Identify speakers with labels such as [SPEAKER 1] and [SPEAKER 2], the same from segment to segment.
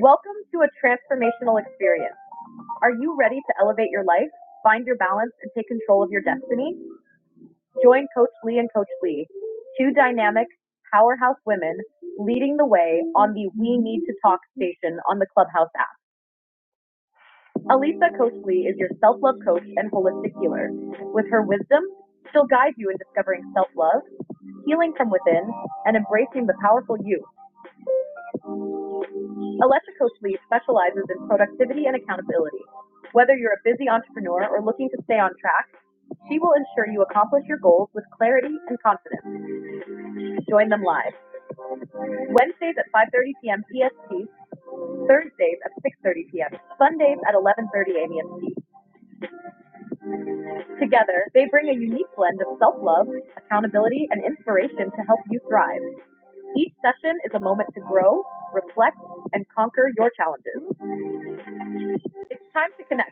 [SPEAKER 1] Welcome to a transformational experience. Are you ready to elevate your life, find your balance, and take control of your destiny? Join Coach Lee and Coach Lee, two dynamic powerhouse women leading the way on the We Need to Talk station on the Clubhouse app. Alisa Coach Lee is your self love coach and holistic healer. With her wisdom, she'll guide you in discovering self love, healing from within, and embracing the powerful you. Electrico Suite specializes in productivity and accountability. Whether you're a busy entrepreneur or looking to stay on track, she will ensure you accomplish your goals with clarity and confidence. Join them live Wednesdays at 5:30 p.m. EST, Thursdays at 6:30 p.m., Sundays at 11:30 a.m. EST. Together, they bring a unique blend of self-love, accountability, and inspiration to help you thrive. Each session is a moment to grow, reflect, and conquer your challenges. It's time to connect.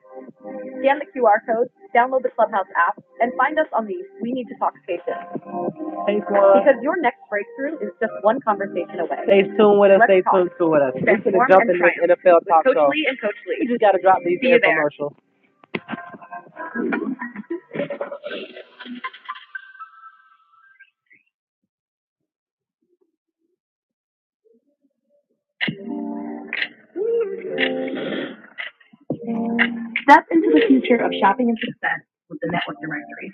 [SPEAKER 1] Scan the QR code, download the Clubhouse app, and find us on the We Need to Talk station because your next breakthrough is just one conversation away. Lee and Coach Lee. Step into the future of shopping and success with the Network Directory.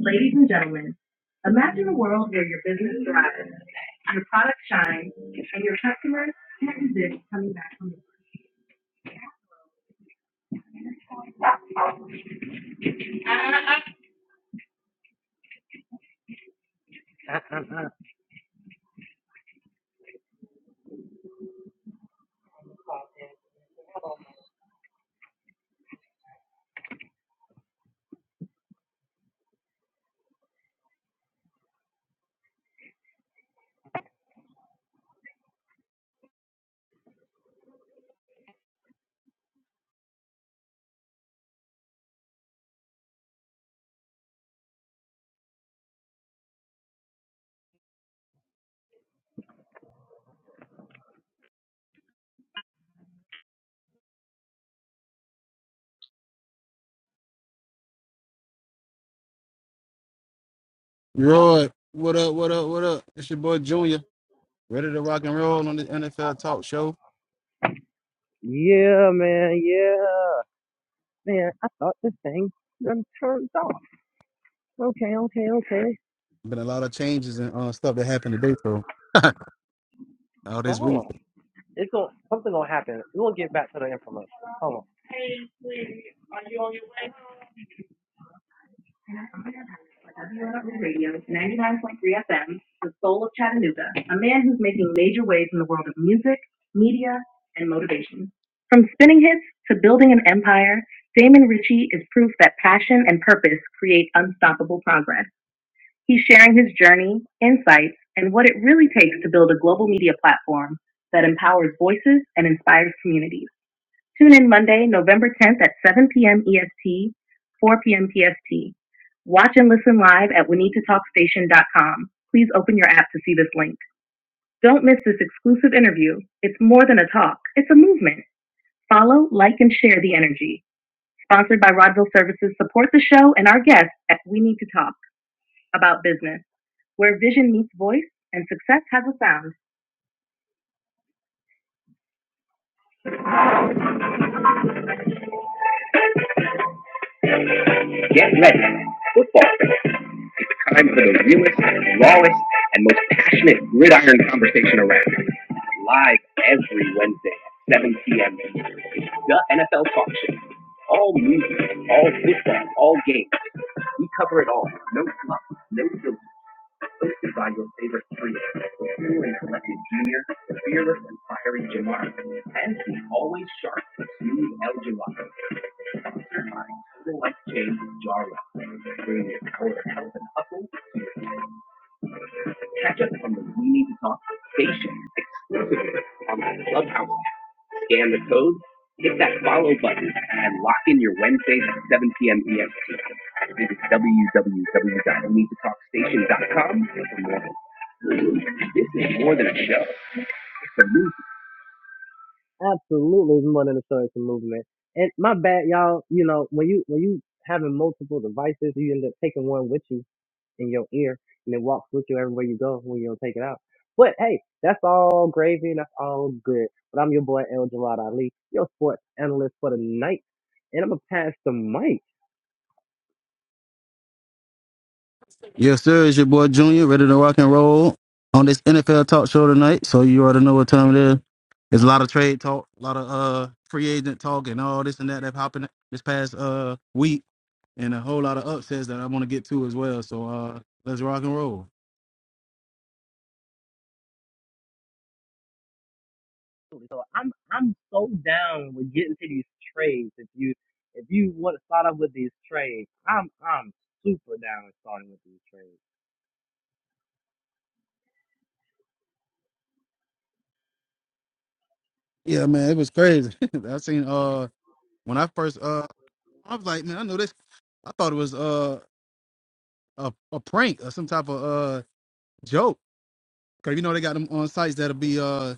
[SPEAKER 1] Ladies and gentlemen, imagine a world where your business thrives, your product shines, and your customers can't resist coming back from you.
[SPEAKER 2] Roy, what up, what up, what up? It's your boy Junior, ready to rock and roll on the NFL Talk Show. Been a lot of changes and uh, stuff that happened today, so all this week.
[SPEAKER 1] WROE Radio, 99.3 FM, the soul of Chattanooga, a man who's making major waves in the world of music, media, and motivation. From spinning hits to building an empire, Damon Ritchie is proof that passion and purpose create unstoppable progress. He's sharing his journey, insights, and what it really takes to build a global media platform that empowers voices and inspires communities. Tune in Monday, November 10th at 7 p.m. EST, 4 p.m. PST. Watch and listen live at WinitaTalkStation.com. Please open your app to see this link. Don't miss this exclusive interview. It's more than a talk, it's a movement. Follow, like, and share the energy. Sponsored by Rodville Services, support the show and our guests at We Need to Talk about business, where vision meets voice and success has a sound. Get ready. It's time for the realest, rawest, and most passionate gridiron conversation around. Live every Wednesday at 7 p.m. The NFL Talk Show. All music, all football, all games. We cover it all. No fluff, no filter. Hosted by your favorite trio. The cool and collected Junior, the fearless and fiery Jamar, and the always sharp, smooth El Jawad. Certified total life change Jarrah. Bring your power, health, and hustle Catch up on the We Need to Talk station exclusively on the Clubhouse. app. Scan the code, hit that follow button, and lock in your Wednesdays at 7 p.m. EST. Visit w w w dot we need to talk station dot com for more. This is more than a show. It's a movie.
[SPEAKER 2] Yes, sir. It's your boy Junior, ready to rock and roll on this NFL Talk Show tonight. So you already know what time it is. There's a lot of trade talk, a lot of uh free agent talk, and all this and that that happened this past uh week, and a whole lot of upsets that I want to get to as well. So uh, let's rock and roll. Yeah, man, it was crazy. I seen uh when I first uh I was like, man, I know this. I thought it was uh, a a prank or some type of uh joke. Cause you know they got them on sites that'll be uh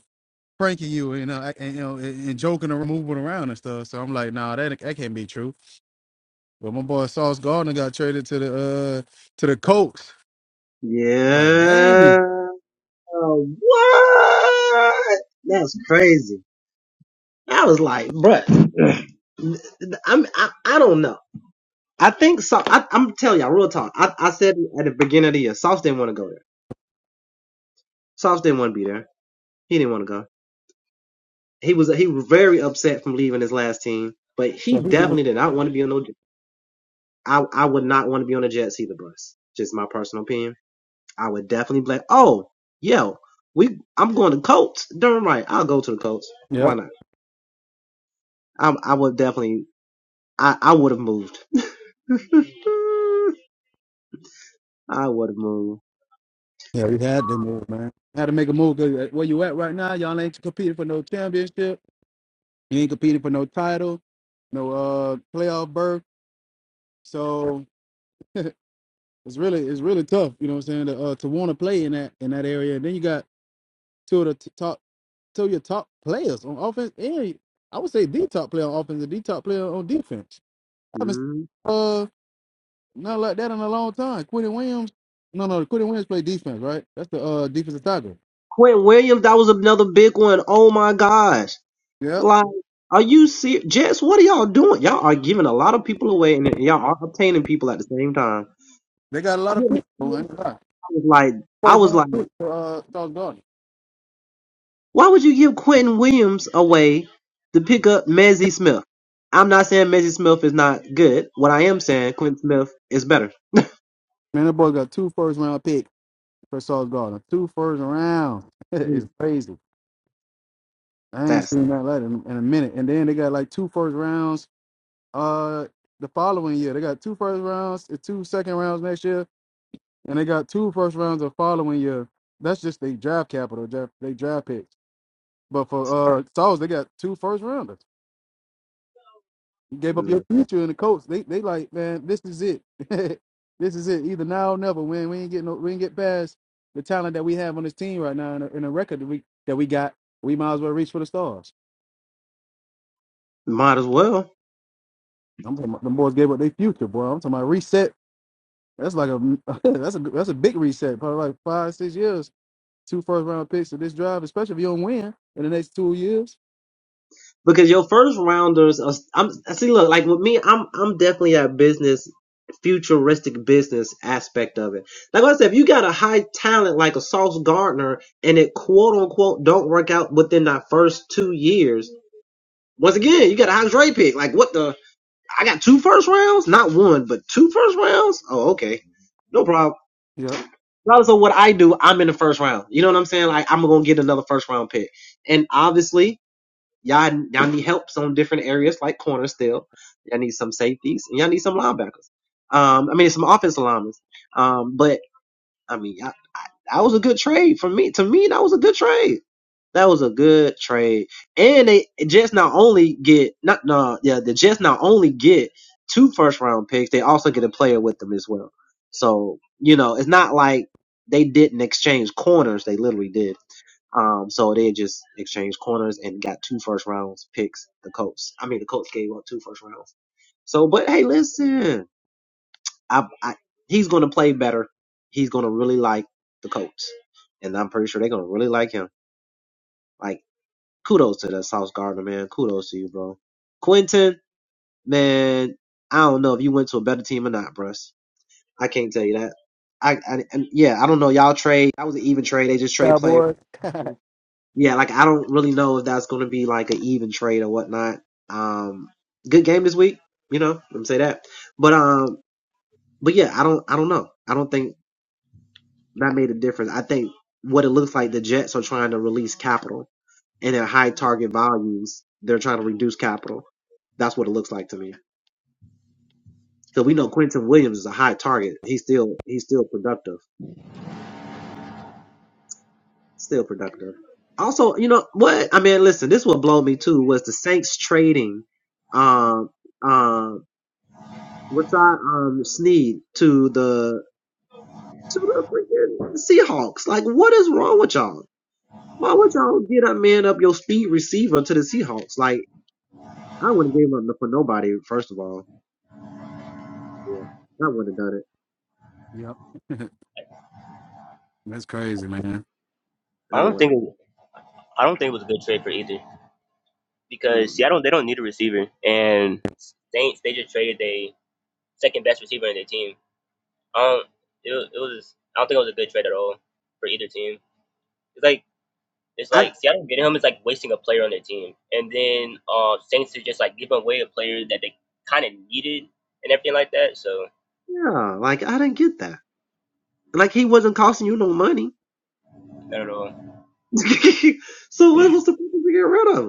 [SPEAKER 2] pranking you and uh, and you know and, and joking and moving around and stuff. So I'm like, nah, that that can't be true. But my boy Sauce Gardner got traded to the uh to the Colts. I was like,
[SPEAKER 1] Yeah.
[SPEAKER 2] dang.
[SPEAKER 1] What? That's crazy. I was like, bruh, I'm, I, I don't know. I think so. I, I'm telling y'all, real talk. I, I said at the beginning of the year, Sauce didn't want to go there. Sauce didn't want to be there. He didn't want to go. He was he was very upset from leaving his last team, but
[SPEAKER 2] So
[SPEAKER 1] he
[SPEAKER 2] he was,
[SPEAKER 1] definitely did not want to be on no. I I would not want to be on the Jets either, bus. Just my personal opinion. I would definitely be like, oh, yo, we I'm going to Colts. Darn right, I'll go to the Colts.
[SPEAKER 2] yeah,
[SPEAKER 1] Why not? I I would definitely. I I would have moved. I would have moved.
[SPEAKER 2] yeah, we had to move, man. Had to make a move. Cause uh, where you at right now? Y'all ain't competing for no championship. You ain't competing for no title, no uh playoff berth. So It's really it's really tough, you know what I'm saying, to uh, to want to play in that in that area. And then you got two of the t- top two of your top players on offense and I would say the top player on offense and the top player on defense. I haven't seen,
[SPEAKER 1] Mm.
[SPEAKER 2] uh not like that in a long time. Quentin Williams no no Quentin Williams play defense, right? That's the uh defensive tackle.
[SPEAKER 1] Quinn Williams, that was another big one. Oh my gosh.
[SPEAKER 2] Yeah.
[SPEAKER 1] Like, are you serious? Jets, what are y'all doing? Y'all are giving a lot of people away and y'all are obtaining people at the same time.
[SPEAKER 2] They got a lot of
[SPEAKER 1] Quinn,
[SPEAKER 2] picks. Oh, I
[SPEAKER 1] Williams,
[SPEAKER 2] ain't gonna lie.
[SPEAKER 1] I was like, I
[SPEAKER 2] First
[SPEAKER 1] was
[SPEAKER 2] round
[SPEAKER 1] like,
[SPEAKER 2] pick for uh Sauce Gardner.
[SPEAKER 1] why would you give Quentin Williams away to pick up Mezzie Smith? I'm not saying Mezzie Smith is not good. What I am saying, Quentin Smith is better.
[SPEAKER 2] Man, that boy got two first round picks for Sauce Gardner. Two first rounds.
[SPEAKER 1] Hmm,
[SPEAKER 2] it's crazy. I ain't
[SPEAKER 1] That's
[SPEAKER 2] seen that light in, in a minute. And then they got like two first rounds. Uh, the following year they got two first rounds, and two second rounds next year, and they got two first rounds the following year. That's just they draft capital, draft they draft picks. But for uh Sauls, they got two first rounders. You gave up
[SPEAKER 1] hmm,
[SPEAKER 2] your future in the coach. They they like man, this is it. this is it. Either now or never. When we ain't getting no, we ain't get past the talent that we have on this team right now, and the, and the record that we that we got, we might as well reach for the stars.
[SPEAKER 1] might as well.
[SPEAKER 2] I'm the boys gave up their future, boy. I'm talking about reset. That's like a that's a that's a big reset. Probably like five six years. Two first round picks to this drive, especially if you don't win in the next two years.
[SPEAKER 1] because your first rounders are I'm see look like with me I'm I'm definitely that business futuristic business aspect of it. Like I said, if you got a high talent like a Sauce Gardner and it quote unquote don't work out within that first two years, once again you got a high trade pick. Like what the I got two first rounds, not one but two first rounds. Oh okay, no problem.
[SPEAKER 2] Yep.
[SPEAKER 1] Regardless of what I do, I'm in the first round. You know what I'm saying? Like I'm gonna get another first round pick, and obviously Y'all, y'all need helps on different areas like corner still. Y'all need some safeties and y'all need some linebackers. Um, I mean, some offensive linemen. Um, but I mean, you that was a good trade for me. To me, that was a good trade. That was a good trade. And they Jets not only get not no yeah the Jets not only get two first round picks, they also get a player with them as well. So you know, it's not like they didn't exchange corners. They literally did. Um, so they just exchanged corners and got two first rounds picks. The Colts, I mean, the Colts gave up two first rounds. So, but hey, listen, I, I he's gonna play better. He's gonna really like the Colts, and I'm pretty sure they're gonna really like him. Like, kudos to the South Gardner man. Kudos to you, bro. Quentin, man, I don't know if you went to a better team or not, bruh. I can't tell you that. I, I and yeah, I don't know. Y'all trade. That was an even trade. They just trade players.
[SPEAKER 2] Cowboys.
[SPEAKER 1] Yeah, like I don't really know if that's going to be like an even trade or whatnot. Um, good game this week, you know. Let me say that. But um, but yeah, I don't, I don't know. I don't think that made a difference. I think what it looks like the Jets are trying to release capital and at high target values, they're trying to reduce capital. That's what it looks like to me. Because we know Quentin Williams is a high target. He's still, he's still productive. Still productive. Also, you know what? I mean, listen, this will blow me too was the Saints trading um um what's our um Sneed to the to the freaking Seahawks. Like what is wrong with y'all? Why would y'all get a man up your speed receiver to the Seahawks? Like I wouldn't give him up for nobody, first of all. Yeah. I wouldn't have done
[SPEAKER 2] yep. That's crazy, man.
[SPEAKER 1] it.
[SPEAKER 3] I
[SPEAKER 1] I
[SPEAKER 3] don't think
[SPEAKER 1] wouldn't
[SPEAKER 3] it, I don't think it was a good trade for either
[SPEAKER 1] have.
[SPEAKER 3] because
[SPEAKER 1] Mm-mm.
[SPEAKER 3] Seattle they don't need a receiver and Saints they just traded they second best receiver in their team. Um, it was, it was I don't think it was a good trade at all for either team. It's like it's
[SPEAKER 1] I
[SPEAKER 3] like Seattle getting him is like wasting a player on their team, and then uh Saints are just like giving away a player that they kind of needed and everything like that. So
[SPEAKER 1] yeah, like I didn't get that. Like he wasn't costing you no money.
[SPEAKER 3] I don't know.
[SPEAKER 1] so what was the purpose to get rid of him?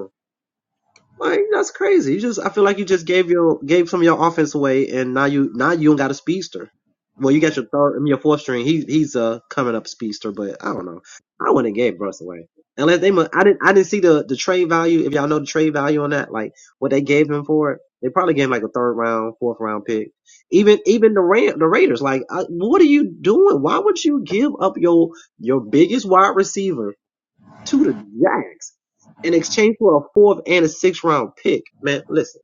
[SPEAKER 1] Like that's crazy. You just I feel like you just gave your gave some of your offense away, and now you now you don't got a speedster. Well, you got your third, I mean, your fourth string. He he's a coming up speedster, but I don't know. I wouldn't have gave Russ away unless they. mu- I didn't I didn't see the the trade value. If y'all know the trade value on that, like what they gave him for it, they probably gave him like a third round, fourth round pick. Even even the Ram, the Raiders, like I, what are you doing? Why would you give up your your biggest wide receiver to the Jags in exchange for a fourth and a sixth round pick. Man, listen,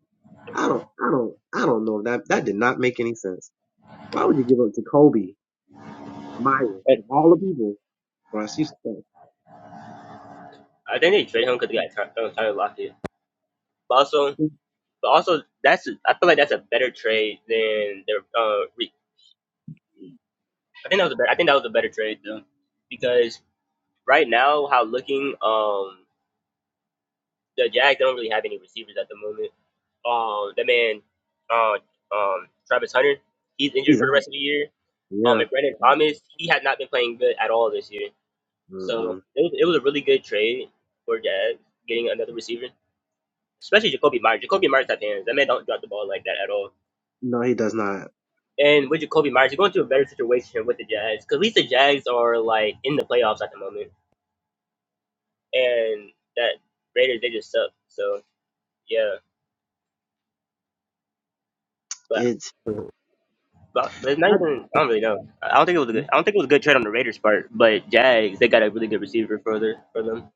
[SPEAKER 1] I don't, I don't, I don't know. That that did not make any sense. Why would you give up Jacoby Myers of
[SPEAKER 3] But
[SPEAKER 1] all the people? Russ, you suck.
[SPEAKER 3] I think they traded him because they got Ty- Tyler Lockett. But also, but also that's I feel like that's a better trade than their uh, I think that was a better, I think that was a better trade though, because right now how looking um the Jags they don't really have any receivers at the moment. Um, that man, uh, um, Travis Hunter, he's injured
[SPEAKER 1] He's
[SPEAKER 3] for the
[SPEAKER 1] out.
[SPEAKER 3] rest of the year. Um,
[SPEAKER 1] Yeah.
[SPEAKER 3] and Brandon Thomas, he had not been playing good at all this year. So
[SPEAKER 1] Mm-mm.
[SPEAKER 3] it was, it was a really good trade for Jags getting another receiver, especially Jacoby Myers. Jacoby Myers have hands. That man don't drop the ball like that at all.
[SPEAKER 1] No, he does not.
[SPEAKER 3] And with Jacoby Myers, you're going to a better situation with the Jags because at least the Jags are like in the playoffs at the moment. and that Raiders they just suck. So yeah, but
[SPEAKER 1] It's
[SPEAKER 3] but, but it's not
[SPEAKER 1] I,
[SPEAKER 3] even. I don't really know. I don't think it was a good. I don't think it was a good trade on the Raiders part. But Jags they got a really good receiver for their for them.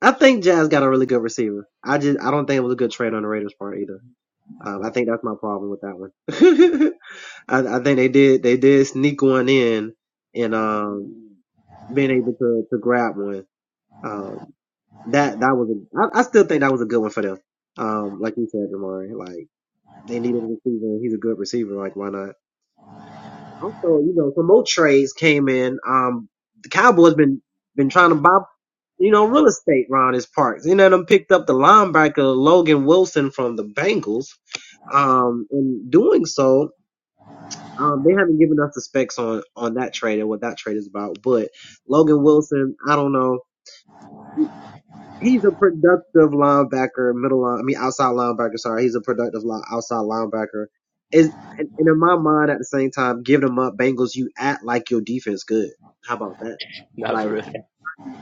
[SPEAKER 1] I think Jazz got a really good receiver. I just I don't think it was a good trade on the Raiders part either. Um, I think that's my problem with that one. I, I think they did they did sneak one in and um being able to to grab one. Um, that that was a, I, I still think that was a good one for them. Um, like you said, Jamari, like they needed a receiver. and He's a good receiver. Like why not? Also, you know, some more trades came in. Um, the Cowboys been been trying to buy, you know, real estate around his parks. You know, them picked up the linebacker Logan Wilson from the Bengals. Um, in doing so, um, they haven't given us the specs on on that trade and what that trade is about. But Logan Wilson, I don't know. He's a productive linebacker, middle line. I mean, outside linebacker. Sorry, he's a productive line, outside linebacker. Is and in my mind, at the same time, giving him up, Bengals. You act like your defense good. How about that?
[SPEAKER 3] Not
[SPEAKER 1] Like
[SPEAKER 3] for real.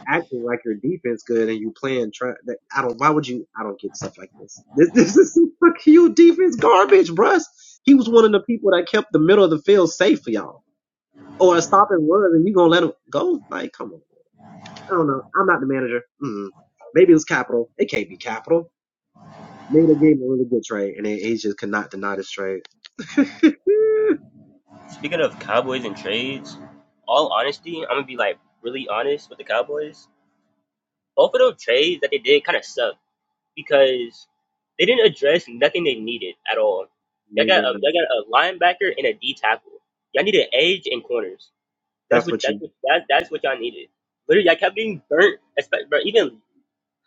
[SPEAKER 1] acting like your defense good, and you playing. Try, that, I don't. Why would you? I don't get stuff like this. This, this is some fucking defense garbage, bruh. He was one of the people that kept the middle of the field safe for y'all. Or a stop and run, and you gonna let him go? Like, come on. I don't know. I'm not the manager. Mm. Maybe it was Capital. It can't be Capital. Maybe they gave him a really good trade, and then Asia could not deny this trade.
[SPEAKER 3] Speaking of Cowboys and trades, all honesty, I'm gonna be like really honest with the Cowboys. Both of those trades that they did kind of sucked because they didn't address nothing they needed at all. Y'all
[SPEAKER 1] They
[SPEAKER 3] got a
[SPEAKER 1] didn't.
[SPEAKER 3] y'all got a linebacker and a D tackle. Y'all needed edge and corners. That's
[SPEAKER 1] That's
[SPEAKER 3] what
[SPEAKER 1] what
[SPEAKER 3] that's
[SPEAKER 1] you.
[SPEAKER 3] what that, that's what y'all needed. Literally, I kept getting burnt, especially bro, even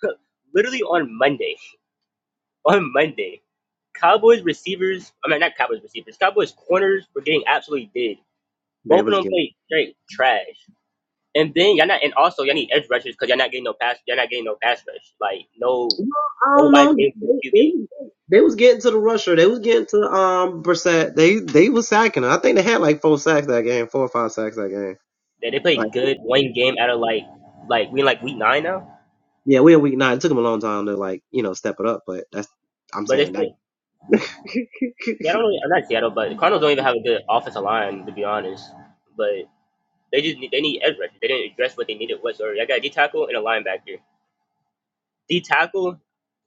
[SPEAKER 3] literally on Monday. On Monday, Cowboys receivers, I mean not Cowboys receivers, Cowboys corners were getting absolutely did.
[SPEAKER 1] They
[SPEAKER 3] Both of
[SPEAKER 1] was
[SPEAKER 3] them
[SPEAKER 1] getting.
[SPEAKER 3] played straight trash. And then y'all not, and also y'all need edge rushers because y'all not getting no pass, y'all not getting no pass rush. Like no,
[SPEAKER 1] Well, I don't
[SPEAKER 3] nobody
[SPEAKER 1] know.
[SPEAKER 3] gave
[SPEAKER 1] They,
[SPEAKER 3] to the
[SPEAKER 1] they,
[SPEAKER 3] QB.
[SPEAKER 1] was- they was getting to the rusher. They was getting to um Brissett. They they was sacking. her. I think they had like four sacks that game, four or five sacks that game.
[SPEAKER 3] They they played
[SPEAKER 1] Like
[SPEAKER 3] good one game out of like like we in like week nine now,
[SPEAKER 1] yeah, we in week nine. It took them a long time to like you know step it up, but that's I'm
[SPEAKER 3] but it's
[SPEAKER 1] saying
[SPEAKER 3] still.
[SPEAKER 1] that.
[SPEAKER 3] Yeah, I don't really, I'm not Seattle, but the Cardinals don't even have a good offensive line to be honest. But They just need, they need edge rushers. They didn't address what they needed whatsoever. I got a D tackle and a linebacker. D tackle,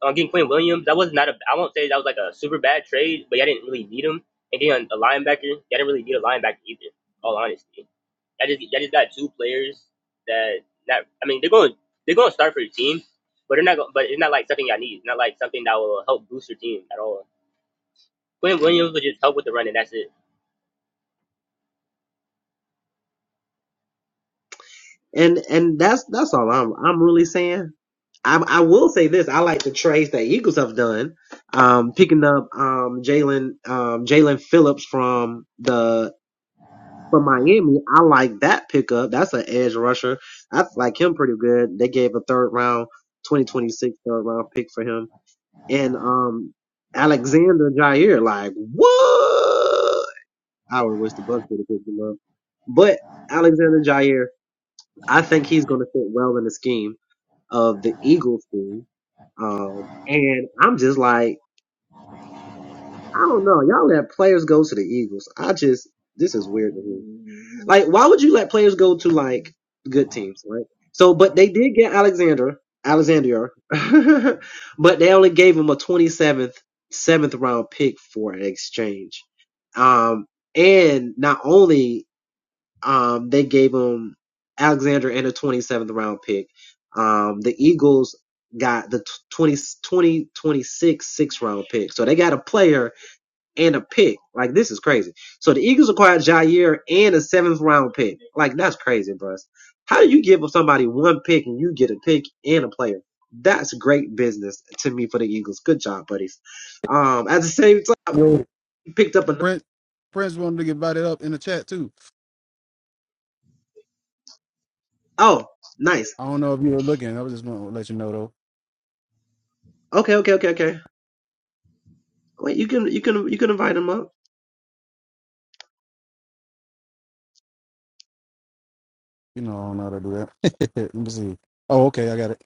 [SPEAKER 3] uh, getting Quinn Williams. That was not a. I won't say that was like a super bad trade, but I didn't really need him. And getting a linebacker, I didn't really need a linebacker either. All honesty, I just I just got two players that that I mean they're going they're going to start for your team, but they're not. Going, but it's not like something I need. It's not like something that will help boost your team at all. Quinn
[SPEAKER 1] Mm.
[SPEAKER 3] Williams would just help with the run, and that's it.
[SPEAKER 1] And and that's that's all I'm I'm really saying. I I will say this. I like the trades that Eagles have done. Um, picking up um Jalen um Jalen Phillips from the For Miami, I like that pickup. That's an edge rusher. I like him pretty good. They gave a third round, 2026 third round pick for him. And um, Alexander Jair, like what? I would wish the Bucks would have picked him up. But Alexander Jair, I think he's going to fit well in the scheme of the Eagles team. Um, and I'm just like. I don't know. Y'all let players go to the Eagles. I just this is weird to me. Like, why would you let players go to like good teams, right? So, but they did get Alexander, Alexander, but they only gave him a twenty seventh, seventh round pick for an exchange. Um, and not only um they gave him Alexander and a twenty seventh round pick. Um, the Eagles got the twenty twenty twenty-six, six round pick. So they got a player and a pick. Like this is crazy. So the Eagles acquired Jair and a seventh round pick. Like that's crazy, bro. How do you give somebody one pick and you get a pick and a player? That's great business to me for the Eagles. Good job, buddies. Um, at the same time,
[SPEAKER 2] Yeah.
[SPEAKER 1] you picked up a
[SPEAKER 2] Prince Prince wanted to get invited up in the chat too.
[SPEAKER 1] oh, nice.
[SPEAKER 2] I don't know if you were looking. I was just going to let you know though.
[SPEAKER 1] Okay, okay, okay, okay. Wait, you can you can you can invite him up.
[SPEAKER 2] You know I don't know how to do that. let me see. Oh, okay, I got it.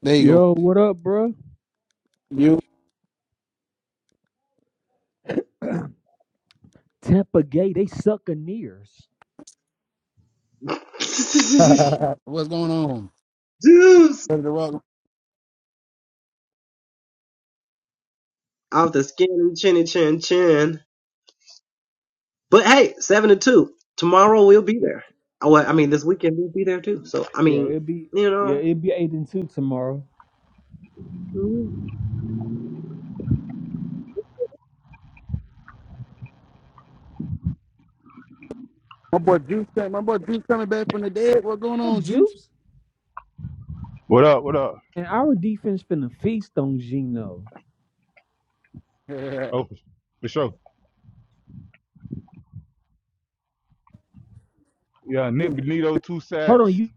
[SPEAKER 2] There you go.
[SPEAKER 4] Yo, what up, bro?
[SPEAKER 2] You.
[SPEAKER 4] Tampa Gay, they succaneers.
[SPEAKER 2] What's going on?
[SPEAKER 1] Deuce
[SPEAKER 2] Ready to rock?
[SPEAKER 1] off the skinny chinny chin chin. But hey, seven to two. Tomorrow we'll be there. Oh, Well, I mean, this weekend we'll be there too. So I
[SPEAKER 4] Yeah,
[SPEAKER 1] mean,
[SPEAKER 4] it'll be
[SPEAKER 1] you
[SPEAKER 4] yeah,
[SPEAKER 1] know,
[SPEAKER 4] it'll be eight and two tomorrow.
[SPEAKER 1] mm.
[SPEAKER 2] My boy Juice, came- my boy Juice coming back from the dead. What's going
[SPEAKER 4] The
[SPEAKER 2] on, Juice?
[SPEAKER 4] juice
[SPEAKER 5] What up? What up?
[SPEAKER 4] and our defense finna feast on Gino.
[SPEAKER 2] no,
[SPEAKER 5] Oh, for sure. Yeah, Nick Benito, two
[SPEAKER 4] Hold on,
[SPEAKER 5] sacks.
[SPEAKER 4] you.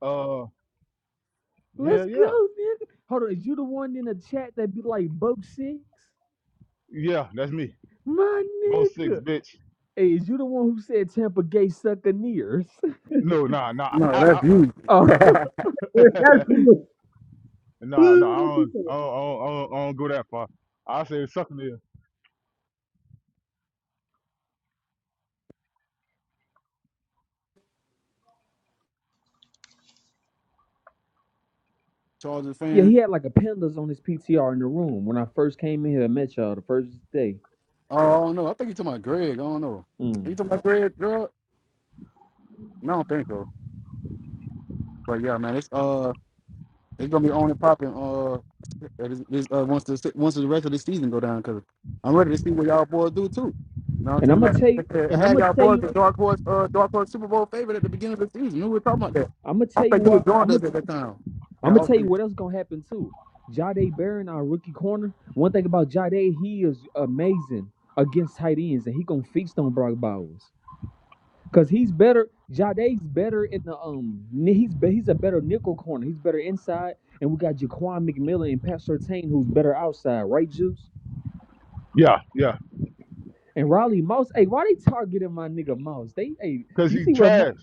[SPEAKER 5] Uh,
[SPEAKER 4] Let's
[SPEAKER 5] hell
[SPEAKER 4] go,
[SPEAKER 5] yeah,
[SPEAKER 4] nigga. Hold on, is you the one in the chat that be like Buck Six?
[SPEAKER 5] yeah, that's me.
[SPEAKER 4] My
[SPEAKER 5] Both six,
[SPEAKER 4] nigga.
[SPEAKER 5] bitch.
[SPEAKER 4] Hey, is you the one who said Tampa Gay succaneers?
[SPEAKER 5] No, nah, nah, I,
[SPEAKER 2] that's
[SPEAKER 5] I,
[SPEAKER 2] you.
[SPEAKER 4] Oh,
[SPEAKER 1] That's you.
[SPEAKER 5] nah, nah. I don't, I don't, I don't, I don't, I don't go that far. I say something to him.
[SPEAKER 2] Chargers
[SPEAKER 4] yeah,
[SPEAKER 2] fan.
[SPEAKER 4] he had like a pandas on his PTR in the room when I first came in here and met y'all the first day.
[SPEAKER 2] Oh, I don't know. I think you talking about Greg. I don't know. Are
[SPEAKER 4] Mm.
[SPEAKER 2] you talking about Greg drug? No, I don't think so. But yeah, man, it's uh, it's gonna be on and popping. Uh, this, this, uh, once the once the rest of the season go down, cause I'm ready to see what y'all boys do too. You know what
[SPEAKER 4] And
[SPEAKER 2] I'm
[SPEAKER 4] I'm
[SPEAKER 2] saying?
[SPEAKER 4] gonna
[SPEAKER 2] Like
[SPEAKER 4] tell
[SPEAKER 2] I
[SPEAKER 4] you,
[SPEAKER 2] said, I
[SPEAKER 4] and I'm
[SPEAKER 2] had
[SPEAKER 4] gonna
[SPEAKER 2] y'all
[SPEAKER 4] tell
[SPEAKER 2] boys
[SPEAKER 4] you.
[SPEAKER 2] the dark horse, uh, dark horse Super Bowl favorite at the beginning of the season. We were talking about that.
[SPEAKER 4] I'm gonna
[SPEAKER 2] I
[SPEAKER 4] tell you
[SPEAKER 2] think you was
[SPEAKER 4] what. I'm
[SPEAKER 2] joined
[SPEAKER 4] gonna
[SPEAKER 2] us at that time.
[SPEAKER 4] I'm
[SPEAKER 2] And I
[SPEAKER 4] gonna
[SPEAKER 2] was
[SPEAKER 4] tell you what else gonna happen too. Jade Barron, our rookie corner. One thing about Jade, he is amazing against tight ends, and he gonna feast on Brock Bowers because he's better. Jade's better in the um. ni- He's be- he's a better nickel corner. He's better inside, and we got Jaquan McMillan and Pat Sertain, who's better outside, right, Juice?
[SPEAKER 5] Yeah, yeah,
[SPEAKER 4] And Riley Moss. Hey, why they targeting my nigga Moss? They hey,
[SPEAKER 5] cause
[SPEAKER 4] you
[SPEAKER 5] he's
[SPEAKER 4] see what Mo-
[SPEAKER 5] trash.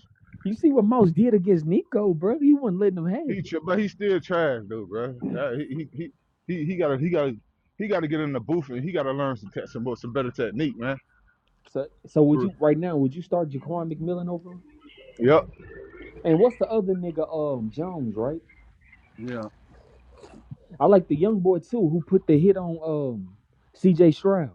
[SPEAKER 4] you see what Moss did against Nico, bro? He wasn't letting him have it.
[SPEAKER 5] He, tr- but he's still trash though, bro. Uh, he, he, he, he, he gotta, he gotta, he gotta get in the booth and he gotta learn some, te- some, more- some better technique, man.
[SPEAKER 4] So so would
[SPEAKER 5] For,
[SPEAKER 4] you right now? Would you start Jaquan McMillan over? him?
[SPEAKER 5] yep,
[SPEAKER 4] And what's the other nigga? Um, Jones, right?
[SPEAKER 2] yeah.
[SPEAKER 4] I like the young boy too, who put the hit on um C.J. Stroud,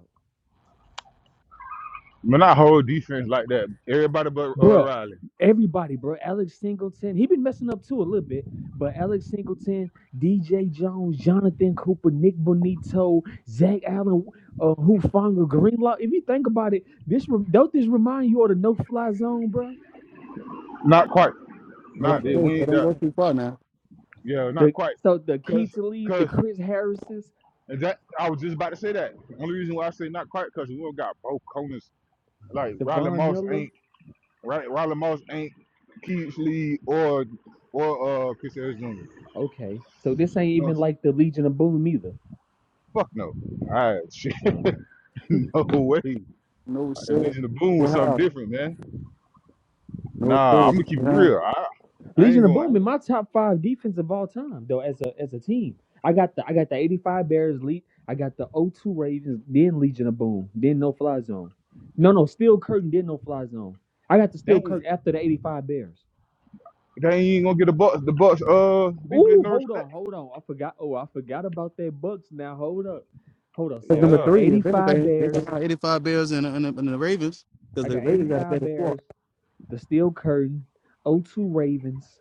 [SPEAKER 5] man, I hold defense like that. Everybody but uh,
[SPEAKER 4] Bruh,
[SPEAKER 5] Riley.
[SPEAKER 4] Everybody, bro. Alex Singleton, he been messing up too a little bit, but Alex Singleton, D.J. Jones, Jonathan Cooper, Nick Bonito, Zach Allen, uh, Hufanga, Greenlaw. If you think about it, this rem- don't this remind you of the no fly zone, bro?
[SPEAKER 5] Not quite.
[SPEAKER 2] But
[SPEAKER 5] Not that
[SPEAKER 4] Okay.
[SPEAKER 2] hey,
[SPEAKER 5] we
[SPEAKER 2] they
[SPEAKER 5] ain't
[SPEAKER 2] don't
[SPEAKER 5] that.
[SPEAKER 2] go too far now.
[SPEAKER 5] Yeah, not
[SPEAKER 4] The
[SPEAKER 5] quite.
[SPEAKER 4] so the key
[SPEAKER 5] Cause,
[SPEAKER 4] to leave the
[SPEAKER 5] cause
[SPEAKER 4] Chris Harris's
[SPEAKER 5] and that I was just about to say that. The only reason why I say not quite cause we don't got both corners. Like Riley
[SPEAKER 4] Devon
[SPEAKER 5] Moss
[SPEAKER 4] Miller.
[SPEAKER 5] ain't right. Riley Moss ain't Keith Lee or or uh Chris Harris Jr.
[SPEAKER 4] Okay, so this ain't
[SPEAKER 5] No,
[SPEAKER 4] even like the Legion of Boom either.
[SPEAKER 5] fuck no. All right, shit,
[SPEAKER 4] Uh,
[SPEAKER 5] no way.
[SPEAKER 2] No
[SPEAKER 5] At
[SPEAKER 2] shit.
[SPEAKER 5] least in the boom was something
[SPEAKER 2] Wow.
[SPEAKER 5] different, man.
[SPEAKER 2] No
[SPEAKER 5] Nah, I'm
[SPEAKER 2] shit.
[SPEAKER 5] gonna keep it
[SPEAKER 2] Yeah.
[SPEAKER 5] real. I, I
[SPEAKER 4] Legion
[SPEAKER 5] ain't
[SPEAKER 4] of
[SPEAKER 5] gonna. I
[SPEAKER 4] Boom
[SPEAKER 5] ain't,
[SPEAKER 4] in my top five defense of all time though. As a as a team, I got the I got the eighty five Bears lead. I got the '02 Ravens, then Legion of Boom, then No Fly Zone. No, no, Steel Curtain, then No Fly Zone. I got the Steel
[SPEAKER 5] dang,
[SPEAKER 4] Curtain after the eighty five Bears.
[SPEAKER 5] they ain't gonna get the Bucks. The Bucks uh defense
[SPEAKER 4] Ooh,
[SPEAKER 5] no
[SPEAKER 4] hold
[SPEAKER 5] respect.
[SPEAKER 4] on, hold on. I forgot. Oh, I forgot about that Bucks. Now hold up, hold up.
[SPEAKER 2] That's
[SPEAKER 4] So I
[SPEAKER 2] number
[SPEAKER 5] Yeah.
[SPEAKER 4] got
[SPEAKER 2] three,
[SPEAKER 4] eighty
[SPEAKER 2] if
[SPEAKER 4] five
[SPEAKER 2] anything. They took
[SPEAKER 4] Bears.
[SPEAKER 2] out 85 Bears and, and, and the Ravens
[SPEAKER 4] I
[SPEAKER 2] because the
[SPEAKER 4] got eighty
[SPEAKER 2] Ravens got a
[SPEAKER 4] five
[SPEAKER 2] better score.
[SPEAKER 4] Bears. The Steel Curtain. '02 Ravens,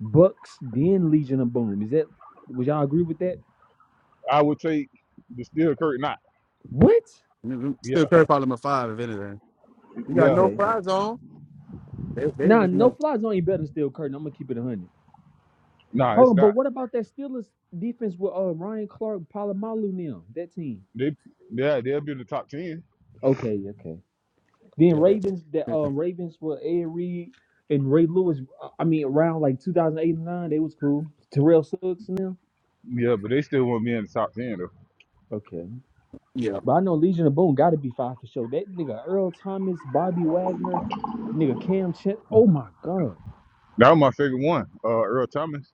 [SPEAKER 4] Bucks, then Legion of Boom. Is that would y'all agree with that?
[SPEAKER 5] I would take the steel curtain not.
[SPEAKER 4] What?
[SPEAKER 2] I mean,
[SPEAKER 5] Yeah,
[SPEAKER 2] Still could call them a five, if anything. You got
[SPEAKER 5] yeah.
[SPEAKER 2] no
[SPEAKER 4] Okay.
[SPEAKER 2] fries on. They, they
[SPEAKER 4] Nah,
[SPEAKER 2] just
[SPEAKER 4] no
[SPEAKER 2] know.
[SPEAKER 4] flies only better than Steel Curtain. I'm gonna keep it a hundred.
[SPEAKER 5] Nah,
[SPEAKER 4] Hold
[SPEAKER 5] it's
[SPEAKER 4] on, but
[SPEAKER 5] not.
[SPEAKER 4] what about that Steelers defense with uh Ryan Clark, Palomalu now? That team.
[SPEAKER 5] They yeah, they'll be in the top ten.
[SPEAKER 4] Okay, okay. Then
[SPEAKER 2] Yeah. That's,
[SPEAKER 4] Ravens that
[SPEAKER 2] yeah.
[SPEAKER 4] um Ravens with Ed Reed and Ray Lewis. uh, I mean, around like 2008 and nine, they was cool. Terrell Suggs and them.
[SPEAKER 5] Yeah, but they still won't be in the top ten though.
[SPEAKER 4] Okay,
[SPEAKER 2] Yeah.
[SPEAKER 4] but I know Legion of Boom got to be five for sure. That nigga Earl Thomas, Bobby Wagner, nigga Cam Chet. Oh my god.
[SPEAKER 5] That was my favorite one. Uh Earl Thomas.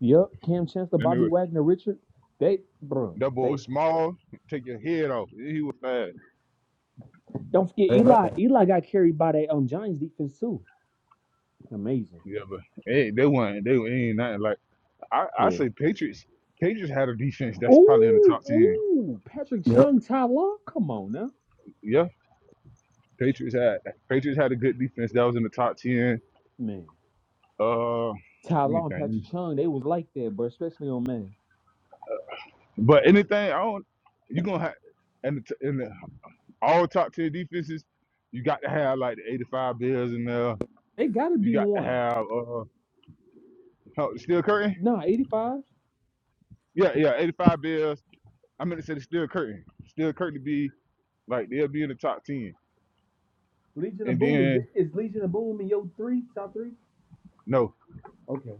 [SPEAKER 4] Yep, Cam Chancellor,
[SPEAKER 5] Then they
[SPEAKER 4] Bobby
[SPEAKER 5] were
[SPEAKER 4] Wagner, Richard. They, bro,
[SPEAKER 5] that boy
[SPEAKER 4] they
[SPEAKER 5] was small, take your head off. He was fast.
[SPEAKER 4] don't forget
[SPEAKER 2] They like
[SPEAKER 4] Eli.
[SPEAKER 2] that.
[SPEAKER 4] Eli got carried by that um Giants defense too. Amazing.
[SPEAKER 5] Yeah, but hey, they weren't they ain't nothing like I, I
[SPEAKER 4] Yeah.
[SPEAKER 5] say Patriots Patriots had a defense that's probably in the
[SPEAKER 4] Ooh,
[SPEAKER 5] top ten.
[SPEAKER 4] ooh, Patrick
[SPEAKER 2] Yep.
[SPEAKER 4] Chung, Ty Law. Come on now,
[SPEAKER 5] Yeah. Patriots had Patriots had a good defense that was in the top ten.
[SPEAKER 4] man.
[SPEAKER 5] Uh let
[SPEAKER 4] Ty
[SPEAKER 5] me
[SPEAKER 4] Law and Patrick
[SPEAKER 5] think.
[SPEAKER 4] Chung, they was like that, but especially on man,
[SPEAKER 5] But anything on, you're gonna have and the, t- and the, all top tier defenses, you got to have like the 85 Bills in there.
[SPEAKER 4] they gotta
[SPEAKER 5] You
[SPEAKER 4] be
[SPEAKER 5] got to
[SPEAKER 4] one.
[SPEAKER 5] have uh oh, Steel Curtain.
[SPEAKER 4] Nah, eighty five.
[SPEAKER 5] Yeah, yeah, 85 Bills. I meant to say the Steel Curtain. Steel Curtain to be like they'll be in the top 10,
[SPEAKER 4] Legion of
[SPEAKER 5] and
[SPEAKER 4] Boom
[SPEAKER 5] then
[SPEAKER 4] is, is Legion of Boom in your three top three.
[SPEAKER 5] no,
[SPEAKER 4] Okay.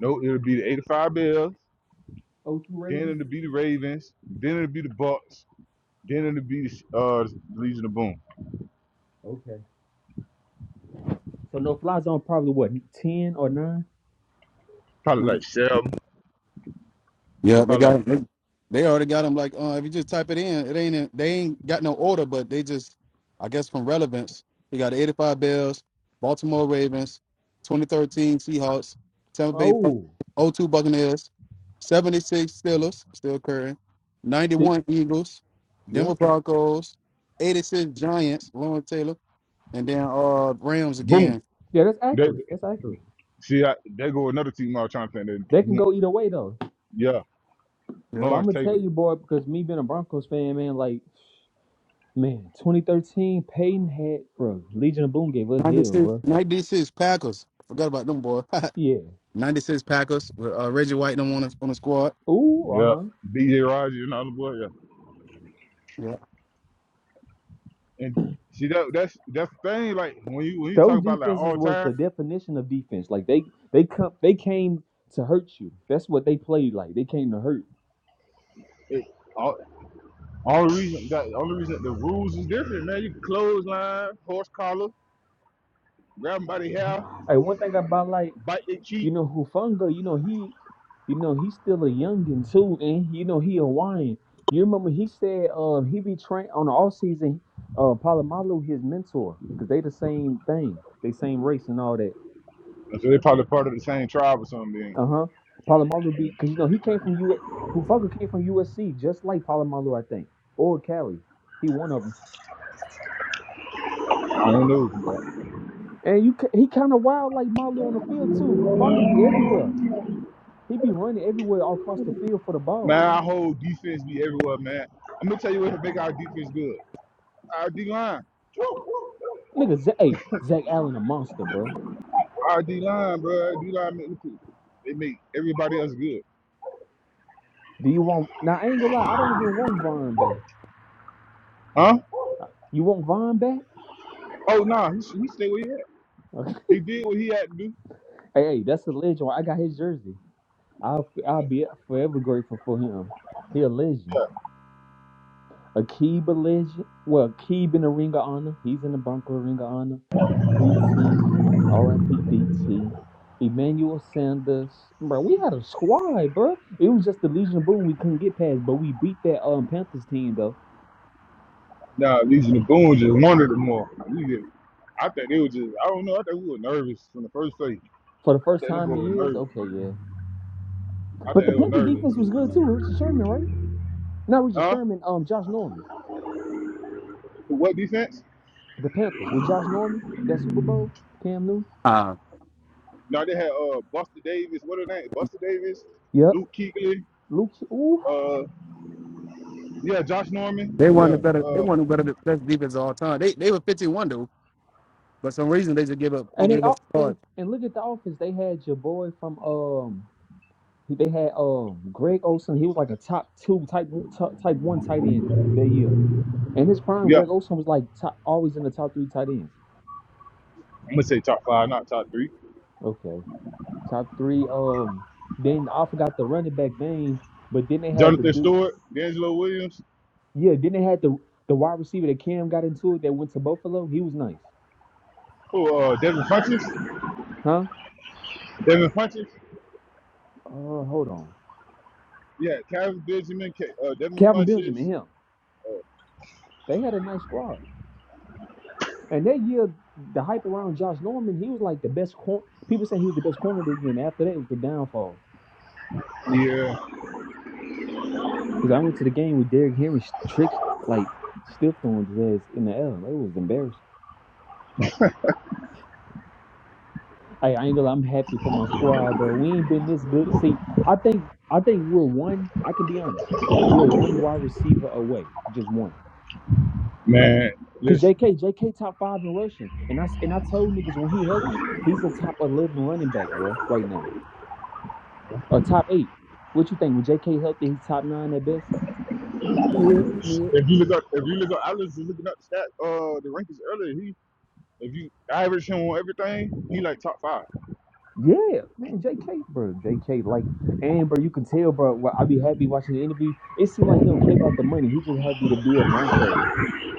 [SPEAKER 5] no, it'll be the 85 Bills.
[SPEAKER 4] O two
[SPEAKER 5] Then
[SPEAKER 4] Ravens.
[SPEAKER 5] it'll be the Ravens. Then it'll be the Bucks. Then it'll be uh Legion of Boom.
[SPEAKER 4] Okay. So no fly zone probably what ten or nine.
[SPEAKER 5] Probably like seven.
[SPEAKER 2] Yeah, they
[SPEAKER 5] Probably
[SPEAKER 4] Okay.
[SPEAKER 5] like
[SPEAKER 2] got they, they already got them. Like, uh, if you just type it in, it ain't in, they ain't got no order, but they just, I guess, from relevance, You got the 85 Bears, Baltimore Ravens, 2013 Seahawks, Tampa Bay Buc-
[SPEAKER 4] Oh,
[SPEAKER 2] oh 02 Buccaneers, 76 Steelers, still current,
[SPEAKER 4] see,
[SPEAKER 2] 91 Eagles,
[SPEAKER 4] yeah.
[SPEAKER 2] Denver Broncos, 86 Giants, Lawrence Taylor, and then uh Rams
[SPEAKER 5] boom.
[SPEAKER 2] again.
[SPEAKER 4] Yeah, that's
[SPEAKER 5] They,
[SPEAKER 4] accurate. That's accurate.
[SPEAKER 5] see, I, they go another team. I was trying to
[SPEAKER 4] They can
[SPEAKER 5] think.
[SPEAKER 4] go either way though.
[SPEAKER 5] Yeah,
[SPEAKER 2] Yep.
[SPEAKER 4] But I'm
[SPEAKER 5] Lawrence
[SPEAKER 4] gonna
[SPEAKER 5] Taylor.
[SPEAKER 4] tell you, boy, because me being a Broncos fan, man, like, man, 2013, Peyton had, bro, Legion of Boom gave us hell,
[SPEAKER 2] 96,
[SPEAKER 4] bro.
[SPEAKER 2] 96 Packers. Forgot about them boy.
[SPEAKER 4] Yeah.
[SPEAKER 2] 96 Packers with uh, Reggie White and them on the, on the squad.
[SPEAKER 4] Ooh, uh
[SPEAKER 5] Yeah,
[SPEAKER 4] huh.
[SPEAKER 5] B.J. Rogers and all the boy. Yeah,
[SPEAKER 2] Yeah.
[SPEAKER 5] and see that that's that's the thing. Like when you when you talk
[SPEAKER 4] Those
[SPEAKER 5] about like
[SPEAKER 4] defenses
[SPEAKER 5] all
[SPEAKER 4] was
[SPEAKER 5] time,
[SPEAKER 4] the definition of defense. Like they, they come, they came to hurt you. That's what they played like. They came to hurt.
[SPEAKER 5] it, all, all the reason that only reason the rules is different, man. You can clothesline, horse collar, grab grab 'em by the hair,
[SPEAKER 4] Hey, one thing about like
[SPEAKER 5] bite their
[SPEAKER 4] You
[SPEAKER 5] cheek.
[SPEAKER 4] know, Hufanga, you know, he you know, he's still a youngin' too, and you know, he Hawaiian. You remember he said um he be trained on the off season, uh Palomalu his mentor, because they the same thing. They same race and all that.
[SPEAKER 5] So they probably part of the same tribe or something. Then.
[SPEAKER 4] Uh-huh. Palomalu be cause you know he came from U S Hufanga came from USC, just like Palomalu, I think. Or Cali. He one of them.
[SPEAKER 5] I don't know, but
[SPEAKER 4] And you ca- he kinda wild like Malu on the field too. Hufanga be everywhere. He be running everywhere all across the field for the ball.
[SPEAKER 5] man, our whole defense be everywhere, man. I'm gonna tell you what make our defense good. Our D line,
[SPEAKER 4] Nigga, Zach, hey, Zach Allen a monster, bro.
[SPEAKER 5] our D line, bro. D line, make- the they make everybody else good,
[SPEAKER 4] Do you want? Now I ain't gonna lie, I don't even want Von back.
[SPEAKER 5] huh?
[SPEAKER 4] You want Von back?
[SPEAKER 5] Oh no, he he stayed where he at. He did what he had to do.
[SPEAKER 4] hey, hey, that's a legend. I got his jersey. I'll I'll be forever grateful for him. He a legend. Akib a legend. Well, Akib in the Ring of Honor. He's in the Bronco Ring of Honor. D T. R I P. D T. Emmanuel Sanders, bro. We had a squad, bro. It was just the Legion of Boom we couldn't get past, but we beat that um Panthers team though
[SPEAKER 5] Nah, these Naboons just wanted him more. We did. I think they were just I don't know, I think we were nervous from the first place.
[SPEAKER 4] for the
[SPEAKER 5] I
[SPEAKER 4] first
[SPEAKER 5] think them
[SPEAKER 4] time
[SPEAKER 5] boys
[SPEAKER 4] in
[SPEAKER 5] were
[SPEAKER 4] years.
[SPEAKER 5] nervous.
[SPEAKER 4] Okay, yeah.
[SPEAKER 5] I think
[SPEAKER 4] But the
[SPEAKER 5] they were
[SPEAKER 4] Panthers defense was good too.
[SPEAKER 5] nervous.
[SPEAKER 4] Richard Sherman, right? Not Richard
[SPEAKER 5] Huh?
[SPEAKER 4] Sherman. Um, Josh Norman.
[SPEAKER 5] For What defense?
[SPEAKER 4] The Panthers with Josh Norman. That Super Bowl. Cam Newton.
[SPEAKER 2] Uh,
[SPEAKER 5] No, they had uh Buster Davis, what her name? Buster Davis,
[SPEAKER 4] Yep.
[SPEAKER 5] Luke Kuechly,
[SPEAKER 4] Luke. Ooh.
[SPEAKER 5] uh yeah, Josh
[SPEAKER 2] they
[SPEAKER 5] Norman.
[SPEAKER 2] won the
[SPEAKER 5] Yeah.
[SPEAKER 2] better they
[SPEAKER 5] Uh
[SPEAKER 2] won the better best defense of all time. They they were 51 though, but some reason they just give up they
[SPEAKER 4] And they
[SPEAKER 2] give up
[SPEAKER 4] all and,
[SPEAKER 2] hard.
[SPEAKER 4] and look at the offense. They had your boy from um. They had um Greg Olson. He was like a top two type one- t- type one tight end that year. And his prime,
[SPEAKER 5] yeah.
[SPEAKER 4] Greg Olson was like top, always in the top three tight ends.
[SPEAKER 5] I'm gonna say top five, not top three.
[SPEAKER 4] Okay, top three. Um, then I forgot the running back name, but then they had the
[SPEAKER 5] Jonathan
[SPEAKER 4] do.
[SPEAKER 5] Stewart, D'Angelo Williams,
[SPEAKER 4] Yeah, then they had the the wide receiver that Cam got into it that went to Buffalo. He was nice,
[SPEAKER 5] who uh Devin Funches.
[SPEAKER 4] huh?
[SPEAKER 5] Devin Funches.
[SPEAKER 4] Uh, hold on,
[SPEAKER 5] Yeah, Kevin Benjamin, K- uh Devin
[SPEAKER 4] Calvin Benjamin,
[SPEAKER 5] Funches,
[SPEAKER 4] him. They had a nice squad, and that year the hype around Josh Norman, he was like the best corner. People say he was the best corner of the year, and after that it was the downfall.
[SPEAKER 5] Yeah,
[SPEAKER 4] Because I went to the game with Derrick Henry tricks like stiffed on his ass in the air. It was embarrassing. Hey, I ain't gonna. lie, I'm happy for my squad, bro. We ain't been this good. See, I think I think we're one. I can be honest. We're one wide receiver away, just one.
[SPEAKER 5] man.
[SPEAKER 4] Cause
[SPEAKER 5] Listen,
[SPEAKER 4] J K J K top five in rushing, and I s- and I told niggas when he healthy, he's a top eleven running back, bro, right now, or top eight. What you think? When JK healthy, he's top nine at best.
[SPEAKER 2] Yeah, yeah. You
[SPEAKER 5] if you look up, if you look up, I was looking up stat, uh, the rankings earlier. He, if you average him on everything, he like top five.
[SPEAKER 4] Yeah, man, JK, bro, JK, like, and bro, you can tell, bro. wh- I be happy watching the interviews. It seemed like he don't care about the money. He just happy to be a Bronco.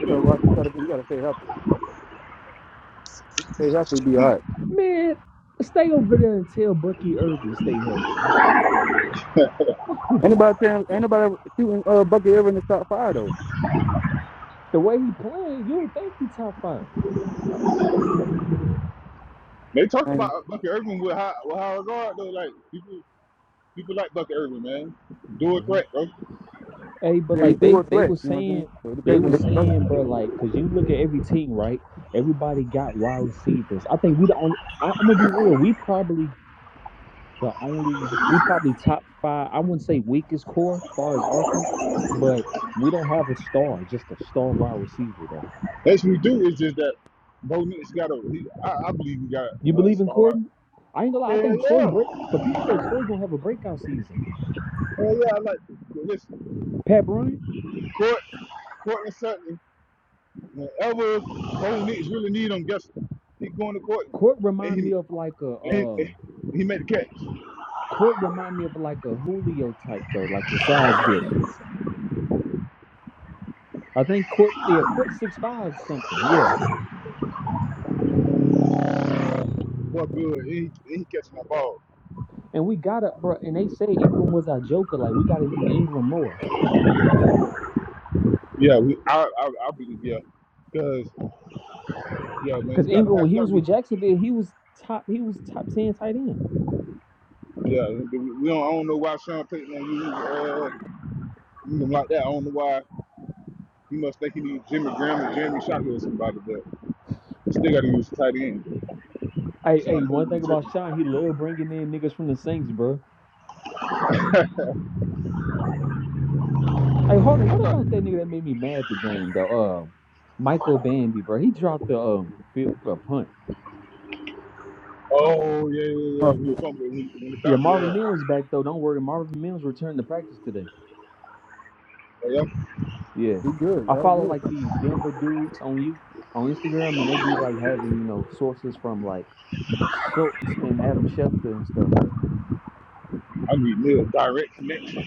[SPEAKER 2] gotta watch gotta be, you gotta stay healthy. Stay healthy be all right.
[SPEAKER 4] Man, stay over there and tell Bucky Irvin to stay healthy.
[SPEAKER 2] Anybody saying anybody shooting uh bucket ever in the top five though.
[SPEAKER 4] The way he playing, you would think he top 5
[SPEAKER 5] they talked
[SPEAKER 2] And
[SPEAKER 5] about Bucky Irving with how with Howard Guard though. Like people, people like Bucky Irving, man. Do a
[SPEAKER 4] Mm-hmm.
[SPEAKER 5] threat, bro.
[SPEAKER 4] Hey, but
[SPEAKER 2] he
[SPEAKER 5] He,
[SPEAKER 4] like
[SPEAKER 2] do
[SPEAKER 4] they
[SPEAKER 2] a
[SPEAKER 4] they
[SPEAKER 2] threat,
[SPEAKER 4] was
[SPEAKER 2] you know what I'm saying?
[SPEAKER 4] saying
[SPEAKER 2] So it
[SPEAKER 4] they
[SPEAKER 2] depends on
[SPEAKER 4] was
[SPEAKER 2] the bucket.
[SPEAKER 4] saying, bro, like, cause you look at every team, right? Everybody got wide receivers. I think we the only. I, I'm gonna be real. We probably the only. We probably top five. I wouldn't say weakest core as far as offense, but we don't have a star, just a star wide receiver though.
[SPEAKER 5] that's what we do. Is just that Bo Nix got a. He, I, I believe he got
[SPEAKER 4] You
[SPEAKER 5] a
[SPEAKER 4] believe in
[SPEAKER 5] star out.
[SPEAKER 4] Corden? I ain't gonna lie. I
[SPEAKER 5] Hell
[SPEAKER 4] think Troy
[SPEAKER 5] yeah,
[SPEAKER 4] break, but people say Troy gonna have a breakout season.
[SPEAKER 5] hell yeah. I like. Listen,
[SPEAKER 4] Pat Bryant,
[SPEAKER 5] Court, Courtland Sutton. Whenever Bo Nix really need him, guess what? he going to court
[SPEAKER 4] Court
[SPEAKER 5] and he
[SPEAKER 4] remind me of like a
[SPEAKER 5] and he,
[SPEAKER 4] um.
[SPEAKER 5] and he made the catch.
[SPEAKER 4] Court remind me of like a Julio type though, like his size built. I think court yeah, court six five something. Yeah.
[SPEAKER 5] What good? And he, and he catching that ball.
[SPEAKER 4] And we got up, bro, and they said Ingram was our joker. Like we gotta use Ingram more.
[SPEAKER 5] Yeah, we, I, I I believe yeah, cause yeah man,
[SPEAKER 4] Cause
[SPEAKER 5] you got to
[SPEAKER 4] Ingram
[SPEAKER 5] have
[SPEAKER 4] when
[SPEAKER 5] you
[SPEAKER 4] he
[SPEAKER 5] got
[SPEAKER 4] was with
[SPEAKER 5] to
[SPEAKER 4] Jacksonville, he was top he was top ten tight end.
[SPEAKER 5] yeah. We we don't I don't know why Sean Payton don't use uh use him like that. I don't know why he must think he needs Jimmy Graham or Jeremy Shockey or somebody, but he still got to use the tight end.
[SPEAKER 4] Hey, hey,
[SPEAKER 5] Sean
[SPEAKER 4] one
[SPEAKER 5] Payton
[SPEAKER 4] thing
[SPEAKER 5] be tricky.
[SPEAKER 4] about Sean, he loved bringing in niggas from the Saints, bro. Hey, hold on,
[SPEAKER 5] I
[SPEAKER 4] what
[SPEAKER 5] thought,
[SPEAKER 4] about that nigga that made me mad the game though? Um, Michael Bandy, bro. He dropped the um fi- uh, punt.
[SPEAKER 5] oh yeah yeah yeah
[SPEAKER 2] Well,
[SPEAKER 5] when you fumbled when, he- when the
[SPEAKER 4] Yeah,
[SPEAKER 5] doc
[SPEAKER 4] Marvin
[SPEAKER 5] yeah
[SPEAKER 4] Mills back though. Don't worry, Marvin Mills returned to practice today.
[SPEAKER 5] yeah
[SPEAKER 4] Yeah.
[SPEAKER 2] He good,
[SPEAKER 4] I
[SPEAKER 2] y'all
[SPEAKER 4] follow
[SPEAKER 2] good.
[SPEAKER 4] like these Denver dudes on you on Instagram and they be like having, you know, sources from like Schultz and Adam Schefter and stuff.
[SPEAKER 5] I need real direct connection.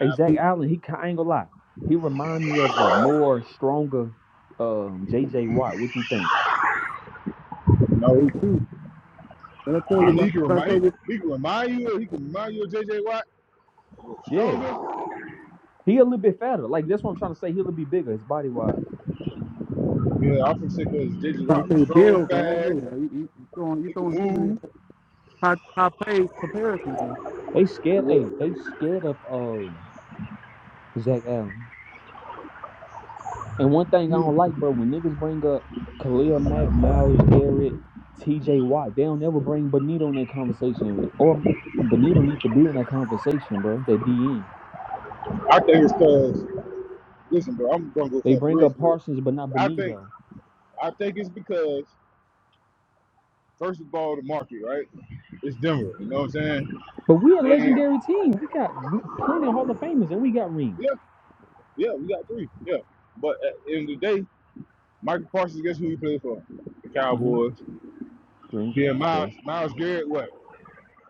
[SPEAKER 4] Hey, Zach Allen, he ki- I ain't gonna lie. He remind me of a more stronger um JJ Watt. What you think?
[SPEAKER 5] No,
[SPEAKER 2] Hey too. When I tell you
[SPEAKER 5] I mean
[SPEAKER 2] about
[SPEAKER 5] he can
[SPEAKER 2] when I tell
[SPEAKER 5] remind
[SPEAKER 2] you
[SPEAKER 5] he can remind you he can remind you of J. J Watt
[SPEAKER 4] Yeah.
[SPEAKER 5] stronger.
[SPEAKER 4] He a little bit fatter. Like that's what I'm trying to say. He a little bit bigger, his body wise.
[SPEAKER 5] Yeah, I think because J. J.
[SPEAKER 2] about
[SPEAKER 5] Watt was
[SPEAKER 2] say Bill,
[SPEAKER 5] strong,
[SPEAKER 2] but I don't
[SPEAKER 5] fast,
[SPEAKER 2] know. You, you, you throwing you
[SPEAKER 5] he can
[SPEAKER 2] throwing too many
[SPEAKER 5] move.
[SPEAKER 2] high high praise comparisons now.
[SPEAKER 4] They scared hey,
[SPEAKER 5] Yeah,
[SPEAKER 4] they scared of um Zach Allen. And one thing I don't like, bro, when niggas bring up Khalil Mack, Miles Garrett, T.J. Watt, they don't ever bring Benito in that conversation. Or Benito need to be in that conversation, bro. That DN.
[SPEAKER 5] I think it's because listen, bro, I'm gonna go
[SPEAKER 4] They
[SPEAKER 5] for
[SPEAKER 4] bring
[SPEAKER 5] real,
[SPEAKER 4] up
[SPEAKER 5] for real.
[SPEAKER 4] Parsons, but not
[SPEAKER 5] I think
[SPEAKER 4] Benito.
[SPEAKER 5] I think it's because first of all the market, right? It's Denver, you know what I'm saying?
[SPEAKER 4] But we're a
[SPEAKER 5] And
[SPEAKER 4] legendary team. We got plenty of Hall of Famers, and we got rings.
[SPEAKER 5] yeah, yeah, we got three, yeah. But at the end of the day, Michael Parsons, guess who he played for? The
[SPEAKER 4] hmm
[SPEAKER 5] Cowboys.
[SPEAKER 4] Green.
[SPEAKER 5] Then Miles
[SPEAKER 4] Okay.
[SPEAKER 5] Miles Garrett, what?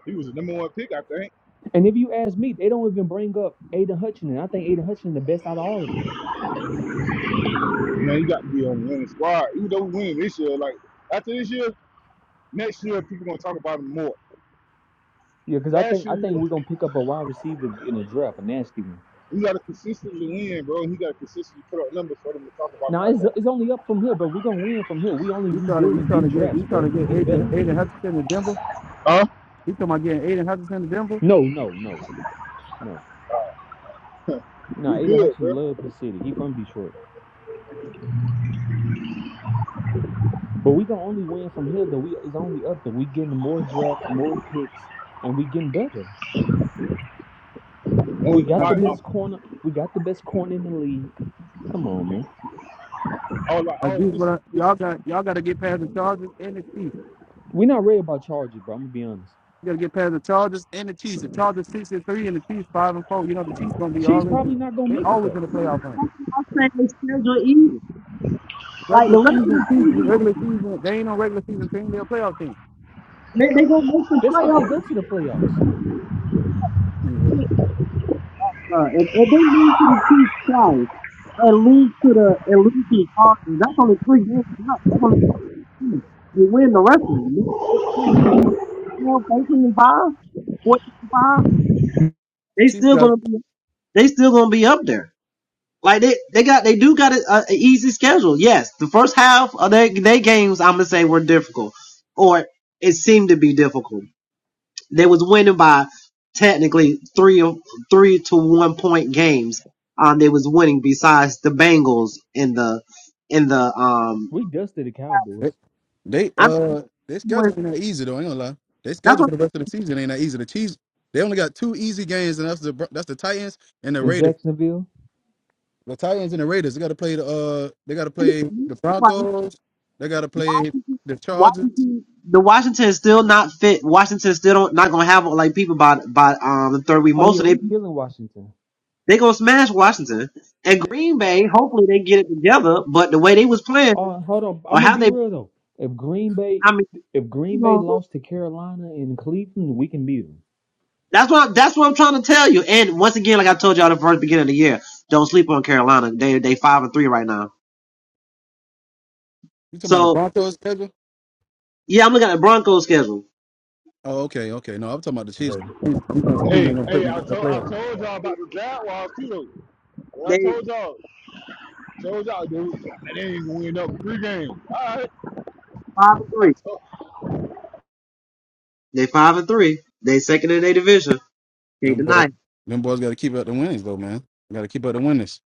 [SPEAKER 5] He was the number one pick, I think.
[SPEAKER 4] And if you ask me, they don't even bring up Aiden Hutchinson. I think Aiden Hutchinson the best out of all of them.
[SPEAKER 5] Man, you got to be on the winning squad. Even though we win this year, like after this year, next year people gonna talk about him more.
[SPEAKER 4] Yeah, because I
[SPEAKER 5] Last
[SPEAKER 4] think I
[SPEAKER 5] year
[SPEAKER 4] think
[SPEAKER 5] we,
[SPEAKER 4] we're gonna pick up a wide receiver in a draft, a nasty one.
[SPEAKER 5] we got to consistently win, bro. and He got to consistently put up numbers for them to talk about him
[SPEAKER 4] Now it's it's
[SPEAKER 5] like
[SPEAKER 4] only up from here, bro. We're gonna win from here. We only
[SPEAKER 2] You trying to you
[SPEAKER 4] rebuilding,
[SPEAKER 2] trying
[SPEAKER 4] getting
[SPEAKER 2] to get
[SPEAKER 4] drafts,
[SPEAKER 2] you trying
[SPEAKER 4] bro.
[SPEAKER 2] to
[SPEAKER 4] We
[SPEAKER 2] get
[SPEAKER 4] getting
[SPEAKER 2] Aiden
[SPEAKER 4] better.
[SPEAKER 2] Aiden Hutchinson to Denver.
[SPEAKER 5] that. Huh?
[SPEAKER 2] He talking about getting Aiden Hutchinson to Denver?
[SPEAKER 4] No, no, no, no. Nah,
[SPEAKER 5] We
[SPEAKER 4] Aiden
[SPEAKER 5] good,
[SPEAKER 4] Hutchins
[SPEAKER 5] bro.
[SPEAKER 4] love his city. He from Detroit. But we gonna only win from here though. We it's only up though. We getting more drafts, more picks, and we getting better. We
[SPEAKER 5] Oh,
[SPEAKER 4] got
[SPEAKER 2] I
[SPEAKER 4] the
[SPEAKER 5] My,
[SPEAKER 2] do
[SPEAKER 5] uh,
[SPEAKER 4] best corner. We got the best corner in the league. Come on, man.
[SPEAKER 5] I was like,
[SPEAKER 2] I
[SPEAKER 5] oh,
[SPEAKER 2] do what
[SPEAKER 5] this,
[SPEAKER 2] I,
[SPEAKER 5] this.
[SPEAKER 2] y'all got y'all gotta get past the Chargers and the Chiefs.
[SPEAKER 4] we not ready about charges, bro. I'm gonna be honest.
[SPEAKER 2] You gotta get past the Chargers and the Chiefs. The Chargers six and three and the Chiefs five and four. You know the Chiefs gonna be
[SPEAKER 4] Chiefs
[SPEAKER 2] always
[SPEAKER 4] probably not gonna
[SPEAKER 2] they
[SPEAKER 4] make it
[SPEAKER 2] always in
[SPEAKER 4] though.
[SPEAKER 2] the playoff run.
[SPEAKER 1] like the
[SPEAKER 2] Regular
[SPEAKER 1] rest of the
[SPEAKER 2] season, Chiefs
[SPEAKER 1] season,
[SPEAKER 2] regular season, they ain't no regular season team, they're a playoff team.
[SPEAKER 1] they they gonna make the
[SPEAKER 4] That's if they
[SPEAKER 1] playoffs.
[SPEAKER 4] go to the playoffs.
[SPEAKER 2] Yeah.
[SPEAKER 1] Uh, if, if they lose to the Chiefs twice and lose to the and lose to the Cardinals, that's only three games left. That's only You win the wrestling. It should be 12, and 5, 14, and 5.
[SPEAKER 2] The
[SPEAKER 1] They
[SPEAKER 2] Chiefs
[SPEAKER 1] still
[SPEAKER 2] got
[SPEAKER 1] gonna be they still gonna be up there. Like they they got they do got a, a easy schedule. Yes, the first half of their their games I'm gonna say were difficult, or it seemed to be difficult. They was winning by technically three or three to one point games. Um, they was winning besides the Bengals in the in the um.
[SPEAKER 4] We dusted the Cowboys.
[SPEAKER 2] they, they
[SPEAKER 1] I'm,
[SPEAKER 2] uh their schedule ain't that easy though, I ain't gonna lie. Their
[SPEAKER 1] that's
[SPEAKER 2] schedule
[SPEAKER 1] what
[SPEAKER 2] for the rest of the season ain't that easy. The Chiefs they only got two easy games and that's the that's the Titans and the
[SPEAKER 4] In
[SPEAKER 2] Raiders.
[SPEAKER 4] Jacksonville.
[SPEAKER 2] the Titans and the Raiders. They got to play the uh, they got to play the Broncos. They got to play the Chargers.
[SPEAKER 1] Washington, the Washington is still not fit. Washington still don't not gonna have like people by by um the third week.
[SPEAKER 4] Oh
[SPEAKER 1] Most
[SPEAKER 4] yeah,
[SPEAKER 1] of they
[SPEAKER 4] we killing Washington.
[SPEAKER 1] they gonna smash Washington and Green Bay. Hopefully they get it together. But the way they was playing
[SPEAKER 4] Oh, hold on.
[SPEAKER 1] or
[SPEAKER 4] I'm gonna
[SPEAKER 1] how
[SPEAKER 4] be
[SPEAKER 1] they,
[SPEAKER 4] real though. If Green Bay,
[SPEAKER 1] I mean,
[SPEAKER 4] if Green Bay lost to Carolina and Cleveland, we can beat them.
[SPEAKER 1] that's what that's what I'm trying to tell you. And once again, like I told y'all the first beginning of the year, don't sleep on Carolina. They they five and three right now.
[SPEAKER 2] You talking about the
[SPEAKER 1] So
[SPEAKER 2] Broncos schedule?
[SPEAKER 1] yeah, I'm looking at the Broncos schedule.
[SPEAKER 2] Oh, okay, okay. No, I'm talking about the Chiefs.
[SPEAKER 4] Though,
[SPEAKER 2] I'm talking about the Chiefs
[SPEAKER 5] Hey,
[SPEAKER 2] ain't gonna play
[SPEAKER 5] hey,
[SPEAKER 2] in
[SPEAKER 5] I
[SPEAKER 2] the
[SPEAKER 5] told, I
[SPEAKER 2] playoffs.
[SPEAKER 5] told y'all about the Jaguars too. though. And I
[SPEAKER 1] They
[SPEAKER 5] told y'all, told y'all, dude, they ain't gonna win up three games. All right,
[SPEAKER 1] five and
[SPEAKER 5] I,
[SPEAKER 1] three.
[SPEAKER 5] told,
[SPEAKER 1] They five and three. They second in their division. Can't
[SPEAKER 2] Them
[SPEAKER 1] deny.
[SPEAKER 2] boys,
[SPEAKER 1] it.
[SPEAKER 2] them boys got to keep up the winnings though, man. Got to keep up the winnings.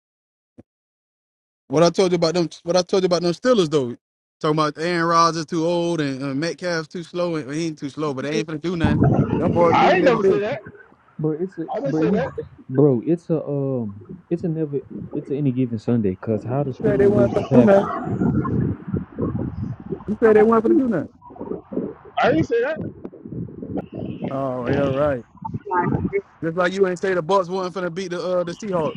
[SPEAKER 2] What I told you about them, what I told you about them Steelers though. Talking about Aaron Rodgers too old and uh, Metcalf's too slow. And, well, he ain't too slow, but they ain't gonna do nothing. Them boys
[SPEAKER 5] I
[SPEAKER 2] leading
[SPEAKER 5] ain't
[SPEAKER 2] their
[SPEAKER 5] never say
[SPEAKER 2] division.
[SPEAKER 5] that.
[SPEAKER 4] bro, it's a
[SPEAKER 5] I didn't
[SPEAKER 4] bro,
[SPEAKER 5] say
[SPEAKER 4] if you,
[SPEAKER 5] that.
[SPEAKER 4] bro, it's a um, it's a never, it's a any given Sunday. Cause how the
[SPEAKER 2] You said they
[SPEAKER 4] Steelers
[SPEAKER 2] weren't
[SPEAKER 4] lose to
[SPEAKER 2] gonna do
[SPEAKER 4] Packers,
[SPEAKER 2] nothing. You said they weren't gonna do nothing.
[SPEAKER 5] I didn't say that.
[SPEAKER 2] Oh yeah, right. Just like you ain't say the Bucks wasn't finna beat the uh the Seahawks.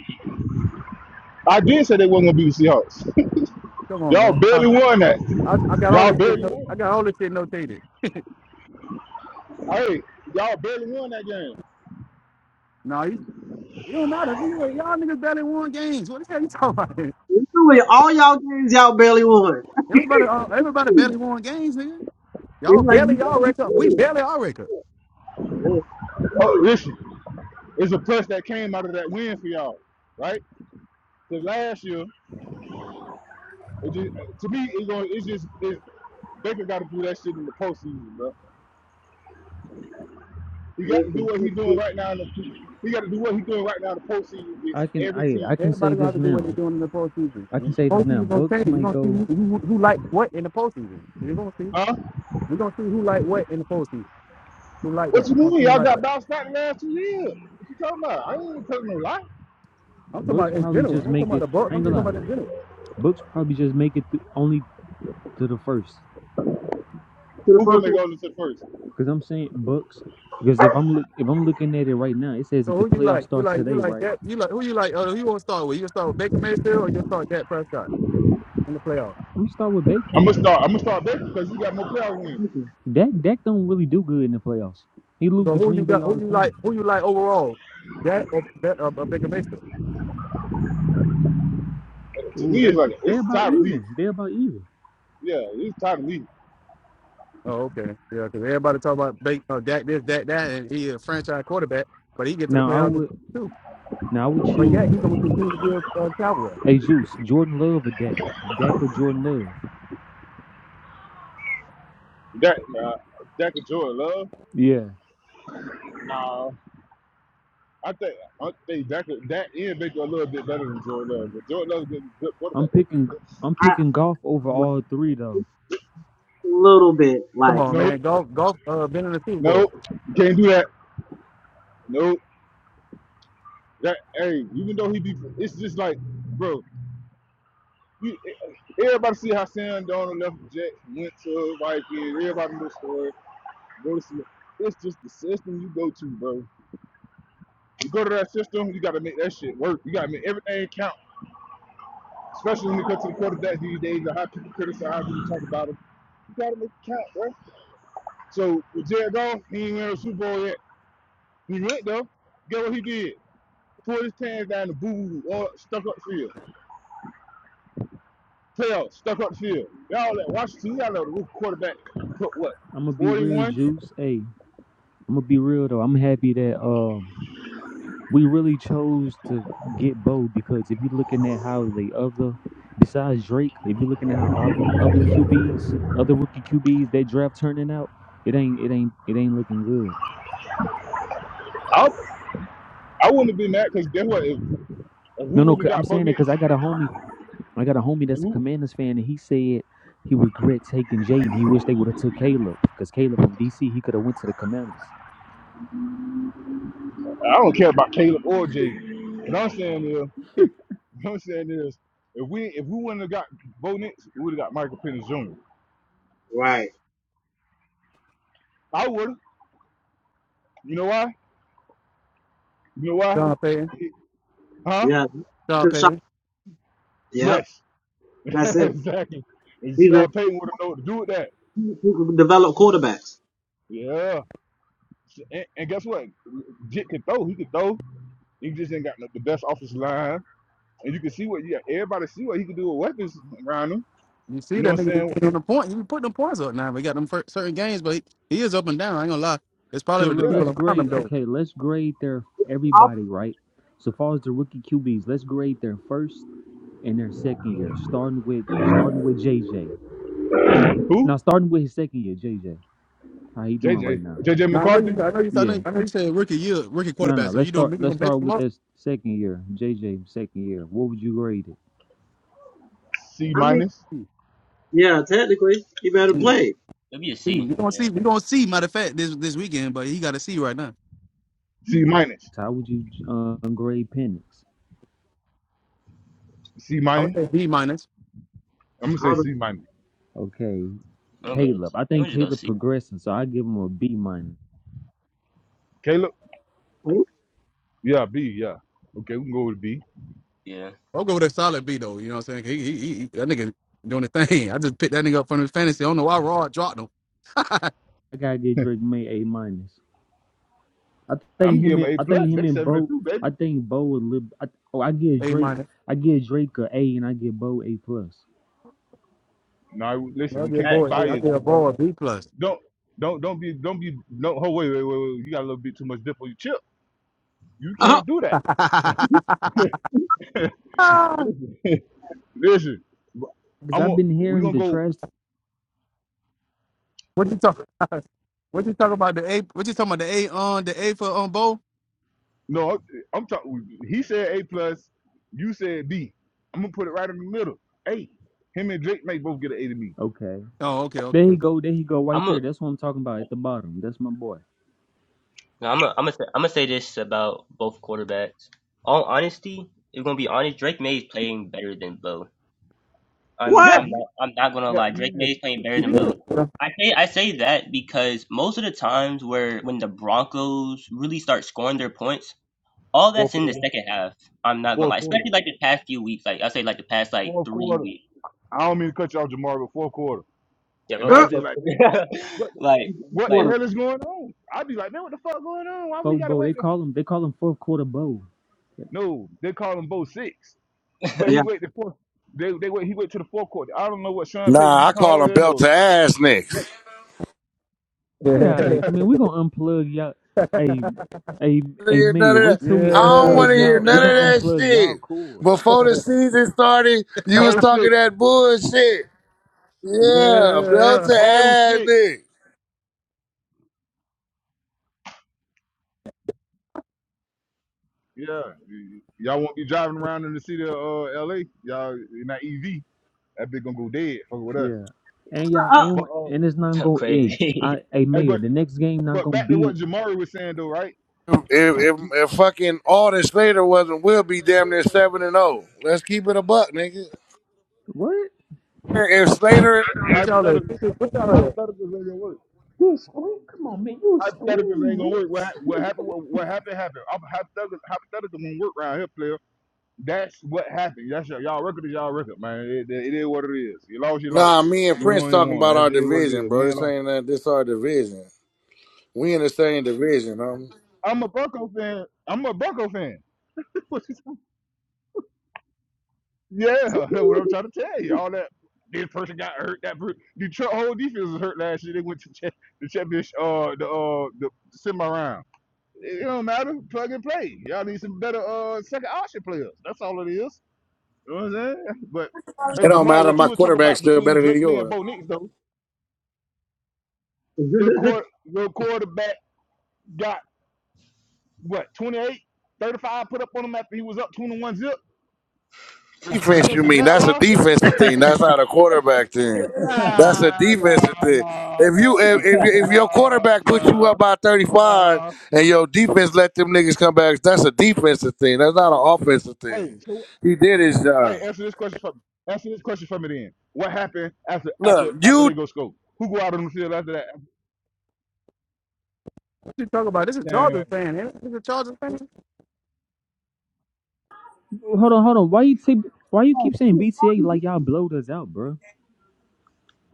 [SPEAKER 5] I did say they wasn't gonna be the Seahawks.
[SPEAKER 2] Come on,
[SPEAKER 5] Y'all
[SPEAKER 2] man. I,
[SPEAKER 5] barely won that.
[SPEAKER 2] I, I got all
[SPEAKER 5] Y'all
[SPEAKER 2] this shit.
[SPEAKER 5] barely
[SPEAKER 2] No, I
[SPEAKER 5] won.
[SPEAKER 2] got all this shit notated.
[SPEAKER 5] Hey, y'all barely won that game.
[SPEAKER 2] No, you, it don't matter. nigga. Like, Y'all niggas barely won games. What the hell you talking about?
[SPEAKER 1] Literally, All y'all games y'all barely won.
[SPEAKER 2] Everybody, uh, everybody barely won games, nigga. Y'all
[SPEAKER 1] It's like
[SPEAKER 2] barely
[SPEAKER 1] you
[SPEAKER 2] y'all
[SPEAKER 5] Y'all-
[SPEAKER 1] you
[SPEAKER 2] record. We
[SPEAKER 1] serious.
[SPEAKER 2] barely our record.
[SPEAKER 1] Real
[SPEAKER 5] Oh,
[SPEAKER 1] serious,
[SPEAKER 5] listen, it's a plus that came out of that win for y'all, right? Because last year, it just, to me, it's going. It's just it, Baker got to do that shit in the postseason, bro. He got to do
[SPEAKER 1] listen.
[SPEAKER 5] what he's doing right now. In the, he got to do what he's doing right now in the postseason
[SPEAKER 4] I
[SPEAKER 5] against
[SPEAKER 4] can
[SPEAKER 5] every
[SPEAKER 4] I I
[SPEAKER 5] team,
[SPEAKER 4] can say
[SPEAKER 2] Everybody gonna
[SPEAKER 4] this
[SPEAKER 2] have to do what they're
[SPEAKER 4] now.
[SPEAKER 2] doing in the postseason.
[SPEAKER 4] I can
[SPEAKER 2] The
[SPEAKER 4] say this now.
[SPEAKER 2] postseason gonna
[SPEAKER 4] Bucks
[SPEAKER 2] change. You're
[SPEAKER 4] might
[SPEAKER 2] gonna see
[SPEAKER 4] go.
[SPEAKER 2] who, who, who like what in the postseason. You're gonna see.
[SPEAKER 5] huh?
[SPEAKER 2] We're gonna see who like what in the postseason. Who like
[SPEAKER 5] What
[SPEAKER 2] that?
[SPEAKER 5] you
[SPEAKER 2] We're gonna
[SPEAKER 5] mean?
[SPEAKER 2] see who
[SPEAKER 5] Y'all
[SPEAKER 2] like
[SPEAKER 5] got
[SPEAKER 2] that.
[SPEAKER 5] bounced out the last two years. What you talking about? I ain't even telling no lie.
[SPEAKER 2] I'm talking
[SPEAKER 4] Bucks
[SPEAKER 2] about in
[SPEAKER 4] probably
[SPEAKER 2] general.
[SPEAKER 4] just
[SPEAKER 2] I ain't talking
[SPEAKER 4] make
[SPEAKER 2] about
[SPEAKER 4] it.
[SPEAKER 2] the Bucks.
[SPEAKER 4] I
[SPEAKER 2] I'm
[SPEAKER 4] ain't
[SPEAKER 2] just
[SPEAKER 4] gonna lie.
[SPEAKER 2] talking about in general.
[SPEAKER 4] Bucks probably just make it th- only to the first.
[SPEAKER 1] To the
[SPEAKER 5] Who gonna
[SPEAKER 1] first
[SPEAKER 5] make
[SPEAKER 1] one,
[SPEAKER 5] all this at first?
[SPEAKER 4] Cause I'm saying Bucks. Because if I'm look if I'm looking at it right now, it says if
[SPEAKER 2] So
[SPEAKER 4] the
[SPEAKER 2] who you
[SPEAKER 4] playoffs
[SPEAKER 2] like? You
[SPEAKER 4] start
[SPEAKER 2] like you
[SPEAKER 4] today,
[SPEAKER 2] like
[SPEAKER 4] right?
[SPEAKER 2] that? You like who you like? Uh, who you want to start with? You gonna start with Baker Mayfield or you gonna start Dak Prescott in the playoffs?
[SPEAKER 4] I'm gonna start with Baker.
[SPEAKER 5] I'm gonna start. I'm gonna start Baker because he got more playoff wins.
[SPEAKER 1] listen.
[SPEAKER 4] Dak Dak don't really do good in the playoffs. He loses
[SPEAKER 2] So
[SPEAKER 4] to
[SPEAKER 2] who you
[SPEAKER 4] Green Bay
[SPEAKER 2] got?
[SPEAKER 4] all
[SPEAKER 2] Who
[SPEAKER 4] the
[SPEAKER 2] you
[SPEAKER 4] time.
[SPEAKER 2] like? Who you like overall? Dak or Dak- uh, uh, Baker Mayfield?
[SPEAKER 5] to
[SPEAKER 4] Ooh,
[SPEAKER 5] me, it's
[SPEAKER 4] that's
[SPEAKER 5] like
[SPEAKER 4] they
[SPEAKER 5] it's
[SPEAKER 4] about
[SPEAKER 5] time to leave.
[SPEAKER 4] even. They about even.
[SPEAKER 5] Yeah, it's time to leave.
[SPEAKER 2] Oh, okay, yeah, because everybody talk about Baker, uh, Dak this, Dak that, and he a franchise quarterback, but he get to the
[SPEAKER 4] Now I
[SPEAKER 2] playoffs
[SPEAKER 4] would
[SPEAKER 2] too.
[SPEAKER 4] now I would
[SPEAKER 2] But
[SPEAKER 4] choose
[SPEAKER 2] yeah, he's gonna continue to be a uh, Cowboy.
[SPEAKER 4] a Juice, Jordan Love or Dak. Dak or Jordan Love.
[SPEAKER 5] That uh, Dak and Jordan Love.
[SPEAKER 4] Yeah,
[SPEAKER 5] Nah, I think I think Dak Dak, and Baker a little bit better than Jordan
[SPEAKER 4] yeah.
[SPEAKER 5] Love. But Jordan Love's getting good quarterback.
[SPEAKER 4] I'm
[SPEAKER 5] eh?
[SPEAKER 4] picking I'm
[SPEAKER 1] I
[SPEAKER 4] picking golf over
[SPEAKER 1] like,
[SPEAKER 4] all three though.
[SPEAKER 1] a little bit
[SPEAKER 2] Come
[SPEAKER 1] like
[SPEAKER 2] on,
[SPEAKER 5] Nope,
[SPEAKER 2] man, golf, golf, uh, been in the Super Bowl.
[SPEAKER 5] nope, can't do that. Nope. That hey, even though he be, it's just like, bro. You, everybody see how Sam Donald left the Jets, went to Vikings. Everybody knows the story. Go to- It's just the system you go to, bro. You go to that system, you got to make that shit work. You got to make everything count. especially when it comes to the quarterback these days, or how people criticize him and talk about him. You gotta make it count, bro. So with Jared Goff, he ain't win a Super Bowl yet. He went though. Get what he did? Pulled his pants down the boo boo or stuck up field. Playoff stuck up field. Y'all at Washington, y'all know the quarterback put what?
[SPEAKER 4] I'm gonna be real
[SPEAKER 5] 41?
[SPEAKER 4] Juice. Hey, I'm gonna be real though. I'm happy that um we really chose to get Bo because if you're looking at how the other, besides Drake, if you're looking at how all the other QBs, other rookie QBs that draft turning out, it ain't it ain't it ain't looking good.
[SPEAKER 5] I I wouldn't have been mad because guess what? If, if we
[SPEAKER 4] No, no,
[SPEAKER 5] wouldn't
[SPEAKER 4] 'cause I'm
[SPEAKER 5] got Bo
[SPEAKER 4] saying it
[SPEAKER 5] Nix,
[SPEAKER 4] because I got a homie, I got a homie that's a
[SPEAKER 5] who,
[SPEAKER 4] Commanders fan, and he said he regret taking Jaden. He wish they would have took Caleb because Caleb from DC, he could have went to the Commanders.
[SPEAKER 5] I don't care about Caleb or Jay. What I'm saying is, What I'm saying is, if we if we wouldn't have got Bo Nix, we would have got Michael Penix Jr.
[SPEAKER 1] Right.
[SPEAKER 5] I would have. You know why? You know why?
[SPEAKER 2] John Payton,
[SPEAKER 5] Huh?
[SPEAKER 1] yeah,
[SPEAKER 2] John
[SPEAKER 1] good shot.
[SPEAKER 2] Payton.
[SPEAKER 1] Yep,
[SPEAKER 5] Yes,
[SPEAKER 1] that's it.
[SPEAKER 5] exactly. And
[SPEAKER 1] He's a
[SPEAKER 5] Sean Payton would have known what to do with that.
[SPEAKER 1] he he can develop quarterbacks.
[SPEAKER 5] Yeah. And, and guess what? Jit can throw. He can throw. He just ain't got no, the best offensive line. And you can see what yeah, everybody see what he can do with weapons around him.
[SPEAKER 2] You
[SPEAKER 5] You
[SPEAKER 2] see
[SPEAKER 5] know
[SPEAKER 2] that
[SPEAKER 5] what I'm
[SPEAKER 2] nigga be
[SPEAKER 5] saying?
[SPEAKER 2] putting the point. He be putting the points up now. We got them fir- certain games, but he, he is up and down. I ain't gonna lie. It's probably
[SPEAKER 4] So
[SPEAKER 2] with the
[SPEAKER 4] look,
[SPEAKER 5] Yeah.
[SPEAKER 2] people
[SPEAKER 4] let's
[SPEAKER 2] around
[SPEAKER 4] grade.
[SPEAKER 2] him though.
[SPEAKER 4] Okay, let's grade their everybody right. So far as the rookie QBs, let's grade their first. in their second year, starting with starting with J J.
[SPEAKER 5] Who?
[SPEAKER 4] Now starting with his second year, J J. How he
[SPEAKER 5] J
[SPEAKER 4] doing
[SPEAKER 5] J.
[SPEAKER 4] right now?
[SPEAKER 5] J J.
[SPEAKER 2] Now I know you.
[SPEAKER 5] McCarthy.
[SPEAKER 2] I know you. I
[SPEAKER 4] Yeah.
[SPEAKER 2] know, I know you said rookie year, rookie
[SPEAKER 4] No,
[SPEAKER 2] quarterback.
[SPEAKER 4] no.
[SPEAKER 2] So
[SPEAKER 4] Let's
[SPEAKER 2] you don't
[SPEAKER 4] start.
[SPEAKER 2] you gonna
[SPEAKER 4] Let's
[SPEAKER 2] mess
[SPEAKER 4] start
[SPEAKER 2] him
[SPEAKER 4] with
[SPEAKER 2] up.
[SPEAKER 4] that second year, J J. Second year. What would you grade it?
[SPEAKER 5] C
[SPEAKER 1] I mean,
[SPEAKER 5] minus.
[SPEAKER 2] Hmm,
[SPEAKER 1] yeah, technically he better
[SPEAKER 3] It'll
[SPEAKER 2] hmm,
[SPEAKER 3] be,
[SPEAKER 1] play.
[SPEAKER 3] it'll be a
[SPEAKER 2] hmm.
[SPEAKER 3] C.
[SPEAKER 2] We gonna
[SPEAKER 3] Yeah,
[SPEAKER 2] see. We gonna see. Matter of fact, this this weekend, but he got to see right now.
[SPEAKER 5] C minus.
[SPEAKER 4] How would you um, grade Penix?
[SPEAKER 5] C
[SPEAKER 2] I would
[SPEAKER 5] minus.
[SPEAKER 2] say B minus.
[SPEAKER 5] I'm gonna say
[SPEAKER 1] I was,
[SPEAKER 5] C minus.
[SPEAKER 4] Okay,
[SPEAKER 3] I'm gonna go.
[SPEAKER 4] Caleb. I
[SPEAKER 3] I'm gonna
[SPEAKER 4] think
[SPEAKER 3] just go
[SPEAKER 4] Caleb
[SPEAKER 3] C.
[SPEAKER 4] progressing, so I give him a B minus.
[SPEAKER 5] Caleb.
[SPEAKER 1] "Hmm?
[SPEAKER 5] Yeah, B. Yeah. Okay, we can go with B.
[SPEAKER 3] Yeah,
[SPEAKER 2] I'll go with a solid B though. You know what I'm saying? He, he, he, that nigga doing the thing. I just picked that nigga up from his fantasy. I don't know why Raw dropped him.
[SPEAKER 4] I gotta give Drake May A minus. I think
[SPEAKER 5] I'm
[SPEAKER 4] him
[SPEAKER 5] giving
[SPEAKER 4] and
[SPEAKER 5] them A
[SPEAKER 4] I
[SPEAKER 5] plus.
[SPEAKER 4] think him
[SPEAKER 5] They
[SPEAKER 4] and
[SPEAKER 5] seven or
[SPEAKER 4] Bo.
[SPEAKER 5] two,
[SPEAKER 4] I
[SPEAKER 5] baby.
[SPEAKER 4] think Bo a little. I, oh, I give
[SPEAKER 2] a
[SPEAKER 4] Drake.
[SPEAKER 2] minus.
[SPEAKER 4] I give Drake a A, and I give Bo A plus.
[SPEAKER 5] No, listen,
[SPEAKER 2] I'll
[SPEAKER 5] we
[SPEAKER 2] get a
[SPEAKER 5] can't
[SPEAKER 3] not a
[SPEAKER 5] be
[SPEAKER 2] boy.
[SPEAKER 3] shock.
[SPEAKER 2] I'll
[SPEAKER 3] I'm
[SPEAKER 5] biased,
[SPEAKER 2] get
[SPEAKER 3] talking
[SPEAKER 2] a
[SPEAKER 5] my
[SPEAKER 3] about.
[SPEAKER 5] brother.
[SPEAKER 2] boy B plus.
[SPEAKER 5] Don't don't don't be don't be no. Oh wait wait wait wait. You got a little bit too much dip on your chip. You
[SPEAKER 1] Uh,
[SPEAKER 5] can't do that. listen, listen.
[SPEAKER 4] Cause
[SPEAKER 5] I'm
[SPEAKER 4] I've
[SPEAKER 5] gonna
[SPEAKER 4] been
[SPEAKER 5] we
[SPEAKER 4] hearing
[SPEAKER 5] gonna
[SPEAKER 4] the
[SPEAKER 5] go.
[SPEAKER 4] trash
[SPEAKER 2] what you talking? What you talking about the A? What you talking about the A on the A for on bow?
[SPEAKER 5] No, I'm, I'm talking. He said A plus. You said B. I'm gonna put it right in the middle. A. Him and Drake may both get an A to me.
[SPEAKER 4] Okay.
[SPEAKER 2] Oh, okay,
[SPEAKER 4] There
[SPEAKER 2] okay.
[SPEAKER 4] he go. There he go. Right
[SPEAKER 3] I'm a,
[SPEAKER 4] there. That's what I'm talking about at the bottom. That's my boy.
[SPEAKER 3] I'm a, I'm say gonna, say, I'm gonna say this about both quarterbacks. All honesty, if we're gonna be honest, Drake May is playing better than Bo. I'm,
[SPEAKER 1] what?
[SPEAKER 5] Yeah,
[SPEAKER 3] I'm not, I'm not gonna
[SPEAKER 5] yeah,
[SPEAKER 3] lie. Drake
[SPEAKER 5] yeah,
[SPEAKER 3] May is playing better than
[SPEAKER 5] yeah.
[SPEAKER 3] Bo. I say, I say that because most of the times where when the Broncos really start scoring their points, all that's
[SPEAKER 5] Fourth
[SPEAKER 3] in the
[SPEAKER 5] quarter,
[SPEAKER 3] second half. I'm not gonna
[SPEAKER 5] fourth
[SPEAKER 3] lie,
[SPEAKER 5] quarter,
[SPEAKER 3] especially like the past few weeks. Like I say, like the past like
[SPEAKER 5] fourth
[SPEAKER 3] three
[SPEAKER 5] quarter.
[SPEAKER 3] weeks.
[SPEAKER 5] I don't mean to cut you off, Jamar, but fourth quarter.
[SPEAKER 3] Yeah.
[SPEAKER 5] And
[SPEAKER 3] Okay.
[SPEAKER 1] Uh,
[SPEAKER 5] I'd be
[SPEAKER 3] So,
[SPEAKER 5] like, man, what
[SPEAKER 3] like,
[SPEAKER 5] what
[SPEAKER 3] like
[SPEAKER 5] the
[SPEAKER 1] quarter.
[SPEAKER 5] hell is going on? I'd be like, man, what the fuck going on? Why we
[SPEAKER 4] Folk
[SPEAKER 5] gotta
[SPEAKER 4] Bo. They
[SPEAKER 5] wait? To...
[SPEAKER 4] call him. They call him fourth quarter Bo.
[SPEAKER 5] No, they call him Bo Six, but
[SPEAKER 1] Yeah.
[SPEAKER 5] he wait the fourth. They they wait. He wait to the fourth quarter. I don't know what Sean Payton
[SPEAKER 6] Nah,
[SPEAKER 5] be
[SPEAKER 6] I call them
[SPEAKER 5] calling
[SPEAKER 6] belt
[SPEAKER 5] or
[SPEAKER 6] to ass
[SPEAKER 5] what.
[SPEAKER 6] niggas.
[SPEAKER 4] Get out of here, man. We gonna unplug y'all. Hey, hey,
[SPEAKER 6] I don't
[SPEAKER 4] hey,
[SPEAKER 6] hear none
[SPEAKER 4] Mayor.
[SPEAKER 6] of that.
[SPEAKER 4] Wait till we
[SPEAKER 6] I don't
[SPEAKER 2] yeah,
[SPEAKER 4] unplug
[SPEAKER 5] Bo
[SPEAKER 6] want to
[SPEAKER 5] Six,
[SPEAKER 6] hear
[SPEAKER 4] y'all. We
[SPEAKER 6] none
[SPEAKER 5] man.
[SPEAKER 4] gonna
[SPEAKER 6] of that
[SPEAKER 4] unplug y'all
[SPEAKER 6] shit.
[SPEAKER 4] cord.
[SPEAKER 6] Before the season started, you was
[SPEAKER 5] Bo
[SPEAKER 6] talking
[SPEAKER 5] Six.
[SPEAKER 6] that bullshit. Yeah, belt
[SPEAKER 2] yeah.
[SPEAKER 6] to
[SPEAKER 5] Bo
[SPEAKER 6] ass
[SPEAKER 5] Six.
[SPEAKER 6] niggas.
[SPEAKER 5] Yeah, y- y'all won't be driving around in the city of uh, L.A. Y'all in that EV. That bitch gonna go dead. Fuck with us.
[SPEAKER 4] Yeah. And y'all
[SPEAKER 1] Uh,
[SPEAKER 4] and
[SPEAKER 5] But uh,
[SPEAKER 4] and it's not gonna. Hey,
[SPEAKER 3] crazy.
[SPEAKER 4] I, hey,
[SPEAKER 5] hey,
[SPEAKER 4] Mayor.
[SPEAKER 5] but
[SPEAKER 4] The next game not
[SPEAKER 5] but
[SPEAKER 4] gonna
[SPEAKER 5] back to
[SPEAKER 4] be. In,
[SPEAKER 5] what Jamari was saying though, right?
[SPEAKER 6] If, if, if fucking all Slater wasn't, we'll be damn near seven and zero. Let's keep it a buck, nigga.
[SPEAKER 4] what?
[SPEAKER 6] If Slater,
[SPEAKER 2] What y'all at?
[SPEAKER 5] Hypothetical.
[SPEAKER 2] What y'all at?
[SPEAKER 5] Hypotheticals ain't gonna work.
[SPEAKER 4] Scream, come on, man. You a
[SPEAKER 5] Hypotheticals ain't
[SPEAKER 4] scream,
[SPEAKER 5] gonna work. What hap-
[SPEAKER 4] Reese?
[SPEAKER 5] what happened? What, what happened happened. I'm hypothetical. Hypothetical won't work around here, player. That's what happened. That's your, y'all record is y'all record, man. It, it, it is what it is. You lost, you
[SPEAKER 6] nah,
[SPEAKER 5] lost.
[SPEAKER 6] me and
[SPEAKER 5] You
[SPEAKER 6] Prince
[SPEAKER 5] won, you
[SPEAKER 6] talking
[SPEAKER 5] won.
[SPEAKER 6] about
[SPEAKER 5] That's
[SPEAKER 6] our
[SPEAKER 5] it. What it
[SPEAKER 6] division,
[SPEAKER 5] is.
[SPEAKER 6] bro.
[SPEAKER 5] Win,
[SPEAKER 6] This
[SPEAKER 5] lost.
[SPEAKER 6] ain't that. This our division. We in the same division, homie.
[SPEAKER 5] I'm a Bucko fan. I'm a Bucko fan. What you talking- yeah, that's what I'm trying to tell you. All that. This person got hurt. That per- Detroit whole defense was hurt last year. They went to cha- the championship, uh, the uh, the semi round. It don't matter. Plug and play. Y'all need some better uh second option players. That's all it is. You know what I'm saying? But
[SPEAKER 6] It
[SPEAKER 5] hey
[SPEAKER 6] don't
[SPEAKER 5] Jamar,
[SPEAKER 6] matter.
[SPEAKER 5] what you
[SPEAKER 6] My
[SPEAKER 5] were talking
[SPEAKER 6] quarterback's
[SPEAKER 5] about
[SPEAKER 6] still
[SPEAKER 5] between
[SPEAKER 6] better than
[SPEAKER 5] Drake May and
[SPEAKER 6] yours.
[SPEAKER 5] Bo Nix though, your quarter, your quarterback got what, 28, 35 put up on him after he was up 21 zip
[SPEAKER 6] defense you
[SPEAKER 5] against the
[SPEAKER 6] mean that's a
[SPEAKER 5] Jaguars?
[SPEAKER 6] defensive thing that's not a quarterback thing that's a
[SPEAKER 5] Nah, nah,
[SPEAKER 6] defensive thing
[SPEAKER 5] nah,
[SPEAKER 6] if you
[SPEAKER 5] nah,
[SPEAKER 6] if, if, if your
[SPEAKER 5] nah,
[SPEAKER 6] quarterback puts you
[SPEAKER 5] nah,
[SPEAKER 6] up by 35
[SPEAKER 5] nah.
[SPEAKER 6] and your defense let them niggas come back that's a defensive thing that's not an offensive thing
[SPEAKER 5] Hey, so,
[SPEAKER 6] he did his job
[SPEAKER 5] hey, answer this question for me. Answer this question for me then. What happened after
[SPEAKER 6] look
[SPEAKER 5] after after
[SPEAKER 6] you
[SPEAKER 5] they go scope? Who go out on the field after that?
[SPEAKER 2] What you talking about? This is a
[SPEAKER 5] Man,
[SPEAKER 2] Chargers fan. Ain't it? This is a Chargers fan.
[SPEAKER 4] Hold on, hold on. Why you say? Why you keep saying BTA like y'all blowed us out, bro?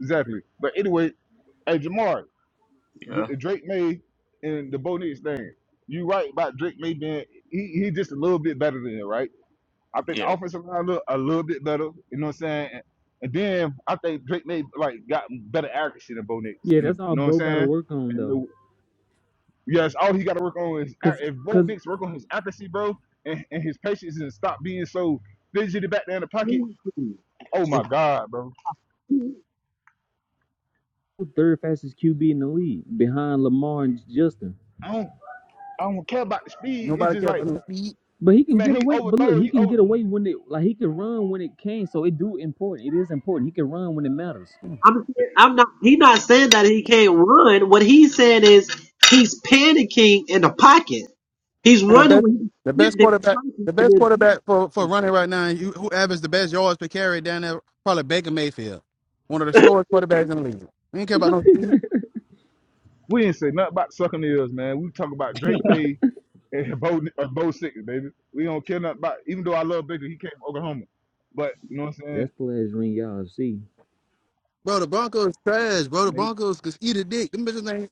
[SPEAKER 5] exactly. But anyway, hey Jamar,
[SPEAKER 3] yeah.
[SPEAKER 5] with the Drake May and the Bo Nix thing, you right about Drake May being he he just a little bit better than it, right? I think
[SPEAKER 3] Yeah.
[SPEAKER 5] the offensive line look a little bit better. You know what I'm saying? And, and then I think Drake May like got better accuracy than Bo Nix,
[SPEAKER 4] Yeah,
[SPEAKER 5] and the,
[SPEAKER 4] that's all
[SPEAKER 5] you know what I'm
[SPEAKER 4] Bo gotta
[SPEAKER 5] saying?
[SPEAKER 4] work on
[SPEAKER 5] And
[SPEAKER 4] though.
[SPEAKER 5] the, yes, all he got to work on is ac-
[SPEAKER 4] Cause
[SPEAKER 5] if Bo
[SPEAKER 4] cause
[SPEAKER 5] Nix work on his accuracy, bro, and, and his patience and stop being so fidgety back there in the pocket. Oh my
[SPEAKER 1] uh.
[SPEAKER 5] God, bro!
[SPEAKER 4] third fastest QB in the league behind Lamar and Justin.
[SPEAKER 5] I don't I don't care about the speed. It's
[SPEAKER 2] Nobody
[SPEAKER 5] just
[SPEAKER 2] care
[SPEAKER 5] like
[SPEAKER 2] about no speed.
[SPEAKER 4] But he can
[SPEAKER 5] Man,
[SPEAKER 4] get
[SPEAKER 5] he
[SPEAKER 4] away. But look,
[SPEAKER 5] overthrow.
[SPEAKER 4] he
[SPEAKER 5] He
[SPEAKER 4] can
[SPEAKER 5] over.
[SPEAKER 4] get away when it like he can run when it can. So it do important. It is important. He can run when it matters.
[SPEAKER 1] I'm I'm not he not saying that he can't run. What he's saying is he's panicking in the pocket. He's
[SPEAKER 2] Man, the
[SPEAKER 1] running
[SPEAKER 2] best,
[SPEAKER 1] when
[SPEAKER 2] the
[SPEAKER 1] he's
[SPEAKER 2] best quarterback, the
[SPEAKER 1] getting
[SPEAKER 2] best
[SPEAKER 1] there.
[SPEAKER 2] quarterback for, for running right now. You, who averaged the best yards per carry down there? Probably Baker Mayfield, one of the slowest quarterbacks in the league. We ain't care about no speed.
[SPEAKER 5] We didn't say nothing about sucking ears, man. We talk about Drake May and Bo, uh, Bo Six, baby. We don't care nothing about. Even though I love Baker, he came from Oklahoma. But you know what I'm saying?
[SPEAKER 4] That's the last ring y'all see.
[SPEAKER 2] Bro, the Broncos trash, bro. The
[SPEAKER 5] And they,
[SPEAKER 2] Broncos could eat a dick. Them bitches ain't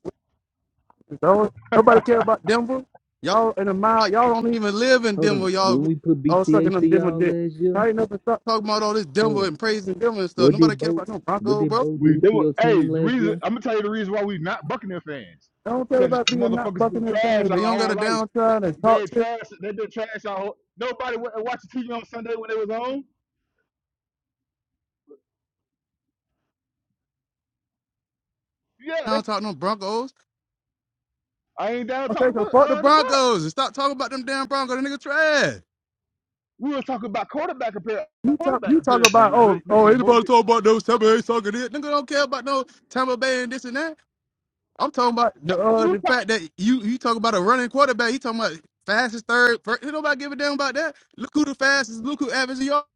[SPEAKER 2] no- nobody care about Denver. Y'all in a mile, y'all don't even live in
[SPEAKER 4] Hold on.
[SPEAKER 2] Denver.
[SPEAKER 4] When
[SPEAKER 2] Y'all
[SPEAKER 4] we put
[SPEAKER 2] all sucking
[SPEAKER 4] BTA to
[SPEAKER 2] them Denver
[SPEAKER 4] y'all
[SPEAKER 2] dick.
[SPEAKER 4] last year,
[SPEAKER 2] Tighten up and stop talking about all this
[SPEAKER 4] hold
[SPEAKER 2] Denver
[SPEAKER 4] on.
[SPEAKER 2] and praising Denver and stuff.
[SPEAKER 4] What did
[SPEAKER 2] Nobody care
[SPEAKER 4] Bo
[SPEAKER 2] about no
[SPEAKER 4] what
[SPEAKER 2] Broncos,
[SPEAKER 4] did
[SPEAKER 2] bro.
[SPEAKER 4] Bo
[SPEAKER 5] we
[SPEAKER 4] do
[SPEAKER 5] they
[SPEAKER 4] to
[SPEAKER 5] were.
[SPEAKER 4] your
[SPEAKER 5] Hey,
[SPEAKER 4] team
[SPEAKER 5] the
[SPEAKER 4] last
[SPEAKER 5] reason
[SPEAKER 4] year?
[SPEAKER 5] I'm gonna tell you the reason why we not Buccaneer fans,
[SPEAKER 2] I don't care
[SPEAKER 5] cause
[SPEAKER 2] about being not
[SPEAKER 5] motherfuckers been
[SPEAKER 2] Buccaneers fans,
[SPEAKER 5] trash
[SPEAKER 2] but you
[SPEAKER 5] our
[SPEAKER 2] don't got a
[SPEAKER 5] whole life.
[SPEAKER 2] downside and talk
[SPEAKER 5] They
[SPEAKER 2] shit
[SPEAKER 5] trash. They been trash our whole. Nobody went and watched TV on Sunday when they was home. Yeah,
[SPEAKER 2] I
[SPEAKER 5] that's,
[SPEAKER 2] don't talk no Broncos.
[SPEAKER 5] I ain't down to talk
[SPEAKER 2] Okay, so
[SPEAKER 5] about
[SPEAKER 2] fuck the
[SPEAKER 5] uh, the Bucks.
[SPEAKER 2] Broncos and stop talking about them damn Broncos. The nigga trash.
[SPEAKER 5] We was talking about quarterback compar
[SPEAKER 2] You talk,
[SPEAKER 5] quarterback
[SPEAKER 2] you talk
[SPEAKER 5] comparison
[SPEAKER 2] about
[SPEAKER 5] with Drake
[SPEAKER 2] oh
[SPEAKER 5] May
[SPEAKER 2] oh
[SPEAKER 5] and Bo
[SPEAKER 2] anybody
[SPEAKER 5] Dick.
[SPEAKER 2] talk about those Tampa Bay sucker this nigga don't care about no Tampa Bay and this and that. I'm talking about the uh,
[SPEAKER 5] We was
[SPEAKER 2] the
[SPEAKER 5] talking
[SPEAKER 2] fact that you you talk about a running quarterback. You talking about fastest third. First, nobody give a damn about that. Look who the fastest. Look who averages yards.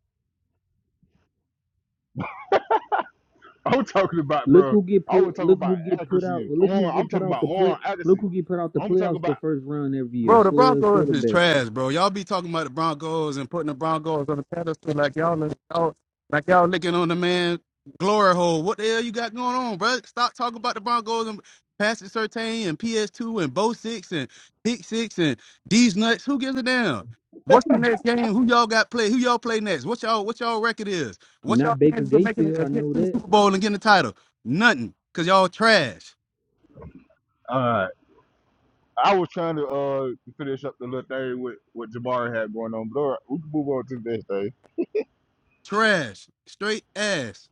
[SPEAKER 5] I'm talking about,
[SPEAKER 4] Look
[SPEAKER 5] bro.
[SPEAKER 4] who get
[SPEAKER 5] I was
[SPEAKER 4] put
[SPEAKER 5] talking
[SPEAKER 4] look
[SPEAKER 5] about
[SPEAKER 4] who get put out
[SPEAKER 5] accuracy
[SPEAKER 4] look
[SPEAKER 5] and on.
[SPEAKER 4] who
[SPEAKER 5] I'm
[SPEAKER 4] get put
[SPEAKER 5] talking
[SPEAKER 4] out
[SPEAKER 5] about
[SPEAKER 4] the play
[SPEAKER 5] on
[SPEAKER 4] look
[SPEAKER 5] accuracy.
[SPEAKER 4] who get put out the
[SPEAKER 5] I'm talking
[SPEAKER 4] playoffs the
[SPEAKER 5] about.
[SPEAKER 4] first round every year.
[SPEAKER 2] Bro, the
[SPEAKER 4] Slow as
[SPEAKER 2] Broncos is
[SPEAKER 4] quarterback.
[SPEAKER 2] trash, bro. Y'all be talking about the Broncos and putting the Broncos on the pedestal like y'all, y'all like y'all licking on the man glory hole. What the hell you got going on, bro? Stop talking about the Broncos and Patrick Sertain and PS2 and Bo Six and Pick Six and these nuts. Who gives a damn? What's the next game? Who y'all got play? Who y'all play next? What y'all what y'all record is? What y'all
[SPEAKER 4] Not Baker
[SPEAKER 2] chances of making
[SPEAKER 4] Mayfield.
[SPEAKER 2] a a
[SPEAKER 4] I
[SPEAKER 2] hit
[SPEAKER 4] know
[SPEAKER 2] to the
[SPEAKER 4] that.
[SPEAKER 2] Super Bowl and getting the title? Nothing, cause y'all trash,
[SPEAKER 5] Uh, I was trying to uh finish up the little thing with what Jabari had going on, but all right, we can move on to the next thing.
[SPEAKER 2] trash, straight ass.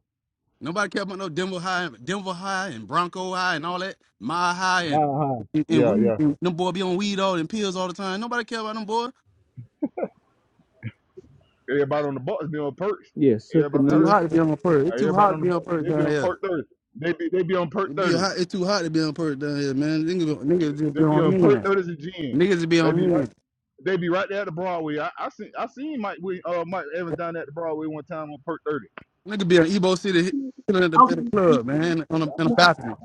[SPEAKER 2] Nobody care about no Denver High, Denver High, and Bronco High, and all that. My High, and
[SPEAKER 5] Nah, huh?
[SPEAKER 2] and, and
[SPEAKER 5] Yeah,
[SPEAKER 2] weed.
[SPEAKER 5] yeah.
[SPEAKER 2] And them boy be on weed all and pills all the time. Nobody care about them boy.
[SPEAKER 5] Everybody on the Bucks be on perks.
[SPEAKER 4] Yeah,
[SPEAKER 5] Everybody
[SPEAKER 2] Too
[SPEAKER 5] hurt.
[SPEAKER 4] Succaneers.
[SPEAKER 2] hot to be on purge. It's too
[SPEAKER 5] Everybody
[SPEAKER 2] hot to
[SPEAKER 5] on the
[SPEAKER 2] be on
[SPEAKER 5] Bucks.
[SPEAKER 2] purge
[SPEAKER 5] They be
[SPEAKER 2] down
[SPEAKER 5] on
[SPEAKER 2] here.
[SPEAKER 5] perk thirty. They be they be on perk
[SPEAKER 2] It be hot.
[SPEAKER 5] thirties.
[SPEAKER 2] It's too hot to be on purge down here, man. Niggas, niggas just be
[SPEAKER 5] They be
[SPEAKER 2] on
[SPEAKER 5] on perk
[SPEAKER 2] hand.
[SPEAKER 5] thirties and gin.
[SPEAKER 2] Niggas just be
[SPEAKER 5] They
[SPEAKER 2] on
[SPEAKER 5] be right.
[SPEAKER 2] hand.
[SPEAKER 5] They be right there at the Broadway. I, I seen I seen Mike Wi- uh Mike Evans down there at the Broadway one time on perk thirty.
[SPEAKER 2] Niggas be on Ebo City chilling at the, at the
[SPEAKER 1] Okay.
[SPEAKER 2] club, man, on a, on a balcony.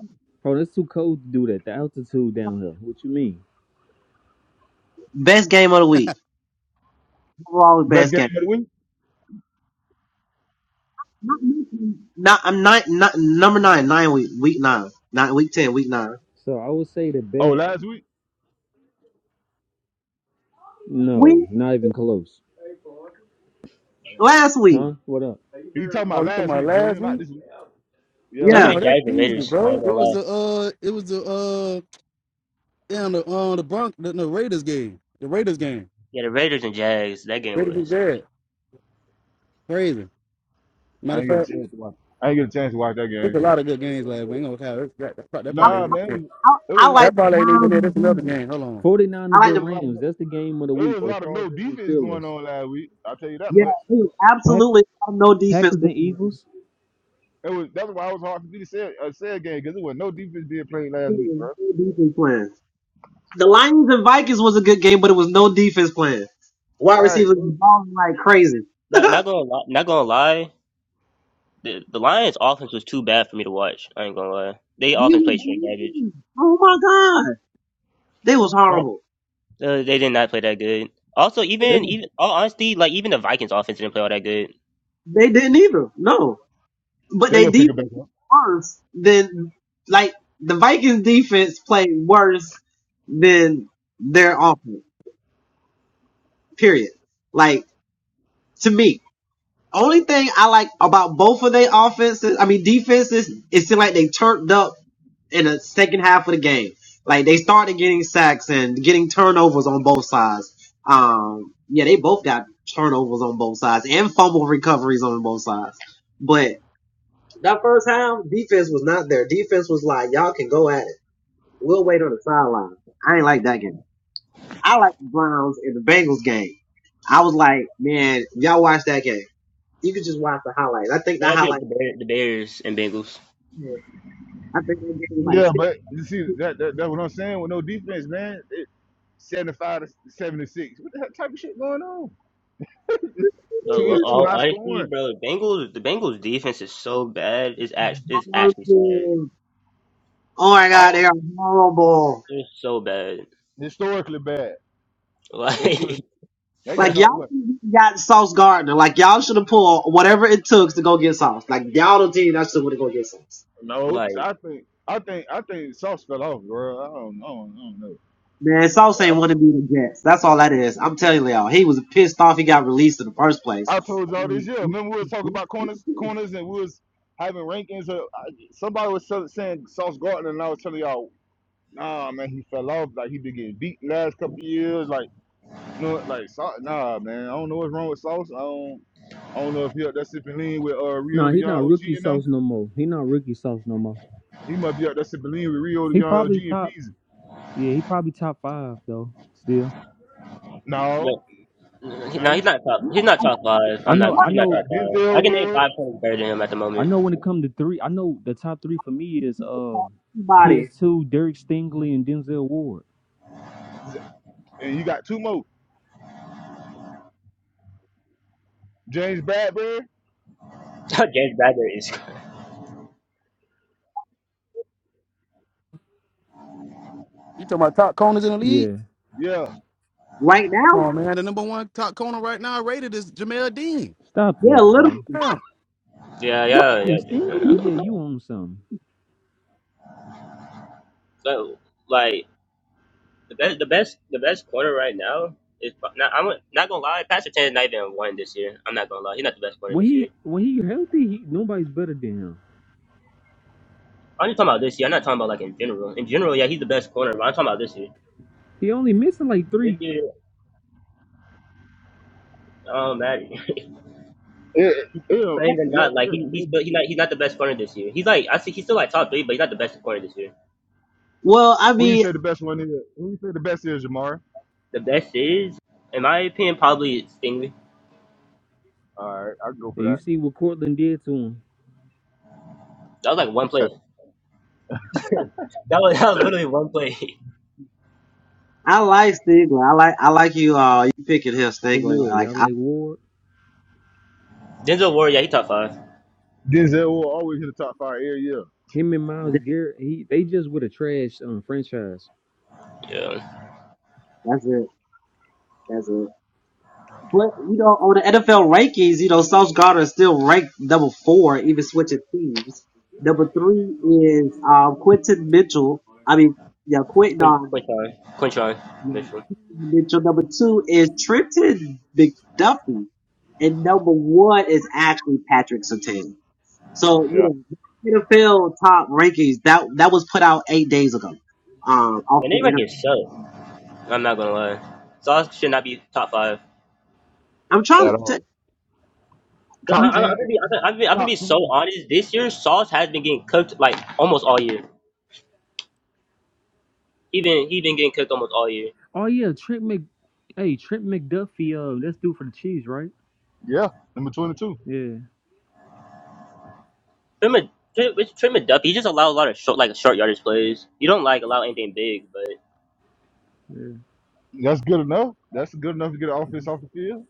[SPEAKER 4] Oh, that's too cold to do that. The altitude down here. What you mean?
[SPEAKER 1] Best game of the week. Overall
[SPEAKER 5] Best
[SPEAKER 1] best
[SPEAKER 5] game
[SPEAKER 1] game.
[SPEAKER 5] of the week.
[SPEAKER 1] Not, not I'm not, not number nine, nine week week nine. Not week ten, week nine.
[SPEAKER 4] So I would say the
[SPEAKER 5] Oh,
[SPEAKER 4] best.
[SPEAKER 5] last week?
[SPEAKER 4] No,
[SPEAKER 1] Week
[SPEAKER 4] not even close.
[SPEAKER 1] last week.
[SPEAKER 4] Huh? What up?
[SPEAKER 5] You talking
[SPEAKER 2] Oh,
[SPEAKER 5] about
[SPEAKER 2] you talking
[SPEAKER 5] last
[SPEAKER 2] about
[SPEAKER 5] week,
[SPEAKER 2] last
[SPEAKER 5] Junior, not
[SPEAKER 2] week?
[SPEAKER 5] this week. Yeah,
[SPEAKER 3] That'll
[SPEAKER 1] Yeah.
[SPEAKER 3] be
[SPEAKER 4] Who?
[SPEAKER 3] the
[SPEAKER 2] Oh, that's
[SPEAKER 3] Jags and
[SPEAKER 2] easy,
[SPEAKER 3] Raiders. I
[SPEAKER 2] bro.
[SPEAKER 3] ain't gonna
[SPEAKER 2] It
[SPEAKER 3] lie.
[SPEAKER 2] was the uh, it was the uh, damn the uh, the Bronx, the, the Raiders game, the Raiders game.
[SPEAKER 3] Yeah, the Raiders and Jags. That game
[SPEAKER 2] Raiders is
[SPEAKER 3] was
[SPEAKER 2] dead. Crazy. Matter
[SPEAKER 5] I
[SPEAKER 2] of
[SPEAKER 5] ain't get
[SPEAKER 2] fact,
[SPEAKER 5] a chance to watch. I ain't get a chance to watch that
[SPEAKER 2] there's
[SPEAKER 5] game.
[SPEAKER 2] a lot of good games last week. Ain't gonna count. That, that, that, that
[SPEAKER 1] I
[SPEAKER 2] probably ain't
[SPEAKER 5] Nah,
[SPEAKER 2] even it.
[SPEAKER 5] man,
[SPEAKER 1] I,
[SPEAKER 5] it was,
[SPEAKER 1] I
[SPEAKER 5] it was like
[SPEAKER 1] like
[SPEAKER 2] That
[SPEAKER 1] the
[SPEAKER 2] probably ain't
[SPEAKER 1] Browns
[SPEAKER 2] even it.
[SPEAKER 1] and
[SPEAKER 2] That's
[SPEAKER 1] the
[SPEAKER 2] another
[SPEAKER 1] Bengals.
[SPEAKER 2] game. Hold on.
[SPEAKER 1] I
[SPEAKER 4] 49ers
[SPEAKER 5] it
[SPEAKER 1] like
[SPEAKER 5] was
[SPEAKER 4] and
[SPEAKER 1] the
[SPEAKER 5] a lot of
[SPEAKER 4] Rams. That's the game of the
[SPEAKER 5] it was
[SPEAKER 4] week.
[SPEAKER 5] a
[SPEAKER 4] Or
[SPEAKER 5] lot of no
[SPEAKER 4] Chargers and
[SPEAKER 5] defense going
[SPEAKER 4] Steelers.
[SPEAKER 5] on last week. I'll tell you that
[SPEAKER 1] yeah,
[SPEAKER 5] much.
[SPEAKER 1] it was
[SPEAKER 4] Pack-
[SPEAKER 1] absolutely no defense.
[SPEAKER 4] Packers and Eagles.
[SPEAKER 5] It was that's why it was hard for me to say a say a game because it was no defense being played
[SPEAKER 1] No
[SPEAKER 5] last week, bro.
[SPEAKER 1] defense playing. The Lions and Vikings was a good game, but it was no defense playing. Wide
[SPEAKER 5] Right?
[SPEAKER 1] receivers
[SPEAKER 5] bro.
[SPEAKER 1] was balling like crazy.
[SPEAKER 3] not not gonna li- not gonna lie. The the Lions offense was too bad for me to watch. I ain't gonna lie. They
[SPEAKER 1] They
[SPEAKER 3] offense
[SPEAKER 1] was
[SPEAKER 3] played straight garbage.
[SPEAKER 1] balling. Oh my god, they was
[SPEAKER 3] But
[SPEAKER 1] horrible.
[SPEAKER 3] uh, they did not play that good. Also,
[SPEAKER 5] They
[SPEAKER 3] even
[SPEAKER 5] gonna
[SPEAKER 3] even all honesty, like even the Vikings offense didn't play all that good.
[SPEAKER 1] They didn't either. No, but
[SPEAKER 5] they
[SPEAKER 1] they
[SPEAKER 5] gonna pick it back
[SPEAKER 1] defense
[SPEAKER 5] up.
[SPEAKER 1] worse than like the Vikings defense played worse than their offense. Period. Like to me. Only thing I like about both of their offenses, I mean defenses, it seemed like they turned up in the second half of the game. Like they started getting sacks and getting turnovers on both sides. Um, yeah, they both got turnovers on both sides and fumble recoveries on both sides. But that first half, defense was not there. Defense was like, y'all can go at it. We'll wait on the sideline. I ain't like that game. I like the Browns and the Bengals game. I was like, man, y'all watch that game. You could just watch the highlights. I think
[SPEAKER 3] Yeah,
[SPEAKER 1] the
[SPEAKER 3] That'd be
[SPEAKER 1] highlights.
[SPEAKER 3] the Bears, the Bears and Bengals.
[SPEAKER 1] I
[SPEAKER 5] Yeah, but you see that that that's what I'm saying with no defense, man. It, 75 to 76. What the hell type of shit going on?
[SPEAKER 3] But
[SPEAKER 5] Too,
[SPEAKER 3] lo-
[SPEAKER 5] it's too
[SPEAKER 3] all
[SPEAKER 5] high
[SPEAKER 3] honesty,
[SPEAKER 5] scoring.
[SPEAKER 3] bro, Bengals the Bengals defense is so bad. It's actually it's
[SPEAKER 1] think those
[SPEAKER 3] actually sad.
[SPEAKER 1] kids. Oh my God, they
[SPEAKER 5] All
[SPEAKER 1] are horrible.
[SPEAKER 3] It's so bad.
[SPEAKER 5] historically bad. They giving They
[SPEAKER 1] Like
[SPEAKER 5] getting up
[SPEAKER 1] y'all
[SPEAKER 5] what?
[SPEAKER 1] should have got Sauce Gardner. Like y'all should have pulled whatever it took to go get Sauce. Like y'all the team that should have go get Sauce.
[SPEAKER 5] No, cause
[SPEAKER 3] Like like.
[SPEAKER 5] I think I think I think sauce fell off, bro. I don't know. I don't, know.
[SPEAKER 1] Man, Sauce ain't want to be the Jets. That's all that is. I'm telling y'all, he was pissed off. He got released in the first place.
[SPEAKER 5] I, I told y'all this year. Remember we was talking about corners, corners, and we was having rankings. Of, I, somebody was sell- saying Sauce Gardner, and I was telling y'all, nah, man, he fell off. Like he been getting beat last couple years. Like no, like Sau- nah, man. I don't know what's wrong with Sauce. I don't. I don't know if he up there sipping lean with uh, Rio
[SPEAKER 4] Nah,
[SPEAKER 5] de
[SPEAKER 4] he
[SPEAKER 5] Young
[SPEAKER 4] not
[SPEAKER 5] OG
[SPEAKER 4] rookie
[SPEAKER 5] and
[SPEAKER 4] sauce
[SPEAKER 5] them.
[SPEAKER 4] no more. He not rookie sauce no more.
[SPEAKER 5] He might be up there sipping lean with Rio de
[SPEAKER 4] He
[SPEAKER 5] Young OG
[SPEAKER 4] probably
[SPEAKER 5] and
[SPEAKER 4] top.
[SPEAKER 5] Peasy.
[SPEAKER 4] Yeah, he probably top five though. Still,
[SPEAKER 5] No,
[SPEAKER 3] He,
[SPEAKER 5] now
[SPEAKER 3] No,
[SPEAKER 5] you
[SPEAKER 3] he's not top. He's not top five.
[SPEAKER 4] I
[SPEAKER 3] I'm not.
[SPEAKER 4] know.
[SPEAKER 5] you
[SPEAKER 4] I
[SPEAKER 3] He's
[SPEAKER 5] still
[SPEAKER 3] not
[SPEAKER 4] know.
[SPEAKER 5] got
[SPEAKER 3] top five. I
[SPEAKER 5] Denzel
[SPEAKER 3] can name
[SPEAKER 5] Ward.
[SPEAKER 3] five players better than him at the
[SPEAKER 4] I
[SPEAKER 3] moment.
[SPEAKER 4] know when it come to three. I know the top three for me is uh,
[SPEAKER 1] Body
[SPEAKER 4] PS2, Derek Stingley, and Denzel Ward.
[SPEAKER 5] And you got two more. James Bradbury.
[SPEAKER 3] James Bradbury is.
[SPEAKER 2] You talking about top corners in the league?
[SPEAKER 4] Yeah.
[SPEAKER 5] Yeah.
[SPEAKER 1] right
[SPEAKER 2] Come
[SPEAKER 1] now,
[SPEAKER 2] on, man. The number one top corner right now rated is Jamel Dean.
[SPEAKER 4] Stop
[SPEAKER 1] yeah,
[SPEAKER 4] this, bro.
[SPEAKER 1] literally.
[SPEAKER 2] Damn.
[SPEAKER 3] Yeah, yeah,
[SPEAKER 4] Yeah,
[SPEAKER 3] yeah. dude, we
[SPEAKER 4] Stingley,
[SPEAKER 3] not
[SPEAKER 4] yeah,
[SPEAKER 3] gonna lie.
[SPEAKER 4] you own something.
[SPEAKER 3] So, like the best, the best, the best corner right now is pro- not. I'm not gonna lie. Patrick Tan is not even one this year. I'm not gonna lie. He's not the best corner
[SPEAKER 4] When
[SPEAKER 3] this year.
[SPEAKER 4] he when he healthy, he, nobody's better than him.
[SPEAKER 3] I'm just talking about this year. I'm not talking about like in general. In general, yeah, he's the best corner. But I'm talking about this year.
[SPEAKER 4] He only missing like
[SPEAKER 3] This
[SPEAKER 4] three.
[SPEAKER 3] year, um, Maddie.
[SPEAKER 5] It, it,
[SPEAKER 3] Not even
[SPEAKER 5] yeah.
[SPEAKER 3] not like
[SPEAKER 5] It,
[SPEAKER 3] he, he's
[SPEAKER 5] it,
[SPEAKER 3] still he's not he's not the best corner this year. He's like I see he's still like top three, but he's not the best corner this year.
[SPEAKER 1] Well, I
[SPEAKER 5] who you
[SPEAKER 1] mean,
[SPEAKER 5] say the best one is? Who you say the best is, Jamar?
[SPEAKER 3] The best is, in my opinion, probably Stingley.
[SPEAKER 5] All right, I can go for
[SPEAKER 4] And you
[SPEAKER 5] that.
[SPEAKER 4] see what Cortland did to him.
[SPEAKER 3] That was like one play. That was, that was literally one play.
[SPEAKER 1] I like Stigler. I like I like you. Uh, you picking him
[SPEAKER 4] The
[SPEAKER 1] Stigler.
[SPEAKER 4] Ward,
[SPEAKER 1] Like
[SPEAKER 4] y'all
[SPEAKER 1] I,
[SPEAKER 4] like Ward.
[SPEAKER 3] Denzel Ward, yeah, he top five.
[SPEAKER 5] Denzel will always hit the top five every year.
[SPEAKER 4] Him and Miles Garrett, he they just with a trash um, franchise.
[SPEAKER 3] Yeah.
[SPEAKER 1] that's it. That's it. But you know, on the NFL rankings, you know, Sauce Gardner is still ranked number four, even switching teams. Number three is um Quentin Mitchell. I mean, yeah, Quentin
[SPEAKER 3] Quin-
[SPEAKER 1] um,
[SPEAKER 3] Quintron. Quintron. Mitchell.
[SPEAKER 1] Mitchell. Number two is Trenton McDuffie, and number one is actually Patrick Sertan. So
[SPEAKER 5] Yeah,
[SPEAKER 1] you know, NFL top rankings that that was put out eight days ago. Um, off
[SPEAKER 3] And
[SPEAKER 1] the
[SPEAKER 3] they can
[SPEAKER 1] NFL.
[SPEAKER 3] shut. I'm not gonna lie. Sauce should not be top five.
[SPEAKER 1] I'm trying
[SPEAKER 5] at
[SPEAKER 1] to. T-
[SPEAKER 5] all.
[SPEAKER 3] 'Cause I, I,
[SPEAKER 5] Top
[SPEAKER 1] you,
[SPEAKER 3] I'm,
[SPEAKER 5] ten,
[SPEAKER 3] gonna be, I'm, gonna, I'm, gonna, I'm gonna
[SPEAKER 5] top
[SPEAKER 3] be so
[SPEAKER 5] ten.
[SPEAKER 3] honest. This year, Sauce has been getting cooked like almost all year. He been he been getting cooked almost all year.
[SPEAKER 4] Oh yeah, Trent Mc, hey Trent McDuffie, uh, that's due for the Chiefs, right?
[SPEAKER 5] Yeah, number twenty-two.
[SPEAKER 4] Yeah,
[SPEAKER 3] Trim a Trim it's Trim a Duffy, he just allowed a lot of short like short yardage plays. You don't like allow anything big, but
[SPEAKER 4] yeah.
[SPEAKER 5] That's good enough. That's good enough to get an offense off the field.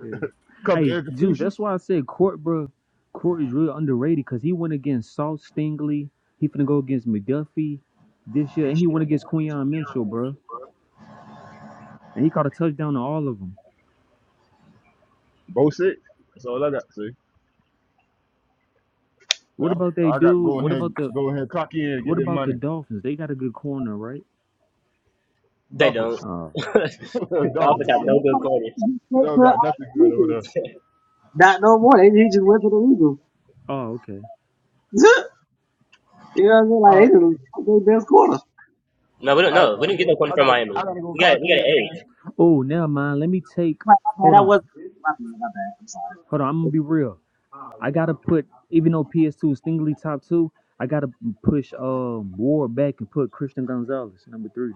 [SPEAKER 4] Yeah.
[SPEAKER 5] Couple
[SPEAKER 4] Hey,
[SPEAKER 5] air
[SPEAKER 4] Juice, that's
[SPEAKER 5] completions,
[SPEAKER 4] why I said Court, bro. Court is really underrated because he went against Salt Stingley. He finna go against McDuffie this year, and he went against Quinyon Mitchell, bro. And he caught a touchdown to all of them.
[SPEAKER 5] both six. That's all I got. See,
[SPEAKER 4] What
[SPEAKER 5] I,
[SPEAKER 4] about they
[SPEAKER 5] I got to
[SPEAKER 4] dude?
[SPEAKER 5] go in
[SPEAKER 4] What
[SPEAKER 5] here,
[SPEAKER 4] about the
[SPEAKER 5] go in here, cock in and
[SPEAKER 4] what
[SPEAKER 5] get that
[SPEAKER 4] about the
[SPEAKER 5] money.
[SPEAKER 4] Dolphins? They got a good corner, right?
[SPEAKER 3] they don't.
[SPEAKER 5] Dolphins,
[SPEAKER 4] Oh.
[SPEAKER 3] the offense
[SPEAKER 5] Dolphins
[SPEAKER 3] had
[SPEAKER 5] suck.
[SPEAKER 3] no good quarters.
[SPEAKER 1] you
[SPEAKER 5] They
[SPEAKER 1] put
[SPEAKER 5] don't got nothing good over
[SPEAKER 1] Not no more. They he just went to the Eagles.
[SPEAKER 4] Oh, okay.
[SPEAKER 1] you know what I mean? Like
[SPEAKER 5] there.
[SPEAKER 1] they didn't fucking best quarter.
[SPEAKER 3] No, we don't.
[SPEAKER 5] All right,
[SPEAKER 3] No, we
[SPEAKER 5] y'all
[SPEAKER 3] didn't get no
[SPEAKER 5] boys.
[SPEAKER 3] corn
[SPEAKER 5] I
[SPEAKER 3] from
[SPEAKER 5] gotta,
[SPEAKER 3] Miami.
[SPEAKER 5] I gotta go
[SPEAKER 3] We got
[SPEAKER 5] clock
[SPEAKER 3] we
[SPEAKER 5] in,
[SPEAKER 3] got an
[SPEAKER 5] man.
[SPEAKER 3] egg.
[SPEAKER 4] Oh, never mind. Let me take.
[SPEAKER 1] Like, my bad,
[SPEAKER 4] Hold
[SPEAKER 1] I
[SPEAKER 4] on.
[SPEAKER 1] was my bad, my bad. I'm sorry.
[SPEAKER 4] Hold on. I'm gonna
[SPEAKER 1] It's
[SPEAKER 4] be real. I gotta put, even though PS2 is Stingley top two, I gotta push um Ward back and put Christian Gonzalez number three.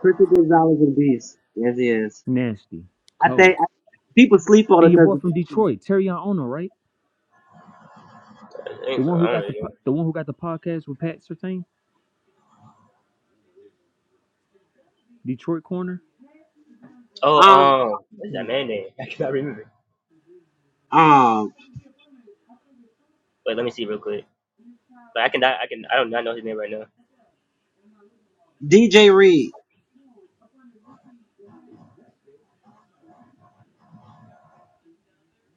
[SPEAKER 1] Christian Gonzalez and Beast. Yes, he is.
[SPEAKER 4] Nasty,
[SPEAKER 1] I think
[SPEAKER 4] cold,
[SPEAKER 1] I, people sleep on
[SPEAKER 4] and
[SPEAKER 1] it
[SPEAKER 4] your boy from
[SPEAKER 1] because
[SPEAKER 4] Detroit, Terry Ono, right?
[SPEAKER 3] I
[SPEAKER 4] The
[SPEAKER 3] think so.
[SPEAKER 4] one who
[SPEAKER 3] I don't
[SPEAKER 4] got the
[SPEAKER 3] really know.
[SPEAKER 4] po- the one who got the podcast with Pat Sertain, Detroit Corner.
[SPEAKER 3] Oh,
[SPEAKER 1] um
[SPEAKER 3] um, what is that man name? I cannot remember.
[SPEAKER 1] um
[SPEAKER 3] Wait, let me see real quick. But I can I can I don't know his name right now.
[SPEAKER 1] DJ Reed.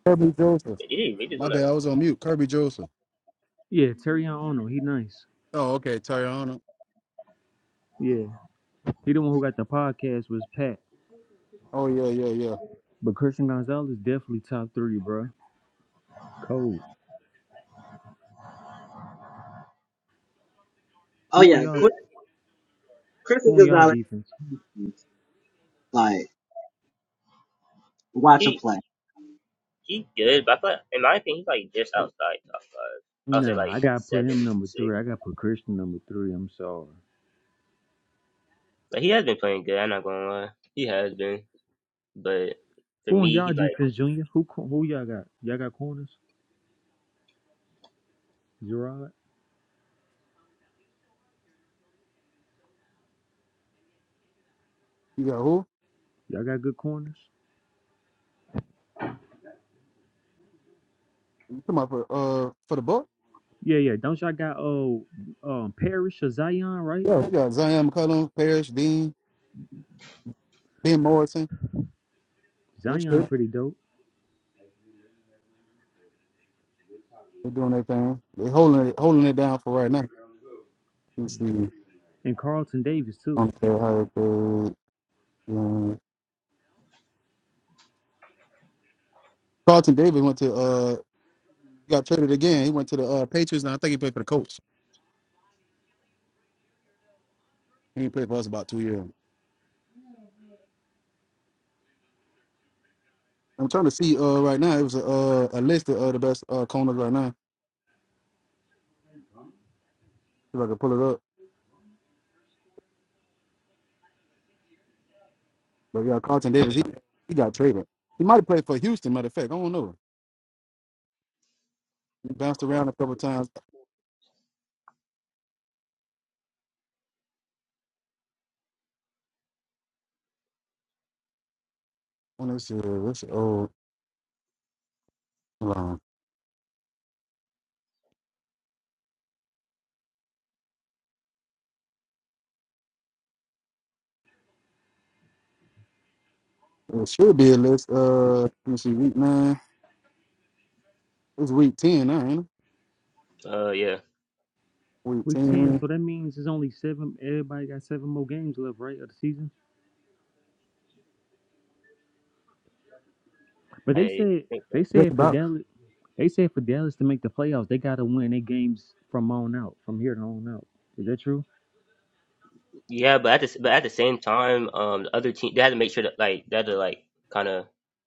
[SPEAKER 2] Kirby Joseph.
[SPEAKER 3] But he we just
[SPEAKER 2] My
[SPEAKER 3] wanna
[SPEAKER 2] bad. I was on mute. Kirby Joseph.
[SPEAKER 4] Yeah, Terry Ono, he nice.
[SPEAKER 2] Oh, okay. Tariana.
[SPEAKER 4] Yeah, he the one who got the podcast was Pat,
[SPEAKER 2] Oh yeah, yeah, yeah.
[SPEAKER 4] but Christian Gonzalez definitely top three, bro. Cold.
[SPEAKER 1] Oh
[SPEAKER 4] Who on
[SPEAKER 1] yeah,
[SPEAKER 4] y'all?
[SPEAKER 1] Qu- Christian
[SPEAKER 4] Who on y'all
[SPEAKER 1] Gonzalez.
[SPEAKER 4] defense?
[SPEAKER 1] Like watch him
[SPEAKER 3] he
[SPEAKER 1] play.
[SPEAKER 3] he good, but I thought, in my opinion he's like just outside top five. I'll say
[SPEAKER 4] Nah,
[SPEAKER 3] like
[SPEAKER 4] I gotta put
[SPEAKER 3] seven,
[SPEAKER 4] him number
[SPEAKER 3] six.
[SPEAKER 4] three. I gotta put Christian number three. I'm sorry.
[SPEAKER 3] But he has been playing good. I'm not gonna lie, he has been. But for
[SPEAKER 4] Who on
[SPEAKER 3] me,
[SPEAKER 4] y'all
[SPEAKER 3] he's like,
[SPEAKER 4] defense, Junior? Who who y'all got? Y'all got corners? Gerard?
[SPEAKER 2] You got who?
[SPEAKER 4] Y'all got good corners?
[SPEAKER 2] You talking about for uh for the book?
[SPEAKER 4] Yeah, yeah. Don't y'all got oh um Parrish or Zion, right?
[SPEAKER 2] Yeah. You got Zion McCullum, Parrish, Dean, Ben Morrison. They
[SPEAKER 4] Zion
[SPEAKER 2] good.
[SPEAKER 4] pretty dope.
[SPEAKER 2] They doing their thing. They holding it holding it down for right now. Let me see.
[SPEAKER 4] And Carlton Davis too.
[SPEAKER 2] I'm sure how it goes. Um, Carlton Davis went to uh got traded again. He went to the uh, Patriots and I think he played for the Colts. He ain't played for us about two years. I'm trying to see uh right now. It was a uh, a list of uh, the best uh corners right now. If I can pull it up. But yeah, Carlton Davis he he got traded. He might have played for Houston. Matter of fact, I don't know. He bounced around a couple of times. On this year, this old hold on. It should be a list. Uh, let me see, week nine. It's week ten now, ain't it?
[SPEAKER 3] uh, yeah,
[SPEAKER 2] Week
[SPEAKER 4] Week ten,
[SPEAKER 2] ten,
[SPEAKER 4] so that means it's only seven everybody got seven more games left, right, of the season. But they
[SPEAKER 3] I
[SPEAKER 4] said
[SPEAKER 3] think so.
[SPEAKER 4] they
[SPEAKER 2] just
[SPEAKER 4] said for
[SPEAKER 2] about.
[SPEAKER 4] Dallas they said for Dallas to make the playoffs, they gotta win their games from on out, from here to on out. Is that true?
[SPEAKER 3] Yeah, but at the s- but at the same time, um, the other team they had to make sure that like they had to like kind of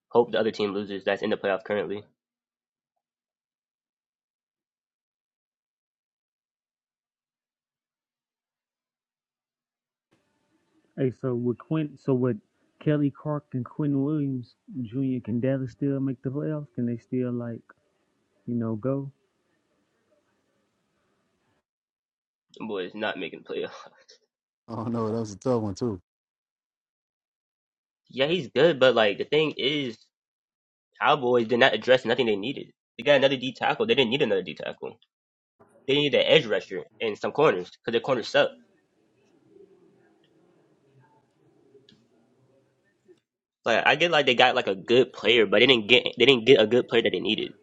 [SPEAKER 3] hope the other team loses that's in the playoff currently.
[SPEAKER 4] Hey, so with Quint so with Kelly Clark and Quentin Williams Jr., can Dallas still make the playoffs? Can they still like, you know, go?
[SPEAKER 3] The Boy, Boys not making the playoff.
[SPEAKER 2] Oh no, that was a tough one too.
[SPEAKER 3] Yeah, he's good, but like the thing is, Cowboys did not address nothing they needed. They got another D tackle. They didn't need another D tackle. They needed an edge rusher and some corners because their corners suck. Like I get like they got like a good player, but they didn't get they didn't get a good player that they needed.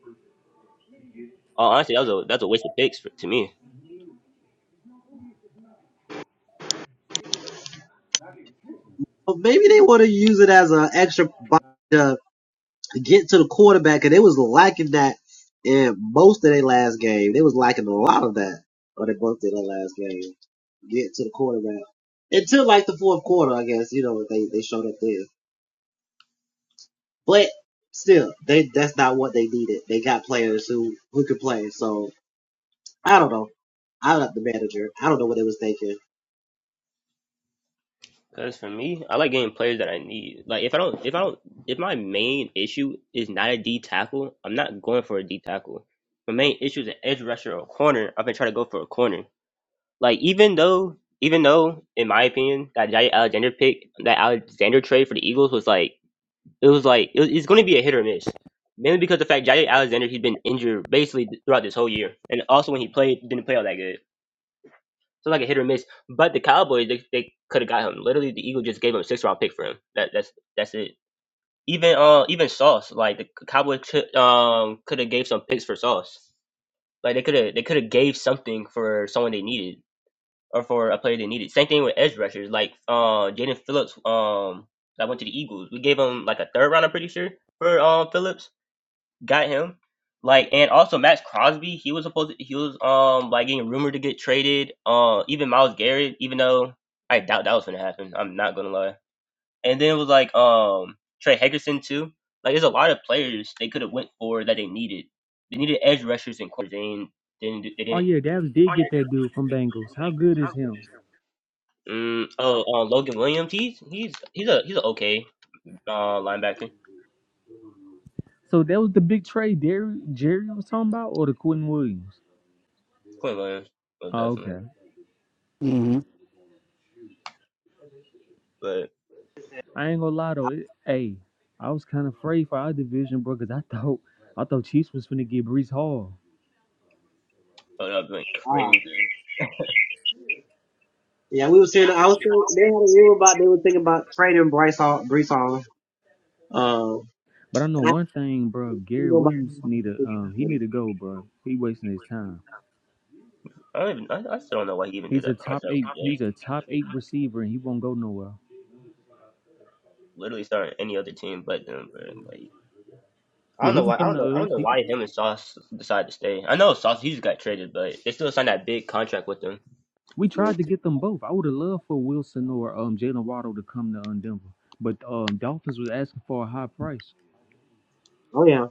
[SPEAKER 3] Uh, honestly, that was a that's a waste of picks for, to me.
[SPEAKER 1] Well, maybe they want to use it as an extra body to get to the quarterback, and they was lacking that in most of their last game. They was lacking a lot of that, or they both did their last game. Get to the quarterback until like the fourth quarter, I guess. You know, they they showed up there, but still, they that's not what they needed. They got players who who could play. So I don't know. I love the manager. I don't know what they was thinking.
[SPEAKER 3] Cause for me, I like getting players that I need. Like if I don't, if I don't, if my main issue is not a D tackle, I'm not going for a D tackle. My main issue is an edge rusher or a corner. I've been trying to go for a corner. Like even though, even though, in my opinion, that Jair Alexander pick, that Alexander trade for the Eagles was like, it was like it was, it's going to be a hit or miss. Mainly because the fact Jair Alexander he's been injured basically throughout this whole year, and also when he played, didn't play all that good. So like a hit or miss. But the Cowboys, they, they could have got him. Literally, the Eagles just gave him a six round pick for him. That that's that's it. Even uh even Sauce, like the Cowboys could um could have gave some picks for Sauce. Like they could have they could have gave something for someone they needed or for a player they needed. Same thing with edge rushers, like uh Jaden Phillips um that went to the Eagles. We gave him like a third round, I'm pretty sure, for um Phillips got him. Like and also Max Crosby, he was supposed to, he was um like getting rumored to get traded. Uh, even Miles Garrett, even though I doubt that was gonna happen. I'm not gonna lie. And then it was like um Trey Hickerson too. Like there's a lot of players they could have went for that they needed. They needed edge rushers and corners. They didn't. They
[SPEAKER 4] Oh
[SPEAKER 3] didn't.
[SPEAKER 4] yeah,
[SPEAKER 3] They did
[SPEAKER 4] Dallas did get that dude from Bengals. How good is him?
[SPEAKER 3] Mm, oh, uh, Logan Williams. He's he's he's a he's an okay uh linebacker.
[SPEAKER 4] So that was the big trade Jerry, Jerry was talking about, or the Quentin Williams.
[SPEAKER 3] Quinn Williams, most
[SPEAKER 4] Oh,
[SPEAKER 3] definitely.
[SPEAKER 4] okay.
[SPEAKER 2] Mm-hmm.
[SPEAKER 3] But
[SPEAKER 4] I ain't gonna lie though. It, hey, I was kind of afraid for our division, bro, because I thought I thought Chiefs was finna get Brees Hall.
[SPEAKER 3] but I've been
[SPEAKER 1] Ah,
[SPEAKER 3] crazy.
[SPEAKER 1] yeah, we were saying I was thinking, they had a rumor about they were thinking about trading Bryce Hall, Brees Hall. Um,
[SPEAKER 4] But I know
[SPEAKER 1] and I
[SPEAKER 4] one thing, bro. Gary
[SPEAKER 1] don't think
[SPEAKER 4] Williams need to um he need
[SPEAKER 1] nobody.
[SPEAKER 4] to go, bro. He wasting his time.
[SPEAKER 3] I don't even. I, I still don't know why he even did
[SPEAKER 4] He's a
[SPEAKER 3] that
[SPEAKER 4] top
[SPEAKER 3] contract with
[SPEAKER 4] eight.
[SPEAKER 3] them.
[SPEAKER 4] He's a top eight receiver, and he won't go nowhere.
[SPEAKER 3] Literally starting any other team but them, bro. Like I
[SPEAKER 4] Yeah,
[SPEAKER 3] don't
[SPEAKER 4] he
[SPEAKER 3] know
[SPEAKER 4] can
[SPEAKER 3] why. I
[SPEAKER 4] come
[SPEAKER 3] don't know. I
[SPEAKER 4] to
[SPEAKER 3] don't
[SPEAKER 4] us.
[SPEAKER 3] know
[SPEAKER 4] He can-
[SPEAKER 3] why him and Sauce decided to stay. I know Sauce he just got traded, but they still signed that big contract with them.
[SPEAKER 4] we
[SPEAKER 1] Yeah.
[SPEAKER 4] tried to get them both. I would have loved for Wilson or um Jalen Waddle to come to um, Denver, but um Dolphins was asking for a high price.
[SPEAKER 1] Oh yeah.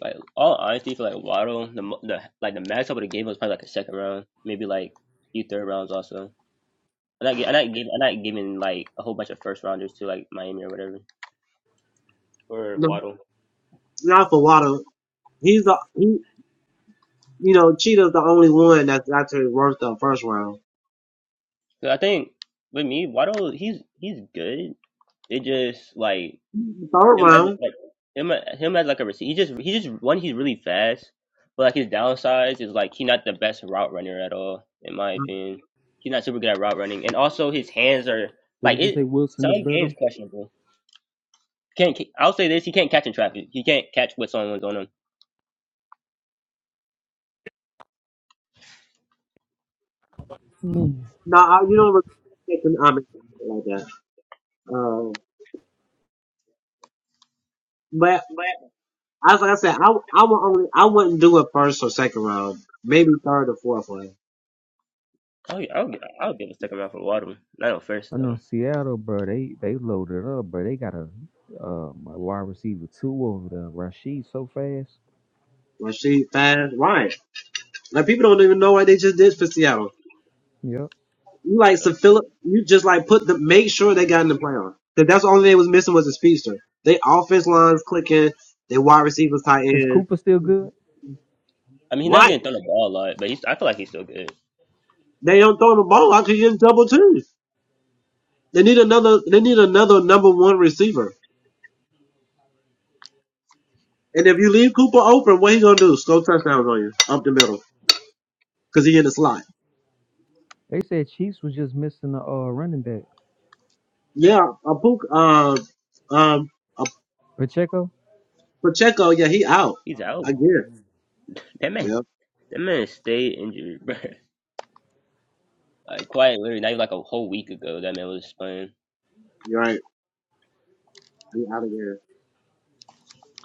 [SPEAKER 3] Like all honesty, for like Waddle, the, mo- the like the max I would have gave him was probably like a second round, maybe like a few third rounds also. I'm not, gi- I'm not giving. I'm not giving like a whole bunch of first rounders to like Miami or whatever or
[SPEAKER 1] No,
[SPEAKER 3] Waddle.
[SPEAKER 1] not for Water. He's the he. You know, Cheetah's the only one that's actually worth the first round.
[SPEAKER 3] 'Cause I think with me, Waddle, he's he's good. It just like
[SPEAKER 1] The third
[SPEAKER 3] him as
[SPEAKER 1] round,
[SPEAKER 3] like him him as like a receiver. He just he just one he's really fast, but like his downsides is like he's not the best route runner at all in my opinion. He's not super good at route running, and also his hands are
[SPEAKER 4] So
[SPEAKER 3] like
[SPEAKER 4] would you
[SPEAKER 3] it.
[SPEAKER 4] say Wilson
[SPEAKER 3] Some
[SPEAKER 4] is better?
[SPEAKER 3] games questionable. Can't ca- I'll say this: he can't catch in traffic. He can't catch what someone's on him.
[SPEAKER 4] Mm.
[SPEAKER 1] no, I, you don't respect an I mean, like that. Um, but as I said, I I would only I wouldn't do it first or second round, maybe third or fourth one.
[SPEAKER 3] Oh yeah, I'll, I'll give a second round for Waddle. Not on first
[SPEAKER 4] I know
[SPEAKER 3] though.
[SPEAKER 4] Seattle, bro. They they loaded up, bro. They got a um, a wide receiver two over there. Rashid so fast.
[SPEAKER 1] When she fast, right? Like people don't even know what they just did for Seattle.
[SPEAKER 4] Yep.
[SPEAKER 1] You like Sir
[SPEAKER 3] But-
[SPEAKER 1] Philip. You just like put the make sure they got in the playoff because that's the only thing they was missing was a speedster. They offense lines clicking. They wide receivers tight
[SPEAKER 4] Is
[SPEAKER 1] end.
[SPEAKER 4] Cooper still good?
[SPEAKER 3] I mean, he's not
[SPEAKER 1] Right.
[SPEAKER 3] getting thrown the ball a lot, but he's. I feel like he's still good.
[SPEAKER 1] They don't throw the ball out because you just double twos. They need another. They need another number one receiver. And if you leave Cooper open, what he gonna do? Score touchdowns on you up the middle because he in the slot.
[SPEAKER 4] They said Chiefs was just missing a uh, running back.
[SPEAKER 1] Yeah, a Puka, uh, um, a
[SPEAKER 4] Pacheco.
[SPEAKER 1] Pacheco. Yeah, he out
[SPEAKER 3] He's out.
[SPEAKER 1] again.
[SPEAKER 3] That man.
[SPEAKER 1] Yeah,
[SPEAKER 3] That man stayed injured, bro. Like quite literally, not even like a whole week ago, that man was playing.
[SPEAKER 1] you're right. He out again.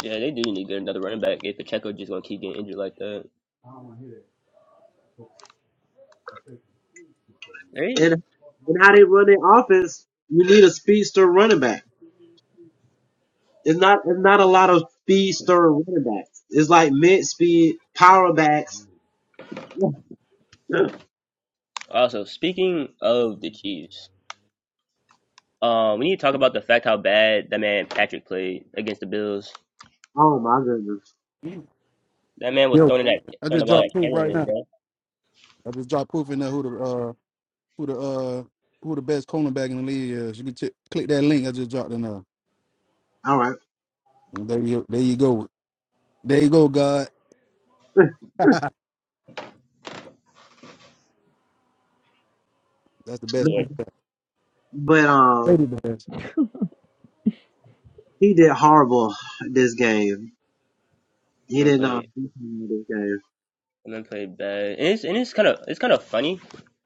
[SPEAKER 3] Yeah, they do need to get another running back if Pacheco just gonna keep getting injured like that. They
[SPEAKER 1] And and how they run their offense, you need a speedster running back. It's not it's not a lot of speedster running backs. It's like mid speed power backs.
[SPEAKER 3] also speaking of the Chiefs, um, we need to talk about the fact how bad that man Patrick played against the Bills.
[SPEAKER 1] Oh my goodness.
[SPEAKER 3] That man was
[SPEAKER 2] Yo,
[SPEAKER 3] throwing that
[SPEAKER 2] I
[SPEAKER 3] throwing
[SPEAKER 2] just
[SPEAKER 3] the ball at
[SPEAKER 2] dropped proof right
[SPEAKER 3] Cameron,
[SPEAKER 2] now.
[SPEAKER 3] bro.
[SPEAKER 2] I just dropped proof in there who the uh who the uh who the best cornerback in the league is. You can t- click that link I just dropped in there.
[SPEAKER 1] All right.
[SPEAKER 2] And there you there you go. There you go, God. that's the best
[SPEAKER 3] Yeah,
[SPEAKER 2] cornerback.
[SPEAKER 1] But
[SPEAKER 2] Brady
[SPEAKER 1] um
[SPEAKER 2] the best.
[SPEAKER 1] he did horrible this game.
[SPEAKER 3] that
[SPEAKER 1] He
[SPEAKER 3] man
[SPEAKER 1] didn't uh
[SPEAKER 3] played
[SPEAKER 1] do well this game.
[SPEAKER 3] that man played bad, and it's and it's kind of it's kind of funny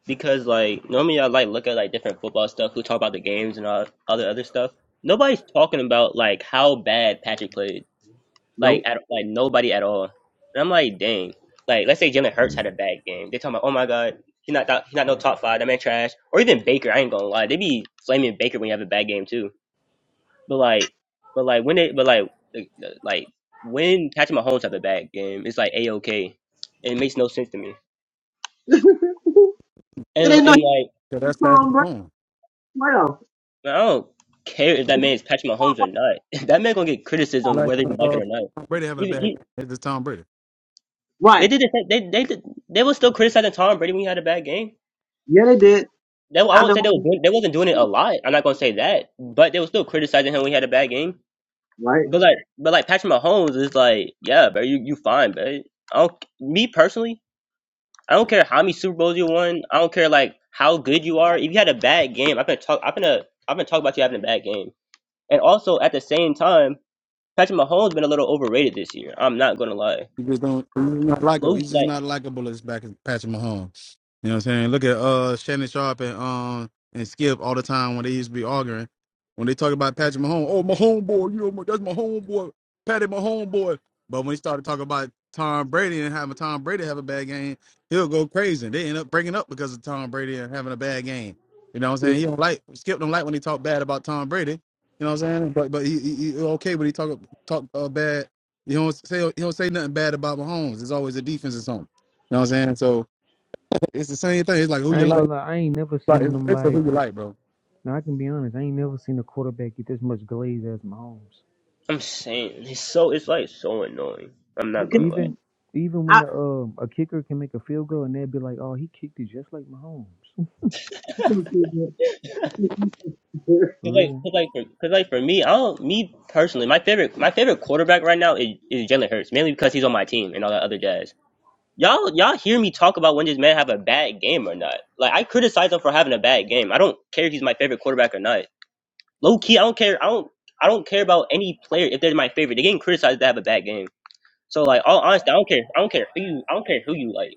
[SPEAKER 3] because like normally I like look at like different football stuff, who talk about the games and all all the other stuff. Nobody's talking about like how bad Patrick played. like
[SPEAKER 1] Nope.
[SPEAKER 3] at like nobody at all. And I'm like, dang. Like let's say Jalen Hurts had a bad game. They talking about, oh my god, he not he not no top five. That man trash. Or even Baker. I ain't gonna lie. They be flaming Baker when you have a bad game too. But like, but like when they but like like like, when Patrick Mahomes have a bad game, it's like a okay. It makes no sense to me.
[SPEAKER 1] it
[SPEAKER 3] And
[SPEAKER 1] ain't no
[SPEAKER 3] and like
[SPEAKER 2] 'Cause that's
[SPEAKER 1] Tom
[SPEAKER 2] Patrick
[SPEAKER 1] Brady
[SPEAKER 2] Mahomes.
[SPEAKER 1] playoff.
[SPEAKER 3] I don't care if that man is Patrick Mahomes or not. that man gonna get criticism
[SPEAKER 2] Like
[SPEAKER 3] whether
[SPEAKER 2] having,
[SPEAKER 3] he like it
[SPEAKER 2] uh,
[SPEAKER 3] or not.
[SPEAKER 2] Tom Brady having a
[SPEAKER 3] Even
[SPEAKER 2] bad game.
[SPEAKER 3] he,
[SPEAKER 2] It's just Tom Brady.
[SPEAKER 3] they
[SPEAKER 1] Right.
[SPEAKER 3] did the same, they they did, they were still criticizing Tom Brady when he had a bad game.
[SPEAKER 1] Yeah they did.
[SPEAKER 3] They, I
[SPEAKER 1] I know
[SPEAKER 3] won't say they
[SPEAKER 1] I
[SPEAKER 3] were
[SPEAKER 1] did.
[SPEAKER 3] doing, they wasn't doing it a lot. I'm not gonna say that, but they were still criticizing him when he had a bad game.
[SPEAKER 1] Right.
[SPEAKER 3] But like, but like Patrick Mahomes is like, yeah, bro, you you fine, bro. I don't, me personally, I don't care how many Super Bowls you won. I don't care like how good you are. If you had a bad game, I'm gonna talk. I'm gonna I'm gonna talk about you having a bad game. And also at the same time, Patrick Mahomes been a little overrated this year. I'm not gonna lie.
[SPEAKER 2] He just don't. He's just not
[SPEAKER 3] Low,
[SPEAKER 2] likable. He's just
[SPEAKER 3] like
[SPEAKER 2] not likable as back as Patrick Mahomes. You know what I'm saying? Look at uh Shannon Sharp and um and Skip all the time when they used to be arguing. When they talk about Patrick Mahomes, oh my homeboy, you know my- that's my homeboy, Patty my homeboy. But when he started talking about Tom Brady and having Tom Brady have a bad game, he'll go crazy. They end up breaking up because of Tom Brady and having a bad game. You know what I'm
[SPEAKER 1] Yeah.
[SPEAKER 2] saying? He don't like Skip don't like when he talk bad about Tom Brady. You know what I'm saying? But but he, he, he okay when he talk talk uh, bad you don't say you don't say nothing bad about Mahomes. It's always a defense or something. You know what I'm saying? So it's the same thing. It's like who
[SPEAKER 4] I
[SPEAKER 2] you
[SPEAKER 4] ain't
[SPEAKER 2] like.
[SPEAKER 4] gonna lie. I ain't never
[SPEAKER 2] Like
[SPEAKER 4] seen
[SPEAKER 2] it's it's
[SPEAKER 4] nobody.
[SPEAKER 2] who you like, bro.
[SPEAKER 4] Now I can be honest. I ain't never seen a quarterback get this much glaze as Mahomes.
[SPEAKER 3] I'm saying, it's so it's like so annoying. I'm not
[SPEAKER 1] Okay.
[SPEAKER 3] gonna lie.
[SPEAKER 4] Even even when
[SPEAKER 1] I,
[SPEAKER 4] the um a kicker can make a field goal and they'd be like, oh, he kicked it just like Mahomes. For
[SPEAKER 3] Cause like,
[SPEAKER 4] real.
[SPEAKER 3] cause like for, cause like for me, I don't, me personally, my favorite, my favorite quarterback right now is, is Jalen Hurts, mainly because he's on my team and all that other jazz. Y'all, y'all hear me talk about when this man have a bad game or not? Like I criticize him for having a bad game. I don't care if he's my favorite quarterback or not. Low key, I don't care. I don't, I don't care about any player if they're my favorite. They're getting criticized to have a bad game. So like, all honesty, I don't care. I don't care who you, I don't care who you like.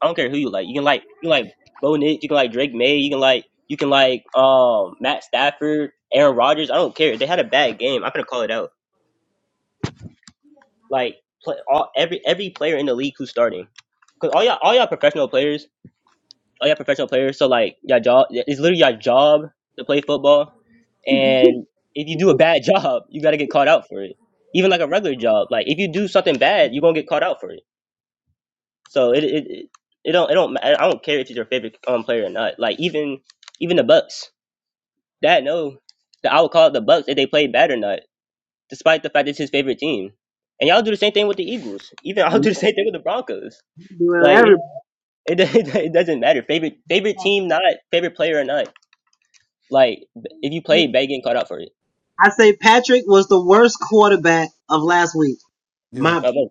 [SPEAKER 3] I don't care who you like. You can like you can like Bo Nix, you can like Drake May, you can like you can like um Matt Stafford, Aaron Rodgers. I don't care. They had a bad game. I'm gonna call it out. Like play, all every every player in the league who's starting. Cause all y'all all y'all professional players, all y'all professional players. So like y'all job, it's literally y'all job to play football. And if you do a bad job, you gotta get caught out for it. Even like a regular job, like if you do something bad, you're gonna get caught out for it. So it it it it don't it don't I don't care if he's your favorite um player or not. Like even even the Bucks, that no, that I would call it the Bucks if they played bad or not, despite the fact it's his favorite team. And y'all do the same thing with the Eagles. Even I'll do the same thing with the Broncos.
[SPEAKER 1] Well,
[SPEAKER 3] Like it
[SPEAKER 1] everybody.
[SPEAKER 3] it, do- it doesn't matter favorite favorite team not favorite player or not. Like if you play bad, getting caught out for it.
[SPEAKER 1] I say Patrick was the worst quarterback of last week.
[SPEAKER 2] Yeah.
[SPEAKER 1] My,
[SPEAKER 3] Uh, but-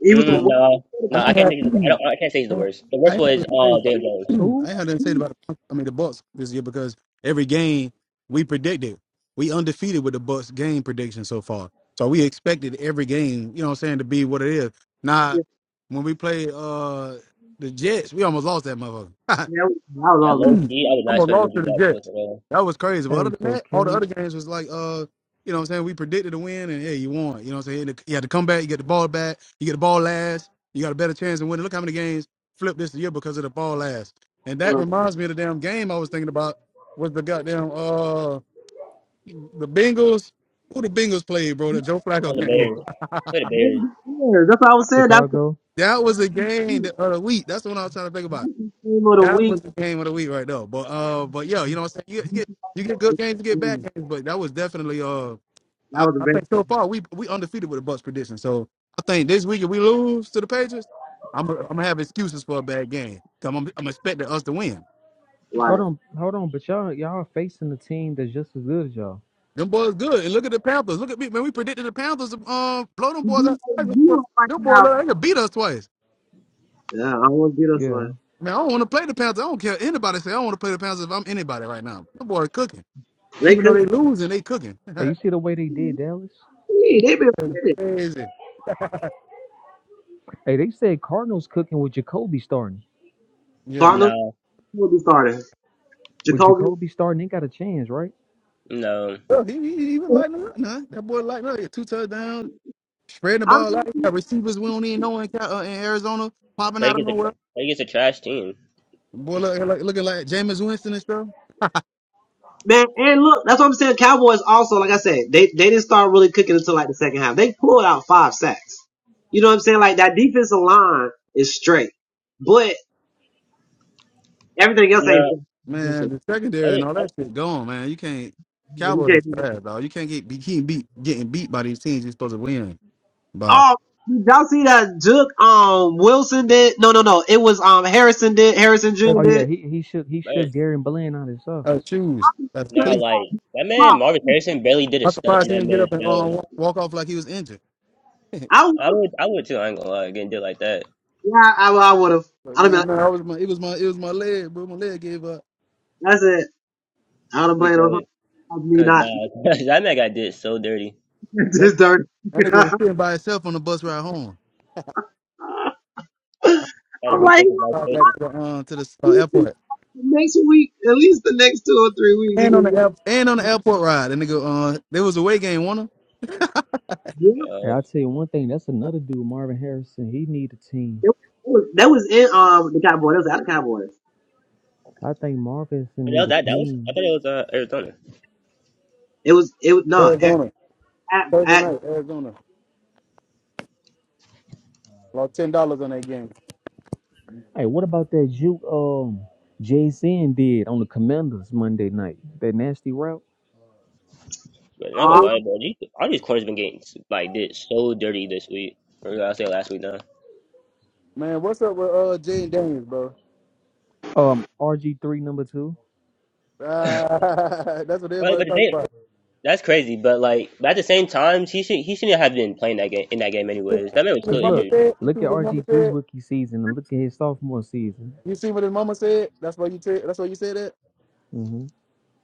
[SPEAKER 1] he was the
[SPEAKER 3] Mm,
[SPEAKER 2] Yeah.
[SPEAKER 1] worst
[SPEAKER 3] no,
[SPEAKER 2] I
[SPEAKER 3] no,
[SPEAKER 2] ain't
[SPEAKER 3] I
[SPEAKER 1] quarterback
[SPEAKER 3] can't
[SPEAKER 2] had
[SPEAKER 3] say he's the I don't I can't say he's the worst. The
[SPEAKER 2] I
[SPEAKER 3] worst
[SPEAKER 2] ain't had
[SPEAKER 3] was
[SPEAKER 2] nothing to say
[SPEAKER 3] uh
[SPEAKER 2] about
[SPEAKER 3] Dale Jones.
[SPEAKER 4] Who?
[SPEAKER 2] I ain't had nothing to say
[SPEAKER 1] of
[SPEAKER 2] about the, I mean the Bucks this year because every game we predicted. We undefeated with the Bucks game prediction so far. So we expected every game, you know what I'm saying, to be what it is. Now
[SPEAKER 1] yeah,
[SPEAKER 2] when we play uh the Jets, we almost lost that motherfucker.
[SPEAKER 1] that was that was
[SPEAKER 3] Yeah,
[SPEAKER 1] all
[SPEAKER 3] low
[SPEAKER 1] them.
[SPEAKER 3] key, I was not
[SPEAKER 2] I'm a
[SPEAKER 3] expecting to
[SPEAKER 2] loss
[SPEAKER 3] do
[SPEAKER 2] to the
[SPEAKER 3] that for us at
[SPEAKER 2] Jets.
[SPEAKER 3] all.
[SPEAKER 2] That was crazy. But
[SPEAKER 4] Hey,
[SPEAKER 2] other than
[SPEAKER 4] so
[SPEAKER 2] that, all
[SPEAKER 4] can
[SPEAKER 2] the
[SPEAKER 4] we
[SPEAKER 2] other games was like, uh, you know what I'm saying? We predicted a win and hey, you won. You know what I'm saying? You had to come back, you get the ball back, you get the ball last, you got a better chance of winning. Look how many games flipped this year because of the ball last. And that
[SPEAKER 1] Well,
[SPEAKER 2] reminds me of the damn game I was thinking about was the goddamn uh the Bengals. Who the Bengals played, bro? The Joe
[SPEAKER 3] On
[SPEAKER 2] Flacco
[SPEAKER 3] the
[SPEAKER 2] game.
[SPEAKER 3] Bears, play the Bears.
[SPEAKER 1] yeah, That's what I was saying. That's the
[SPEAKER 4] Chicago?
[SPEAKER 2] That was a game
[SPEAKER 1] week.
[SPEAKER 2] the other week. That's the one I was trying to think about.
[SPEAKER 1] That's the game of the
[SPEAKER 2] That
[SPEAKER 1] week.
[SPEAKER 2] was the game of the week right there. But uh, but yo, you know what I'm saying? You, get you get good games, you get bad
[SPEAKER 1] Mm,
[SPEAKER 2] games, but that was definitely uh,
[SPEAKER 1] That
[SPEAKER 2] I,
[SPEAKER 1] was the
[SPEAKER 2] I
[SPEAKER 1] best
[SPEAKER 2] think
[SPEAKER 1] one.
[SPEAKER 2] so far we we undefeated with the Bucks prediction. So I think this week if we lose to the Patriots, I'm i I'm gonna have excuses for a bad game. i I'm I'm expecting us to win.
[SPEAKER 4] Hold
[SPEAKER 1] Like,
[SPEAKER 4] on, hold on, but y'all y'all are facing a team that's just as good as y'all.
[SPEAKER 2] Them boys good, and look at the Panthers. Look at me, man. We predicted the Panthers to, um blow them
[SPEAKER 1] you
[SPEAKER 2] boys
[SPEAKER 1] beat
[SPEAKER 2] out.
[SPEAKER 1] us
[SPEAKER 2] Them boys,
[SPEAKER 1] zero right
[SPEAKER 2] them boys,
[SPEAKER 1] now.
[SPEAKER 2] they could beat us twice.
[SPEAKER 1] Yeah, I want to get us
[SPEAKER 4] Yeah.
[SPEAKER 1] one.
[SPEAKER 2] Man, I don't want to play the Panthers. I don't care anybody say I don't want to play the Panthers if I'm anybody right now. Them boys cooking,
[SPEAKER 1] They
[SPEAKER 2] even though
[SPEAKER 1] could.
[SPEAKER 2] they losing, they cooking.
[SPEAKER 4] Hey, you
[SPEAKER 2] That's
[SPEAKER 4] see the way they did Dallas?
[SPEAKER 1] Hey, they been winning.
[SPEAKER 2] Crazy.
[SPEAKER 4] Hey, they said Cardinals cooking with Jacoby starting.
[SPEAKER 2] Yeah.
[SPEAKER 1] Cardinals
[SPEAKER 3] No,
[SPEAKER 1] will be starting.
[SPEAKER 4] With
[SPEAKER 1] Jacoby.
[SPEAKER 4] Jacoby starting, they got a chance, right?
[SPEAKER 3] no.
[SPEAKER 2] Well, he, he, he was lighting up, nah. That boy lighting up. Two touchdowns, spreading the
[SPEAKER 1] I'm
[SPEAKER 2] ball out. You got receivers we don't even know in, Cal- uh, in Arizona popping out of
[SPEAKER 3] Lakers a
[SPEAKER 2] nowhere.
[SPEAKER 3] Lakers a trash team.
[SPEAKER 2] Boy, look, look, looking like Jameis Winston and stuff.
[SPEAKER 1] Man, and look, that's what I'm saying. Cowboys also, like I said, they they didn't start really cooking until like the second half. They pulled out five sacks. You know what I'm saying? Like that defensive line is straight, but everything else ain't.
[SPEAKER 3] No,
[SPEAKER 1] You
[SPEAKER 2] Man, the secondary and
[SPEAKER 3] Lakers,
[SPEAKER 2] all
[SPEAKER 3] I-
[SPEAKER 2] that shit gone, man. You can't. Cowboys is
[SPEAKER 1] can't do-
[SPEAKER 2] fast, dog. You can't get beat, keep beat, getting beat by these teams you're supposed to win by.
[SPEAKER 1] Oh, did y'all see that Duke um Wilson did? No, no, no. It was um Harrison did. Harrison Jr.
[SPEAKER 4] Oh yeah,
[SPEAKER 1] did.
[SPEAKER 4] he he shook he shook
[SPEAKER 3] Lakers-
[SPEAKER 4] Gary and Bland out his
[SPEAKER 2] Uh,
[SPEAKER 4] socks.
[SPEAKER 2] shoes. That's
[SPEAKER 3] no.
[SPEAKER 2] cleat.
[SPEAKER 3] Like that
[SPEAKER 1] Oh,
[SPEAKER 3] man, Marvin Harrison barely did a
[SPEAKER 2] I'm
[SPEAKER 3] step, and
[SPEAKER 2] surprised he
[SPEAKER 3] that
[SPEAKER 2] didn't get
[SPEAKER 3] man
[SPEAKER 2] up and uh,
[SPEAKER 3] fell.
[SPEAKER 2] walk walk off like he was injured.
[SPEAKER 1] I would
[SPEAKER 3] I
[SPEAKER 1] have.
[SPEAKER 3] would, I would too. I ain't gonna lie, getting did like that
[SPEAKER 1] Yeah, I, I would have.
[SPEAKER 2] But
[SPEAKER 1] I don't know.
[SPEAKER 2] man, man, I was my, it was my, it was my leg, bro. My leg gave up.
[SPEAKER 1] That's it. I don't blame him.
[SPEAKER 3] because,
[SPEAKER 1] I mean,
[SPEAKER 3] cause
[SPEAKER 1] not
[SPEAKER 3] nah, 'cause that man got did so dirty.
[SPEAKER 1] just dirty.
[SPEAKER 2] That nigga was sitting by himself on the bus ride home.
[SPEAKER 3] Had to
[SPEAKER 2] On
[SPEAKER 1] I'm
[SPEAKER 2] my
[SPEAKER 1] like.
[SPEAKER 3] rethink his life
[SPEAKER 2] drive
[SPEAKER 3] choices.
[SPEAKER 2] back to the uh, to the uh, airport.
[SPEAKER 1] next week, at least the next two or three weeks, he
[SPEAKER 2] And on the
[SPEAKER 1] was.
[SPEAKER 2] airport. And on the airport ride. That nigga, uh, there was a away game, wasn't
[SPEAKER 1] Yeah,
[SPEAKER 4] Hey,
[SPEAKER 3] Uh,
[SPEAKER 4] I tell you one thing, that's another dude, Marvin Harrison. He need a team.
[SPEAKER 1] that was, that was in um the Cowboys. That was out of Cowboys.
[SPEAKER 4] I think Marvin
[SPEAKER 3] but
[SPEAKER 4] Harrison need
[SPEAKER 3] that, that
[SPEAKER 4] a
[SPEAKER 3] that was I
[SPEAKER 4] team.
[SPEAKER 3] thought it was uh, Arizona.
[SPEAKER 1] It was it was
[SPEAKER 2] there?
[SPEAKER 1] no at
[SPEAKER 2] Arizona.
[SPEAKER 1] at,
[SPEAKER 2] Thursday
[SPEAKER 1] at
[SPEAKER 2] night, Arizona. Lost ten dollars on that game.
[SPEAKER 4] Hey, what about that juke um Jason did on the Commanders Monday night? That nasty route.
[SPEAKER 3] But not gonna
[SPEAKER 1] all.
[SPEAKER 2] Ooh,
[SPEAKER 3] lie, bro. These, all these corners been getting like did so dirty this week. Or I say last week now.
[SPEAKER 2] Man, what's up with uh Jay and Daniels, bro?
[SPEAKER 4] Um, RG three number two.
[SPEAKER 2] Ah, that's what
[SPEAKER 3] Right,
[SPEAKER 2] everybody
[SPEAKER 3] but the
[SPEAKER 2] talks
[SPEAKER 3] thing,
[SPEAKER 2] about.
[SPEAKER 3] That's crazy, but like but at the same time, he should he shouldn't have been playing that game in that game
[SPEAKER 2] You
[SPEAKER 3] anyways. That man was
[SPEAKER 2] see what his
[SPEAKER 4] Cause
[SPEAKER 3] still
[SPEAKER 2] mama
[SPEAKER 4] look,
[SPEAKER 3] injured,
[SPEAKER 2] said? You see
[SPEAKER 4] look at
[SPEAKER 2] what his mama
[SPEAKER 4] RG three
[SPEAKER 2] said?
[SPEAKER 4] rookie season and look at his sophomore season.
[SPEAKER 2] You see what his mama said? That's why you t- that's why you said that?
[SPEAKER 4] hmm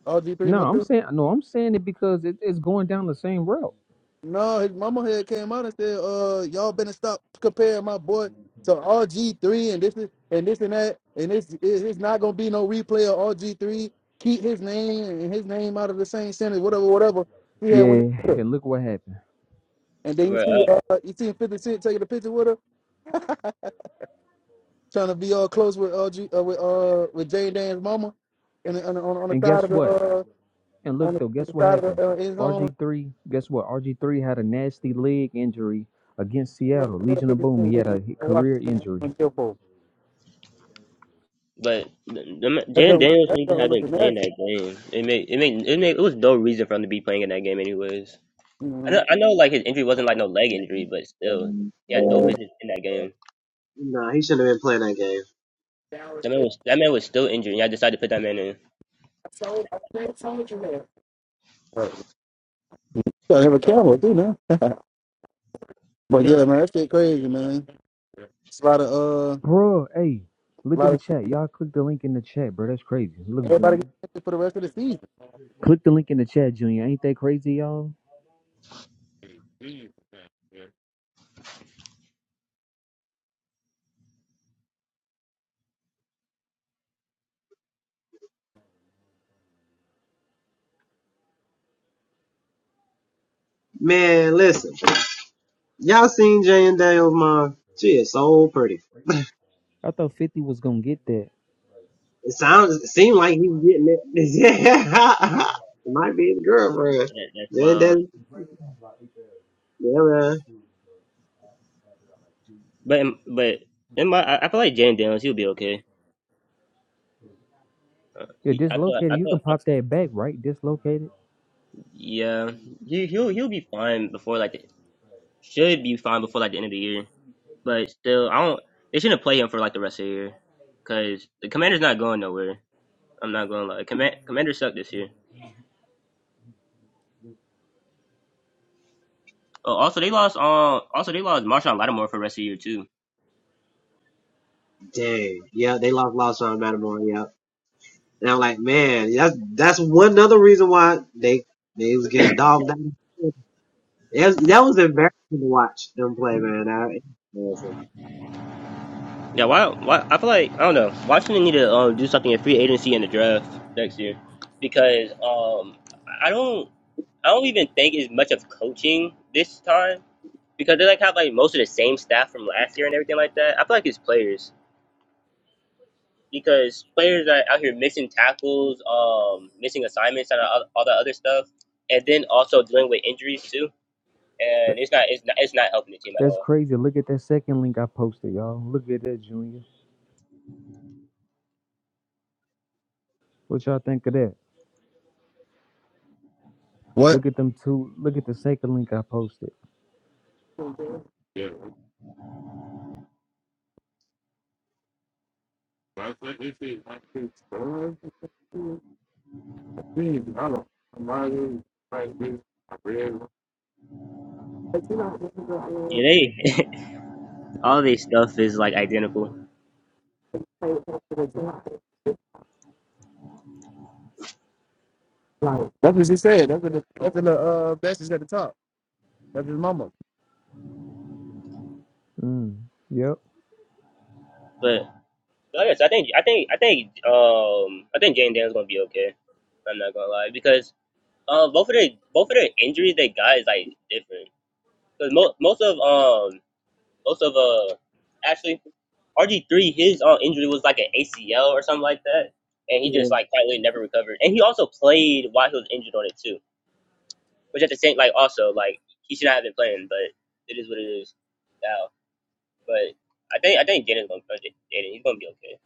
[SPEAKER 2] All G three and my
[SPEAKER 4] No,
[SPEAKER 2] two?
[SPEAKER 4] I'm saying no, I'm saying it because it, it's going down the same route.
[SPEAKER 2] No, his mama had came out and said, "Uh, y'all better stop comparing my boy to RG three and this is and this and that and this it- it's not gonna be no replay of RG three. Keep his name and his name out of the same sentence, whatever, whatever." Yeah, when
[SPEAKER 4] Yeah, and look what happened.
[SPEAKER 2] and then you
[SPEAKER 3] but,
[SPEAKER 2] see,
[SPEAKER 3] uh,
[SPEAKER 2] uh, you see Fifty Cent taking a picture with her, trying to be all close with RG uh, with uh with Jane Dan's mama, and on the- on the- on the
[SPEAKER 4] And
[SPEAKER 2] side
[SPEAKER 4] guess
[SPEAKER 2] of the
[SPEAKER 4] what?
[SPEAKER 2] uh
[SPEAKER 4] And
[SPEAKER 2] on
[SPEAKER 4] look
[SPEAKER 2] the,
[SPEAKER 4] though,
[SPEAKER 2] on
[SPEAKER 4] guess
[SPEAKER 2] the
[SPEAKER 4] what
[SPEAKER 2] side of
[SPEAKER 4] happened?
[SPEAKER 2] the uh, end zone.
[SPEAKER 4] RG three, guess what? RG three had a nasty leg injury against Seattle Legion of Boom. He had a
[SPEAKER 2] Watch
[SPEAKER 4] career injury.
[SPEAKER 2] on kill for.
[SPEAKER 3] but the, the, ma- Jaden Daniels
[SPEAKER 2] that's
[SPEAKER 3] shouldn't even
[SPEAKER 2] what I'm
[SPEAKER 3] have been
[SPEAKER 2] looking
[SPEAKER 3] playing
[SPEAKER 2] at.
[SPEAKER 3] that game. It made it made it made it was no reason for him to be playing in that game anyways. I
[SPEAKER 2] Mhm.
[SPEAKER 3] know, I know like his injury wasn't like no leg injury, but still, he had
[SPEAKER 2] With the
[SPEAKER 3] no
[SPEAKER 2] new-
[SPEAKER 1] No,
[SPEAKER 3] business in that game.
[SPEAKER 1] he shouldn't have been playing that game.
[SPEAKER 3] That man was that man was still injured, and I decided to put that man in.
[SPEAKER 2] So, I told I told you that. Right. Gotta have a cowboy too now. but yeah, man, that shit crazy, man. It's a lot of uh,
[SPEAKER 4] Bro, hey,
[SPEAKER 2] a
[SPEAKER 4] look in
[SPEAKER 2] lot
[SPEAKER 4] the
[SPEAKER 2] of
[SPEAKER 4] chat. Y'all click the link in the chat, bro. That's crazy. Look,
[SPEAKER 2] everybody
[SPEAKER 4] Junior.
[SPEAKER 2] getting injured for the rest of the season.
[SPEAKER 4] Click the link in the chat, Junior. Ain't that crazy, y'all?
[SPEAKER 1] Man, listen, y'all seen Jay and Daniels mom? She is so pretty.
[SPEAKER 4] I thought 50 was gonna get that.
[SPEAKER 1] It sounds it seemed like he's getting it. yeah, it might be his girlfriend.
[SPEAKER 3] That, that's
[SPEAKER 1] Jay and
[SPEAKER 3] wild.
[SPEAKER 1] Daniels. Yeah, man.
[SPEAKER 3] But in- but in my I, I feel like Jaden Daniels he'll be okay. Uh,
[SPEAKER 4] Yeah,
[SPEAKER 3] he, I thought, I
[SPEAKER 4] dislocated. You
[SPEAKER 3] thought,
[SPEAKER 4] can
[SPEAKER 3] I,
[SPEAKER 4] pop that back, right? Dislocated.
[SPEAKER 3] yeah, he he'll he'll be fine before like should be fine before like the end of the year. But still, I don't. They shouldn't play him for like the rest of the year because the Commanders not going nowhere. I'm not going to lie. Command, Commanders suck this year. Oh, also they lost. Um, also they lost Marshawn Lattimore for the rest of the year too.
[SPEAKER 1] Dang. Yeah, they lost lost round Matamore. And I'm like, man, that's that's one other reason why they they was getting dogged out. That was, that was embarrassing to watch them play, man. I,
[SPEAKER 3] Yeah, why? Why? I feel like I don't know. Washington need to um do something in free agency and the draft next year because um I don't I don't even think it's much of coaching this time because they like have like most of the same staff from last year and everything like that. I feel like it's players. because players are out here missing tackles, um, missing assignments, and all, all that other stuff, and then also dealing with injuries too. And
[SPEAKER 4] That-
[SPEAKER 3] it's not it's not it's not helping the team at
[SPEAKER 4] That's
[SPEAKER 3] all.
[SPEAKER 4] crazy. Look at that second link I posted, y'all. Look at that, Junior. What y'all think of that?
[SPEAKER 2] What?
[SPEAKER 4] Look at them two. Look at the second link I posted.
[SPEAKER 2] Yeah, I think it's it. I think it's fun. Season, I don't. i like this. I read. But you know, this is a, uh,
[SPEAKER 3] Yeah, they all this stuff is like identical.
[SPEAKER 2] like- That's what she said. That's what the that's what the uh message at the top. That's his mama.
[SPEAKER 4] Mm. Yep.
[SPEAKER 3] But but yes, I think I think I think um I think Jane Daniels gonna be okay. I'm not gonna lie because uh, both of the both of the injuries they got is like different because most most of um most of uh Ashley RG three, his uh, injury was like an ACL or something like that, and he
[SPEAKER 1] yeah.
[SPEAKER 3] just like quietly never recovered. And he also played while he was injured on it too, which at the same like also like he should not have been playing, but it is what it is now. But I think I think Jaden's gonna play J- Jaden. He's gonna be okay.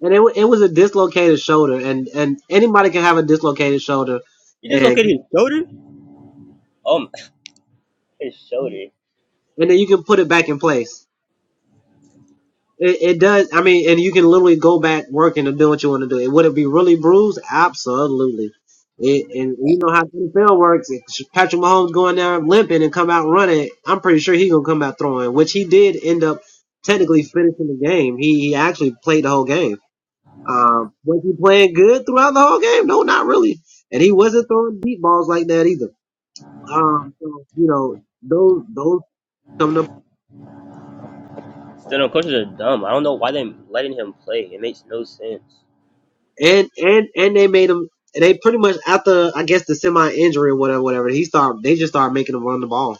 [SPEAKER 1] And it wa- it was a dislocated shoulder, and and anybody can have a dislocated shoulder,
[SPEAKER 3] He
[SPEAKER 1] and
[SPEAKER 3] dislocated his shoulder. Um, his shoulder.
[SPEAKER 1] and then you can put it back in place. It, it does. I mean, and you can literally go back working and do what you want to do. It would it be really bruised? Absolutely. It, and you know how NFL works. If Patrick Mahomes going there limping and come out running, I'm pretty sure he gonna come out throwing, which he did end up technically finishing the game. He he actually played the whole game. Um, was he playing good throughout the whole game? No, not really. And he wasn't throwing deep balls like that either. Um, so, you know those those come to
[SPEAKER 3] Still, no coaches are dumb. I don't know why they letting him play. It makes no sense.
[SPEAKER 1] and and and they made him. They pretty much after I guess the semi injury or whatever, whatever. He started. They just started making him run the ball.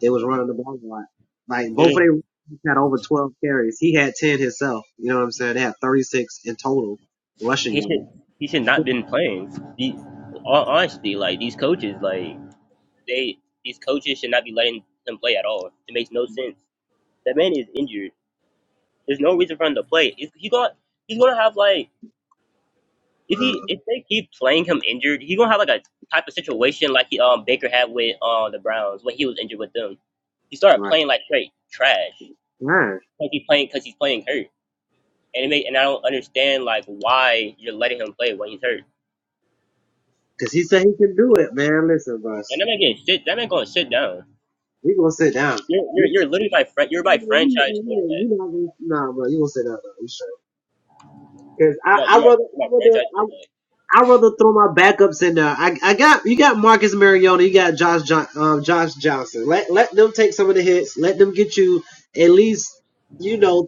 [SPEAKER 1] They was running the ball a lot. Like
[SPEAKER 3] It
[SPEAKER 1] both
[SPEAKER 3] is-
[SPEAKER 1] of them had over twelve carries. He had ten himself. You know what I'm saying? They had thirty six in total rushing
[SPEAKER 3] he
[SPEAKER 1] yards.
[SPEAKER 3] should he should not been playing. He, hon- honestly, like these coaches, like. They these coaches should not be letting him play at all. It makes no sense. That man is injured. There's no reason for him to play. He's he gonna he's gonna have like if he
[SPEAKER 1] Uh,
[SPEAKER 3] if they keep playing him injured, he's gonna have like a type of situation like he um Baker had with uh, the Browns when he was injured with them. He started
[SPEAKER 1] right,
[SPEAKER 3] playing like straight trash.
[SPEAKER 1] man.
[SPEAKER 3] Like he's playing because he's playing hurt. And it may, and I don't understand like why you're letting him play when he's hurt.
[SPEAKER 1] Cause he said he can do it, man. Listen,
[SPEAKER 3] And
[SPEAKER 1] boss.
[SPEAKER 3] that man getting sit. That man going to sit down.
[SPEAKER 1] We gonna sit down.
[SPEAKER 3] You're, you're,
[SPEAKER 1] You
[SPEAKER 3] you're literally my friend. You're
[SPEAKER 1] you
[SPEAKER 3] my franchise quarterback.
[SPEAKER 1] not gonna, nah, bro. You gonna sit down? Though. You sure? Cause
[SPEAKER 3] You're my,
[SPEAKER 1] I I
[SPEAKER 3] you're my,
[SPEAKER 1] rather
[SPEAKER 3] you're
[SPEAKER 1] I
[SPEAKER 3] my
[SPEAKER 1] rather
[SPEAKER 3] franchise
[SPEAKER 1] I,
[SPEAKER 3] quarterback.
[SPEAKER 1] I rather throw my backups in there. I, I got you got Marcus Mariota, you got Josh John, um, Josh Johnson. Let let them take some of the hits. Let them get you at least you know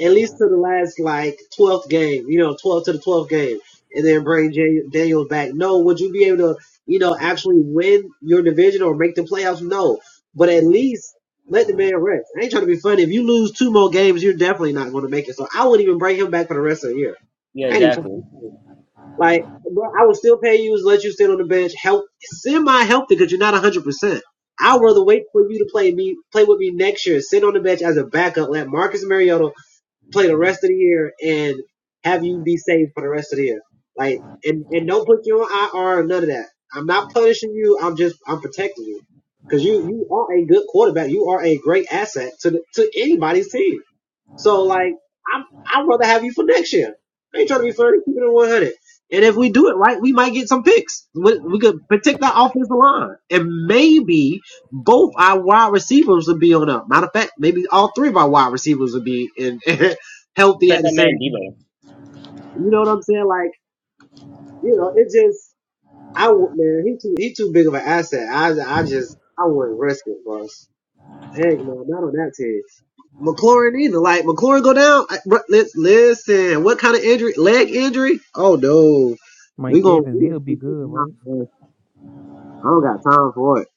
[SPEAKER 1] at least to the last like twelfth game. You know twelve to the twelfth game, and then bring J- Daniels back. No, would you be able to you know actually win your division or make the playoffs? No, but at least. Let the man rest. I ain't trying to be funny. If you lose two more games, you're definitely not going to make it. So I wouldn't even bring him back for the rest of the year.
[SPEAKER 3] Yeah,
[SPEAKER 1] I ain't even trying to
[SPEAKER 3] exactly.
[SPEAKER 1] be funny. Like, bro, I would still pay you to let you sit on the bench, help, semi healthy because you're not 100. percent I'd rather wait for you to play me, play with me next year, sit on the bench as a backup, let Marcus Mariota play the rest of the year, and have you be safe for the rest of the year. Like, and and don't put you on IR, or none of that. I'm not punishing you. I'm just I'm protecting you because you you are a good quarterback. You are a great asset to the, to anybody's team. So like, I'm I'd rather have you for next year. I ain't trying to be flirty. Keep it at 100. And if we do it right, we might get some picks. We, we could protect that offensive line, and maybe both our wide receivers would be on up. Matter of fact, maybe all three of our wide receivers would be in healthy
[SPEAKER 3] So that
[SPEAKER 1] at the
[SPEAKER 3] man
[SPEAKER 1] same. time.
[SPEAKER 3] Debo.
[SPEAKER 1] You know what I'm saying? Like, you know, it just I w- man, he too he too big of an asset. I I just I wouldn't risk it, boss. Heck no, not on that team. McLaurin either. Like McLaurin go down. I, bro, let's listen. What kind of injury? Leg injury? Oh no. We
[SPEAKER 4] Mike
[SPEAKER 1] gonna.
[SPEAKER 4] Evans, he'll be good, right?
[SPEAKER 1] I don't got time for it.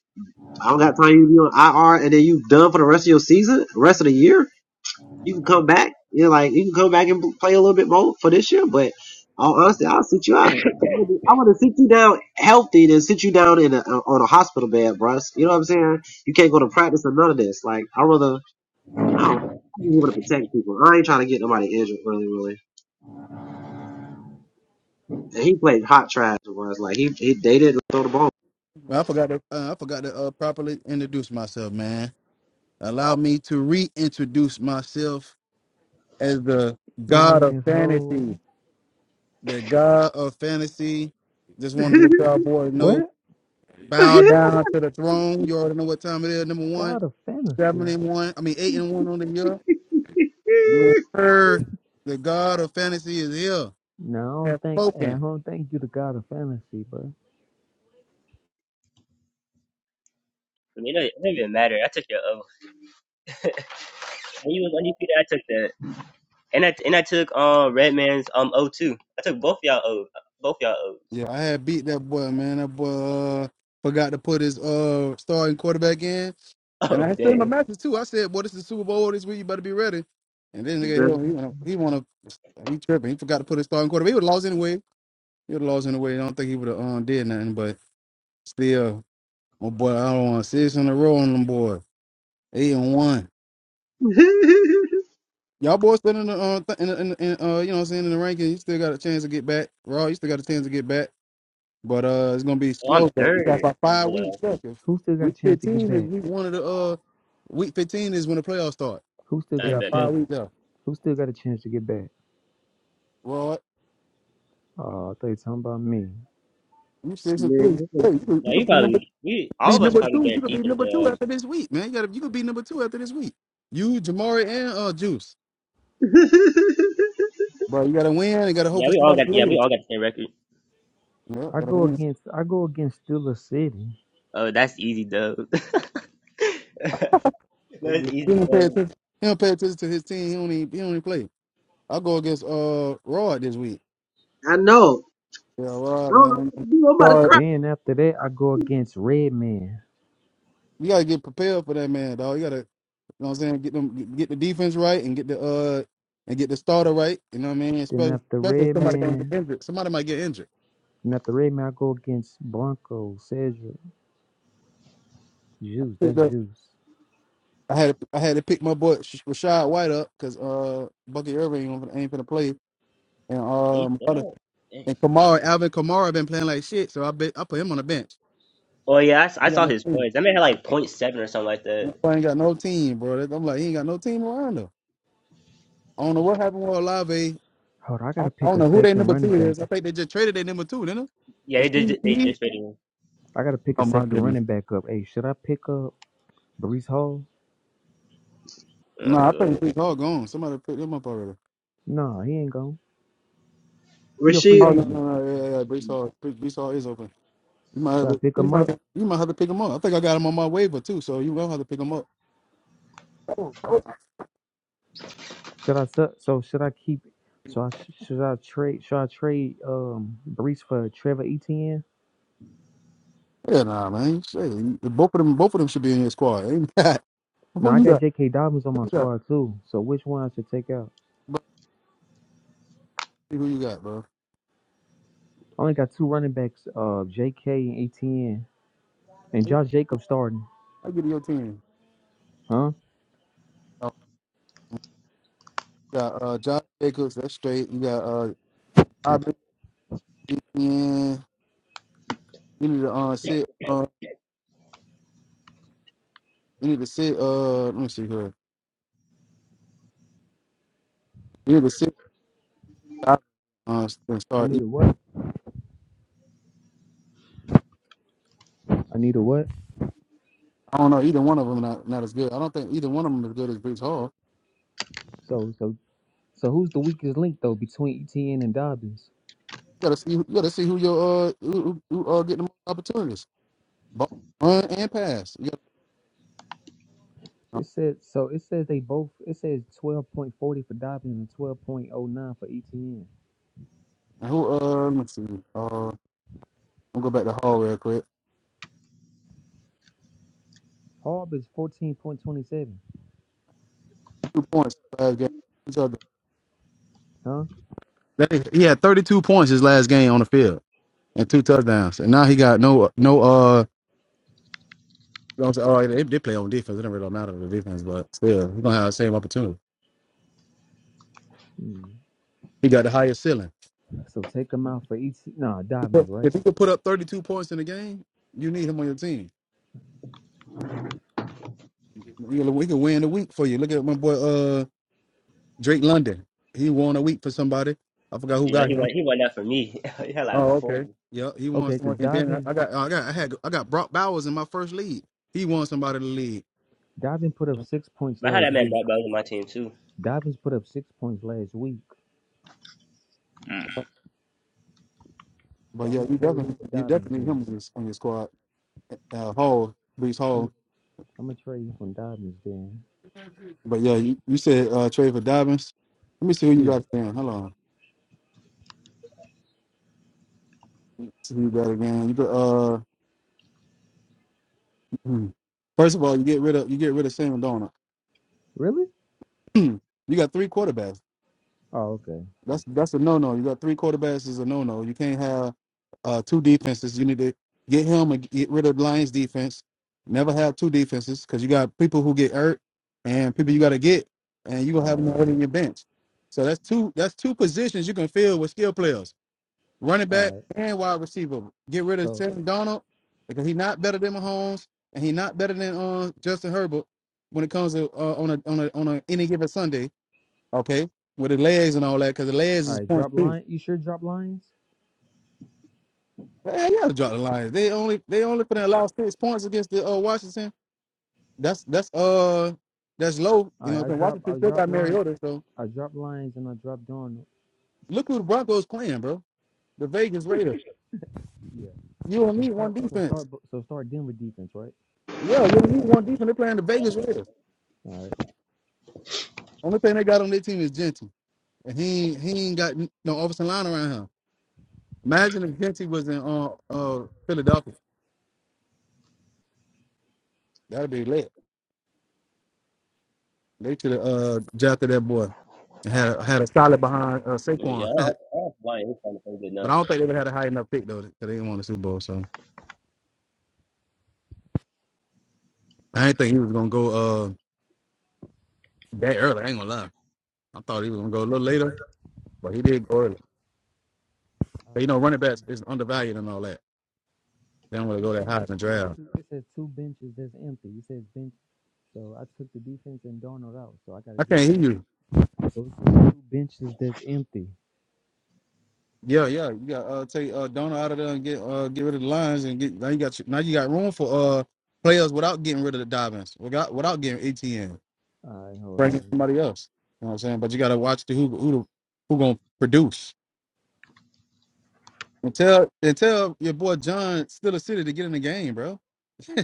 [SPEAKER 1] I don't got time. You be on IR and then you done for the rest of your season, rest of the year. You can come back. You know, like you can come back and play a little bit more for this year. But all honesty, I'll sit you out. I want to sit you down healthy than sit you down in a, on a hospital bed, bruh. You know what I'm saying? You can't go to practice or none of this. Like I rather Oh, you want to protect people. I ain't trying to get nobody injured, really, really. And he played hot trash for us. Like, he, he they didn't throw the ball.
[SPEAKER 2] Man, I forgot to uh, I forgot to uh, properly introduce myself, man. Allow me to reintroduce myself as the
[SPEAKER 4] My
[SPEAKER 2] God
[SPEAKER 4] name
[SPEAKER 2] of
[SPEAKER 4] is Ho.
[SPEAKER 2] fantasy. The God of fantasy. Just want to let y'all boys know.
[SPEAKER 4] What?
[SPEAKER 2] Bow down to the throne. You already know what time it is. Number one,
[SPEAKER 4] God of
[SPEAKER 2] seven
[SPEAKER 4] Fantasy?
[SPEAKER 2] and one. I mean, eight and one on the year. Yes, sir. The God of fantasy is here.
[SPEAKER 4] No, I
[SPEAKER 2] Has
[SPEAKER 4] don't think. hey, I
[SPEAKER 2] spoken.
[SPEAKER 4] don't think you the God of Fantasy, bro.
[SPEAKER 3] I mean, it don't it don't even matter. I took your O. When you was undefeated, I took that, and I and I took um Redman's um O too. I took both y'all O, both y'all O's.
[SPEAKER 2] Yeah, I had beat that boy, man. That boy uh, forgot to put his uh starting quarterback in. And
[SPEAKER 3] Oh
[SPEAKER 2] I sent him a
[SPEAKER 3] dang!
[SPEAKER 2] message too. I said, "Boy, this is the Super Bowl this week. You better be ready." And then
[SPEAKER 1] You
[SPEAKER 2] nigga, hell,
[SPEAKER 1] better-
[SPEAKER 2] he wanna, he wanna, he tripping. He forgot to put his starting quarterback. He would have lost anyway. He would have lost anyway. I don't think he would have um, did nothing. But still, my boy, I don't want six in a row on them boy. Eight and one. Y'all boys still in the, uh, th- in, the- in, the- in uh, you know, what I'm saying in the ranking. You still got a chance to get back. Raw, you still got a chance to get back. But uh, it's gonna be
[SPEAKER 3] Oh, I'm
[SPEAKER 2] slow. But you got
[SPEAKER 3] third.
[SPEAKER 2] about
[SPEAKER 3] I didn't
[SPEAKER 2] five weeks
[SPEAKER 3] realize.
[SPEAKER 2] left. If
[SPEAKER 4] Who still got a
[SPEAKER 2] Week
[SPEAKER 4] chance to get
[SPEAKER 2] 15 is
[SPEAKER 4] back?
[SPEAKER 2] week one of the uh, week 15 is when the playoffs start.
[SPEAKER 4] Who still
[SPEAKER 2] They
[SPEAKER 3] I
[SPEAKER 4] got a
[SPEAKER 2] got
[SPEAKER 3] bet it.
[SPEAKER 4] chance?
[SPEAKER 2] five
[SPEAKER 4] To,
[SPEAKER 2] weeks left.
[SPEAKER 4] who still got a chance to get back?
[SPEAKER 2] Well,
[SPEAKER 4] Oh, I thought you talking about me.
[SPEAKER 2] you six and three.
[SPEAKER 1] Man,
[SPEAKER 2] Hey, you could,
[SPEAKER 3] No,
[SPEAKER 2] you
[SPEAKER 3] you
[SPEAKER 2] could be number
[SPEAKER 3] probably we all
[SPEAKER 2] be
[SPEAKER 3] of us
[SPEAKER 2] number
[SPEAKER 3] probably
[SPEAKER 2] two. You could
[SPEAKER 3] guaranteed
[SPEAKER 2] be
[SPEAKER 3] for the
[SPEAKER 2] number two
[SPEAKER 3] playoffs.
[SPEAKER 2] after this week, man. You gotta you could be number two after this week. You, Jamari, and uh Juice. Bro, you gotta win and gotta hope
[SPEAKER 3] Yeah,
[SPEAKER 2] for
[SPEAKER 3] we all
[SPEAKER 2] somebody
[SPEAKER 3] got
[SPEAKER 2] to
[SPEAKER 3] yeah we all
[SPEAKER 2] lose.
[SPEAKER 3] got the same record.
[SPEAKER 2] Yeah,
[SPEAKER 4] I
[SPEAKER 2] gotta
[SPEAKER 4] go
[SPEAKER 2] win.
[SPEAKER 4] against I go against Dula City.
[SPEAKER 3] Oh, that's easy dub. that's
[SPEAKER 2] He
[SPEAKER 3] easy
[SPEAKER 2] don't pay
[SPEAKER 3] dub.
[SPEAKER 2] attention. He don't pay attention to his team. He don't even, he don't even play. I'll go against uh Rod this week.
[SPEAKER 1] I know.
[SPEAKER 2] Yeah,
[SPEAKER 1] I
[SPEAKER 2] Rod,
[SPEAKER 1] don't know what
[SPEAKER 2] man.
[SPEAKER 1] to do. I'm about to
[SPEAKER 2] Rod,
[SPEAKER 1] cry.
[SPEAKER 4] Then after that I go against Redman.
[SPEAKER 2] you gotta get prepared for that man, dog. You gotta, you know what I'm saying, get them get the defense right and get the uh and get the starter right. You know what I mean?
[SPEAKER 4] Then
[SPEAKER 2] Especially
[SPEAKER 4] after
[SPEAKER 2] especially if somebody gonna get
[SPEAKER 4] Redman,
[SPEAKER 2] injured. Somebody might get injured.
[SPEAKER 4] then after Redman I go against Blanco, Cedric, Juice. That's
[SPEAKER 2] I
[SPEAKER 4] Juice.
[SPEAKER 2] had to, I had to pick my boy Sh- Rashad White up because uh Bucky Irving ain't gonna ain't finna play and
[SPEAKER 3] He
[SPEAKER 2] um
[SPEAKER 3] said
[SPEAKER 2] other,
[SPEAKER 3] that? Dang.
[SPEAKER 2] and Kamara Alvin Kamara been playing like shit so I bet I put him on the bench.
[SPEAKER 3] Oh yeah, I, s- I
[SPEAKER 2] He got
[SPEAKER 3] saw
[SPEAKER 2] no
[SPEAKER 3] his
[SPEAKER 2] team.
[SPEAKER 3] points. That man had like point seven or something like that.
[SPEAKER 2] That boy ain't got no team, bro. That- I'm like he ain't got no team around him. I don't know what happened with Olave.
[SPEAKER 4] Hold on, I
[SPEAKER 2] I,
[SPEAKER 4] gotta
[SPEAKER 2] I
[SPEAKER 4] pick
[SPEAKER 2] don't
[SPEAKER 4] a
[SPEAKER 2] know who their
[SPEAKER 4] second
[SPEAKER 2] number
[SPEAKER 4] running
[SPEAKER 2] two
[SPEAKER 4] back.
[SPEAKER 2] is. I think they just traded their number two, didn't
[SPEAKER 3] Yeah,
[SPEAKER 2] they?
[SPEAKER 3] they did.
[SPEAKER 2] Rasheed
[SPEAKER 3] They
[SPEAKER 2] Ricky?
[SPEAKER 3] just rated him.
[SPEAKER 4] I gotta pick a
[SPEAKER 2] Oh my
[SPEAKER 4] second
[SPEAKER 2] goodness.
[SPEAKER 4] running back up. Hey, should I pick up Brees Hall?
[SPEAKER 2] No,
[SPEAKER 3] That's a
[SPEAKER 2] I
[SPEAKER 3] good one.
[SPEAKER 2] think Brees Hall gone. Somebody put him up already.
[SPEAKER 4] No, he ain't going. He a free
[SPEAKER 1] Rasheed.
[SPEAKER 2] Oh no no
[SPEAKER 4] agent.
[SPEAKER 2] no yeah yeah. yeah. Brees Hall Brees Brees Hall is open. You might have
[SPEAKER 4] Should I
[SPEAKER 2] to,
[SPEAKER 4] pick
[SPEAKER 2] you
[SPEAKER 4] him
[SPEAKER 2] might
[SPEAKER 4] up?
[SPEAKER 2] you might have to pick them up. I think I got them on my waiver too, so you gonna have to pick them up.
[SPEAKER 4] Should I su- so should I keep? So I sh- should I trade? Should I trade um Brees for Trevor Etienne?
[SPEAKER 2] Yeah, nah, man. Shit, both of them, both of them should be in your squad. Ain't got
[SPEAKER 4] No,
[SPEAKER 2] who
[SPEAKER 4] I
[SPEAKER 2] you
[SPEAKER 4] got
[SPEAKER 2] got?
[SPEAKER 4] J.K. Dobbins on
[SPEAKER 2] Who
[SPEAKER 4] my
[SPEAKER 2] you got?
[SPEAKER 4] squad too. So which one I should take out?
[SPEAKER 2] Bro, see who you got, bro?
[SPEAKER 4] I only got two running backs, uh, J.K. and ATN, and
[SPEAKER 2] I,
[SPEAKER 4] Josh Jacobs starting.
[SPEAKER 2] I give you your team.
[SPEAKER 4] Huh?
[SPEAKER 2] Oh, you got uh, Josh Jacobs. That's straight. You got uh, Bobby. Yeah, you need to uh,
[SPEAKER 3] Yeah,
[SPEAKER 2] sit. Uh, you need to sit. Uh, let me see here. You need to sit. Uh, and
[SPEAKER 4] I
[SPEAKER 2] start.
[SPEAKER 4] need a what? I need a what?
[SPEAKER 2] I don't know. Either one of them not, not as good. I don't think either one of them is good as Brees Hall.
[SPEAKER 4] So so so who's the weakest link though between ETN and Dobbins?
[SPEAKER 2] You gotta see. You gotta see who your uh who, who who, uh getting the most opportunities, Ball, run and pass. You
[SPEAKER 4] It
[SPEAKER 2] gotta,
[SPEAKER 4] says so. It says they both. It says twelve point forty for Dobbins and twelve point oh nine for ETN.
[SPEAKER 2] and who uh let me see. Uh, I'm go back to Hall real quick.
[SPEAKER 4] Harb is fourteen point twenty seven.
[SPEAKER 2] Two points last game. Two touchdowns.
[SPEAKER 4] Huh?
[SPEAKER 2] That- He had 32 points his last game on the field and two touchdowns, and now he got no no uh. you know what I'm saying, all right, they did play on defense. It didn't really matter the defense, but still, he's gonna have the same opportunity.
[SPEAKER 4] Hmm.
[SPEAKER 2] He got the highest ceiling.
[SPEAKER 4] So take them out for ET. Nah, Dobbins, right?
[SPEAKER 2] If he could put up 32 points in a game, you need him on your team. We can win the week for you. Look at my boy. uh, Drake London. He won a week for somebody. I forgot who got
[SPEAKER 3] he
[SPEAKER 2] him.
[SPEAKER 3] went. He won that for me. he had like
[SPEAKER 2] Oh, okay.
[SPEAKER 3] forty.
[SPEAKER 2] Yeah, he won
[SPEAKER 4] Okay, because
[SPEAKER 2] someone. And then I,
[SPEAKER 4] Dobbins
[SPEAKER 2] I got, I got, I had, I got Brock Bowers in my first league. He won somebody the league.
[SPEAKER 4] Dobbins put up six points
[SPEAKER 3] But I had that
[SPEAKER 4] last
[SPEAKER 3] man
[SPEAKER 4] week.
[SPEAKER 3] Black Belt on my team too.
[SPEAKER 4] Dobbins put up six points last week, so
[SPEAKER 2] But
[SPEAKER 4] I'm
[SPEAKER 2] yeah,
[SPEAKER 4] gonna
[SPEAKER 2] you
[SPEAKER 4] trade him
[SPEAKER 2] definitely,
[SPEAKER 4] for
[SPEAKER 2] you
[SPEAKER 4] Dobbins
[SPEAKER 2] definitely need him
[SPEAKER 4] then.
[SPEAKER 2] on your, on your squad. Uh, Hall, Brees
[SPEAKER 4] I'm
[SPEAKER 2] Hall.
[SPEAKER 4] I'm gonna trade him for Dobbins then.
[SPEAKER 2] But yeah, you, you said uh, trade for Dobbins. Let me see who you
[SPEAKER 4] Yeah.
[SPEAKER 2] got again. Hold on. See who you got again. You got, uh, hmm. first of all, you get rid of, you get rid of Sam Donald.
[SPEAKER 4] Really?
[SPEAKER 2] you got three quarterbacks.
[SPEAKER 4] Oh, okay.
[SPEAKER 2] That's that's a no no. You got three quarterbacks is a no no. You can't have uh, two defenses. You need to get him and get rid of the Lions defense. Never have two defenses because you got people who get hurt and people you got to get, and you gonna have
[SPEAKER 4] All
[SPEAKER 2] them
[SPEAKER 4] right.
[SPEAKER 2] already in your bench. So that's two that's two positions you can fill with skill players, running
[SPEAKER 4] All
[SPEAKER 2] back
[SPEAKER 4] right.
[SPEAKER 2] and wide receiver. Get rid of
[SPEAKER 4] So,
[SPEAKER 2] Sam Donald because he's not better than Mahomes and he's not better than uh, Justin Herbert when it comes to uh, on a on a on a, any given Sunday. Okay, with the legs and all that, because the legs
[SPEAKER 4] all
[SPEAKER 2] is
[SPEAKER 4] right.
[SPEAKER 2] points
[SPEAKER 4] Drop
[SPEAKER 2] too.
[SPEAKER 4] line. You sure drop lines?
[SPEAKER 2] Man, you gotta drop the Lions. They only they only finna allow six points against the uh, Washington. That's that's uh that's low.
[SPEAKER 4] All
[SPEAKER 2] You know, what
[SPEAKER 4] right.
[SPEAKER 2] I'm
[SPEAKER 4] I
[SPEAKER 2] saying
[SPEAKER 4] drop.
[SPEAKER 2] Washington
[SPEAKER 4] I
[SPEAKER 2] still
[SPEAKER 4] drop
[SPEAKER 2] got
[SPEAKER 4] line.
[SPEAKER 2] Mariota. So
[SPEAKER 4] I drop lines and I drop Darnold.
[SPEAKER 2] look who the Broncos playing, bro. The Vegas Raiders.
[SPEAKER 4] Yeah.
[SPEAKER 2] You don't
[SPEAKER 4] So
[SPEAKER 2] need one
[SPEAKER 4] start. So
[SPEAKER 2] defense.
[SPEAKER 4] start. So start Denver defense, right?
[SPEAKER 2] Yeah, you don't need one defense. They're playing the Vegas Raiders.
[SPEAKER 4] All right.
[SPEAKER 2] Only thing they got on their team is Genty, and he ain't- he ain't got no offensive line around him. Imagine if Genty was in uh uh Philadelphia. That'd be lit. They should have uh, drafted that boy and had a, had a solid behind uh,
[SPEAKER 3] Yeah,
[SPEAKER 2] Saquon.
[SPEAKER 3] I don't I don't know why he's trying to play good
[SPEAKER 2] but
[SPEAKER 3] now.
[SPEAKER 2] I don't think they would have had a high enough pick though, because they didn't want the Super Bowl. So I didn't think he was gonna go uh, that early. I ain't gonna lie. I thought he was gonna go a little later, but he did go early. But
[SPEAKER 4] All
[SPEAKER 2] you know,
[SPEAKER 4] right.
[SPEAKER 2] running backs is undervalued and all that. They don't wanna
[SPEAKER 4] Two
[SPEAKER 2] go that
[SPEAKER 4] bench.
[SPEAKER 2] high in the
[SPEAKER 4] They
[SPEAKER 2] draft.
[SPEAKER 4] two. It says two benches that's empty. It says bench. So I took the defense and Darnold out. So I gotta
[SPEAKER 2] I
[SPEAKER 4] get
[SPEAKER 2] can't
[SPEAKER 4] some.
[SPEAKER 2] hear you.
[SPEAKER 4] Those are two benches that's empty.
[SPEAKER 2] Yeah, yeah. You got uh, take uh, Donald out of there and get uh, get rid of the lines and get now you got now you got room for uh players without getting rid of the Dobbins, without without getting ATN.
[SPEAKER 4] All right, hold
[SPEAKER 2] bringing
[SPEAKER 4] on.
[SPEAKER 2] somebody else. You know what I'm saying? But you gotta watch the who who who gonna produce. And tell and tell your boy John still a city to get in the game, bro.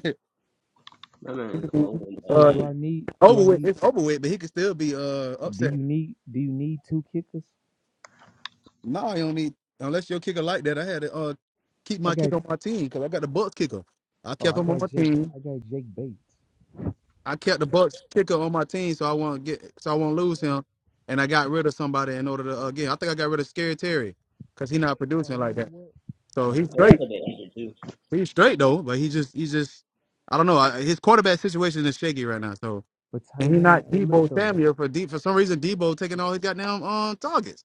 [SPEAKER 3] That man is old
[SPEAKER 4] So
[SPEAKER 2] uh,
[SPEAKER 4] do
[SPEAKER 3] man.
[SPEAKER 4] I need? Do
[SPEAKER 2] over
[SPEAKER 4] I
[SPEAKER 2] with.
[SPEAKER 4] need?
[SPEAKER 2] It's over with, but he could still be uh
[SPEAKER 4] Do
[SPEAKER 2] upset.
[SPEAKER 4] you need? Do you need two kickers?
[SPEAKER 2] No, he don't need unless your kicker like that. I had to uh keep
[SPEAKER 4] I
[SPEAKER 2] my
[SPEAKER 4] got.
[SPEAKER 2] kicker on my team because I got the Bucks kicker. I
[SPEAKER 4] Oh,
[SPEAKER 2] kept
[SPEAKER 4] I
[SPEAKER 2] him on
[SPEAKER 4] got
[SPEAKER 2] my
[SPEAKER 4] Jake.
[SPEAKER 2] team.
[SPEAKER 4] I got Jake Bates.
[SPEAKER 2] I kept the Bucks kicker on my team, so I won't get so I won't lose him. And I got rid of somebody in order to uh, again. I think I got rid of Scary Terry because he's not
[SPEAKER 4] Oh,
[SPEAKER 2] producing
[SPEAKER 4] you
[SPEAKER 2] like
[SPEAKER 4] know
[SPEAKER 2] that.
[SPEAKER 4] what?
[SPEAKER 2] So
[SPEAKER 4] Hey,
[SPEAKER 2] he's
[SPEAKER 3] And He
[SPEAKER 4] I-
[SPEAKER 2] straight.
[SPEAKER 3] also been injured too.
[SPEAKER 2] He's straight though, but he just he's just I don't know. I, his quarterback situation is shaky right now. So
[SPEAKER 4] for
[SPEAKER 2] and
[SPEAKER 4] tight
[SPEAKER 2] he's
[SPEAKER 4] end,
[SPEAKER 2] not
[SPEAKER 4] hey, look
[SPEAKER 2] Debo
[SPEAKER 4] though.
[SPEAKER 2] Samuel for D for some reason Debo taking all his goddamn uh, targets.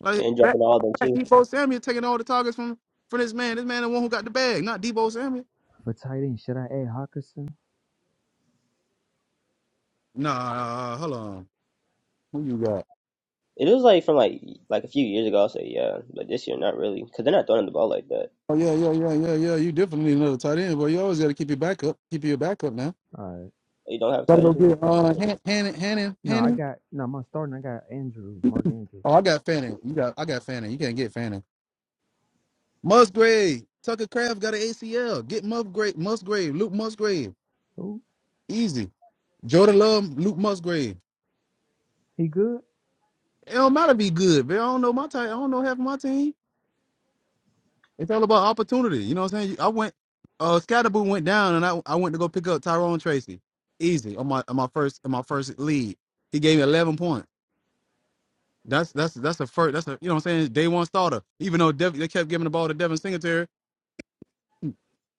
[SPEAKER 2] Like
[SPEAKER 3] And
[SPEAKER 2] fact,
[SPEAKER 3] dropping all of them
[SPEAKER 2] fact,
[SPEAKER 3] too.
[SPEAKER 2] Debo Samuel taking all the targets from from this man. This man the one who got the bag, not Debo Samuel.
[SPEAKER 4] For tight end, should I add Hawkinson?
[SPEAKER 2] Nah, hold on. Who you got?
[SPEAKER 3] It was like from like like a few years ago. I say yeah, but this year not really because they're not throwing the ball like that.
[SPEAKER 2] Oh yeah, yeah, yeah, yeah, yeah. You definitely need another tight end, but you always got to keep your backup. Keep your backup now.
[SPEAKER 4] All right.
[SPEAKER 3] They don't have
[SPEAKER 2] Gotta
[SPEAKER 3] tight
[SPEAKER 2] go
[SPEAKER 3] end.
[SPEAKER 2] get
[SPEAKER 3] I
[SPEAKER 2] uh
[SPEAKER 3] don't
[SPEAKER 2] Han- Hannon, Hannon,
[SPEAKER 4] No, I
[SPEAKER 2] Hannon.
[SPEAKER 4] got. No, my starting. I got Andrews, Mark Andrews.
[SPEAKER 2] Oh, I got Fanning. You got, I got Fanning. You can't get Fanning. Musgrave. Tucker Craft got an ACL. Get Musgrave. Musgrave. Luke Musgrave.
[SPEAKER 4] Who?
[SPEAKER 2] Easy. Jordan Love. Luke Musgrave.
[SPEAKER 4] He good?
[SPEAKER 2] It don't matter be good, man. I don't know my team. I don't know half of my team. It's all about opportunity. You know what I'm saying? I went. Uh, Scatterboo went down, and I I went to go pick up Tyrone Tracy. Easy on my on my first on my first lead. He gave me 11 points. That's that's that's a first. That's a you know what I'm saying. Day one starter. Even though Dev, they kept giving the ball to Devin Singletary,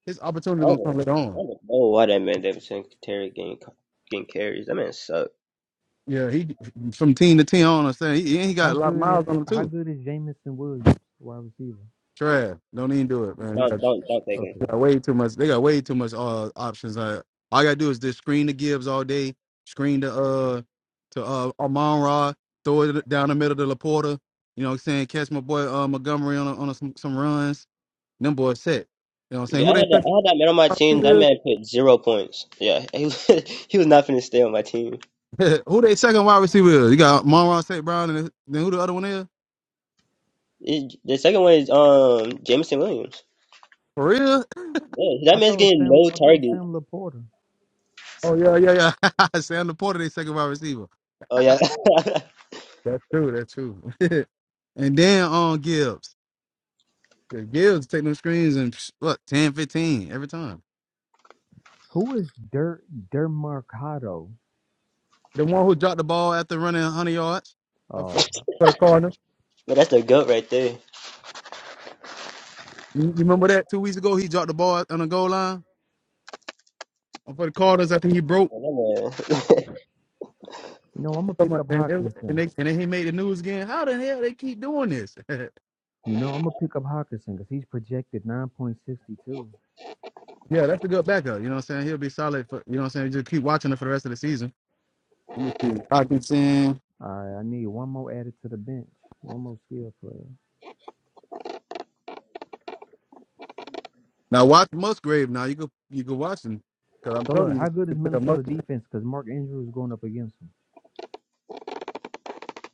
[SPEAKER 2] his opportunity gonna come
[SPEAKER 3] know.
[SPEAKER 2] later
[SPEAKER 3] I
[SPEAKER 2] on.
[SPEAKER 3] don't know why that man Davidson Terry getting getting carries. That man suck.
[SPEAKER 2] Yeah, he from team to team. On, I'm saying he, he got
[SPEAKER 4] How
[SPEAKER 2] a lot of
[SPEAKER 4] good is?
[SPEAKER 2] miles on him
[SPEAKER 4] How
[SPEAKER 2] too.
[SPEAKER 4] good is Jamison Williams, wide receiver?
[SPEAKER 2] Trash, don't even do it, man. He
[SPEAKER 3] Don't
[SPEAKER 2] got,
[SPEAKER 3] don't don't take him.
[SPEAKER 2] he
[SPEAKER 4] Okay.
[SPEAKER 2] got way too much. They got way too much uh, options. Uh, all I gotta do is just screen the Gibbs all day, screen the uh to uh Amon Ra, throw it down the middle to Laporta. You know what I'm saying? Catch my boy uh, Montgomery on a, on a, some some runs. Them boys set. You know what I'm saying?
[SPEAKER 3] Yeah, I had
[SPEAKER 2] Who they
[SPEAKER 3] that, I
[SPEAKER 2] second
[SPEAKER 3] had that man on my
[SPEAKER 2] wide
[SPEAKER 3] team. That
[SPEAKER 2] receiver is?
[SPEAKER 3] man put zero points. Yeah, he was, he was not finna stay on my team.
[SPEAKER 2] who they second wide receiver is? You got Amon Ra, St. Brown, and then who the other one is?
[SPEAKER 3] It- the second one is um Jameson Williams.
[SPEAKER 2] For real?
[SPEAKER 3] Yeah, that
[SPEAKER 4] I thought
[SPEAKER 3] man's
[SPEAKER 4] it was
[SPEAKER 3] getting
[SPEAKER 4] Sam.
[SPEAKER 3] no
[SPEAKER 4] I thought it was
[SPEAKER 3] target.
[SPEAKER 4] Sam Laporta.
[SPEAKER 2] Oh yeah, yeah, yeah. Sam Porter, they second wide receiver.
[SPEAKER 3] Oh yeah,
[SPEAKER 2] That's true. That's true. and then on Gibbs. Yeah, Gibbs take them screens and psh, what 10, fifteen every time.
[SPEAKER 4] Who is Dirt Dermarcado?
[SPEAKER 2] The one who dropped the ball after running hundred yards uh, for
[SPEAKER 4] Oh,
[SPEAKER 2] the for the Cardinals.
[SPEAKER 3] but that's the goat right there.
[SPEAKER 2] You, you remember that two weeks ago? He dropped the ball on the goal line uh, for the Cardinals. I think he broke.
[SPEAKER 3] Yeah, that man-
[SPEAKER 4] you know I'm gonna
[SPEAKER 2] And,
[SPEAKER 4] pick up
[SPEAKER 2] it- and, they,
[SPEAKER 4] Hawkinson.
[SPEAKER 2] and then he made the news again. How the hell they keep doing this? yeah,
[SPEAKER 4] You know I'm gonna pick up Hawkinson because he's projected 9.62.
[SPEAKER 2] that's a good backup. You know what I'm saying? He'll be solid for. You know what I'm saying? Just keep watching it for the rest of the season. Let me see. Hawkinson.
[SPEAKER 4] I I need one more added to the bench, one more skill player.
[SPEAKER 2] Now watch Musgrave. Now you go you go watch him because I'm
[SPEAKER 4] So
[SPEAKER 2] telling
[SPEAKER 4] look,
[SPEAKER 2] you,
[SPEAKER 4] how good is
[SPEAKER 2] you pick up
[SPEAKER 4] Minnesota
[SPEAKER 2] Musgrave.
[SPEAKER 4] defense? Because Mark Andrews is going up against them.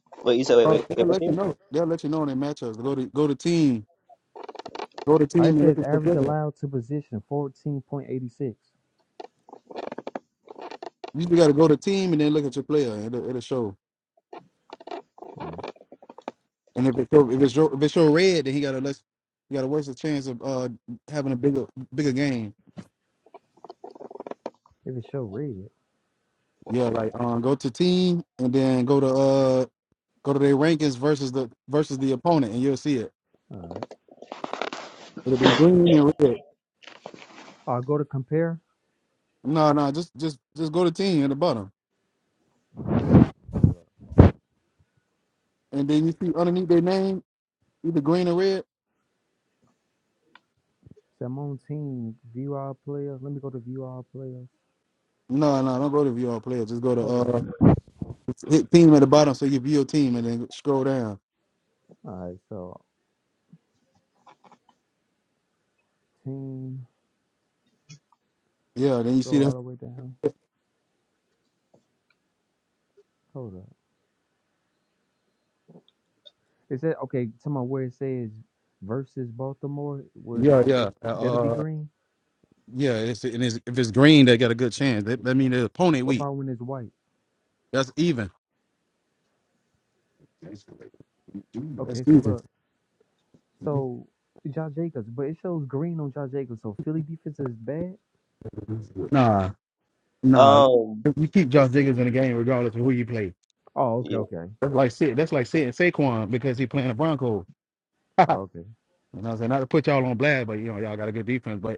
[SPEAKER 3] Wait, you said wait,
[SPEAKER 2] Uh,
[SPEAKER 3] wait, wait,
[SPEAKER 2] They'll
[SPEAKER 3] what
[SPEAKER 2] let you
[SPEAKER 3] team?
[SPEAKER 2] know. They'll let you know in their matchups. Go to go to team, go to
[SPEAKER 4] I
[SPEAKER 2] team
[SPEAKER 4] it
[SPEAKER 2] and look
[SPEAKER 4] says
[SPEAKER 2] at your
[SPEAKER 4] average
[SPEAKER 2] player.
[SPEAKER 4] allowed to position 14.86.
[SPEAKER 2] You just got to go to team and then look at your player. and It'll, it'll show.
[SPEAKER 4] right.
[SPEAKER 2] And if it show, if it's show, if it show red, then he got a less he got a worse chance of uh having a bigger bigger game.
[SPEAKER 4] If it show red,
[SPEAKER 2] Yeah, like um, go to team and then go to uh go to their rankings versus the versus the opponent and you'll see it.
[SPEAKER 4] all right.
[SPEAKER 2] It'll be green and red.
[SPEAKER 4] I'll go to compare.
[SPEAKER 2] No, no, just just just go to team in the bottom. and then you see underneath their name either green or red.
[SPEAKER 4] So I'm on team view all players. Let me go to view all players.
[SPEAKER 2] No, no, don't go to view all players. Just go to
[SPEAKER 4] Hold on.
[SPEAKER 2] uh
[SPEAKER 4] All
[SPEAKER 2] hit team at the bottom so you view your team and then scroll down.
[SPEAKER 4] right, so team.
[SPEAKER 2] Yeah, then you see
[SPEAKER 4] Go all
[SPEAKER 2] that.
[SPEAKER 4] the way down. Hold up. Is that okay? Tell me where it says versus Baltimore was
[SPEAKER 2] yeah,
[SPEAKER 4] that
[SPEAKER 2] yeah,
[SPEAKER 4] that'll be
[SPEAKER 2] uh,
[SPEAKER 4] green.
[SPEAKER 2] yeah. It's, and it's, if it's green, they got a good chance. That, that mean the opponent
[SPEAKER 4] What
[SPEAKER 2] weak.
[SPEAKER 4] about when it's white?
[SPEAKER 2] That's even. That's
[SPEAKER 4] Okay, so
[SPEAKER 2] even.
[SPEAKER 4] look, so Josh Jacobs, but it shows green on Josh Jacobs. So Philly defense is bad.
[SPEAKER 2] Nah, nah.
[SPEAKER 3] Um,
[SPEAKER 2] You keep Josh Jacobs in the game regardless of who you play.
[SPEAKER 4] Oh, okay,
[SPEAKER 3] yeah,
[SPEAKER 4] okay,
[SPEAKER 2] That's like sit. that's like sitting Saquon because he playing the Broncos. you know,
[SPEAKER 4] oh, okay.
[SPEAKER 2] what I'm saying not to put y'all on blast, but you know y'all got a good defense. But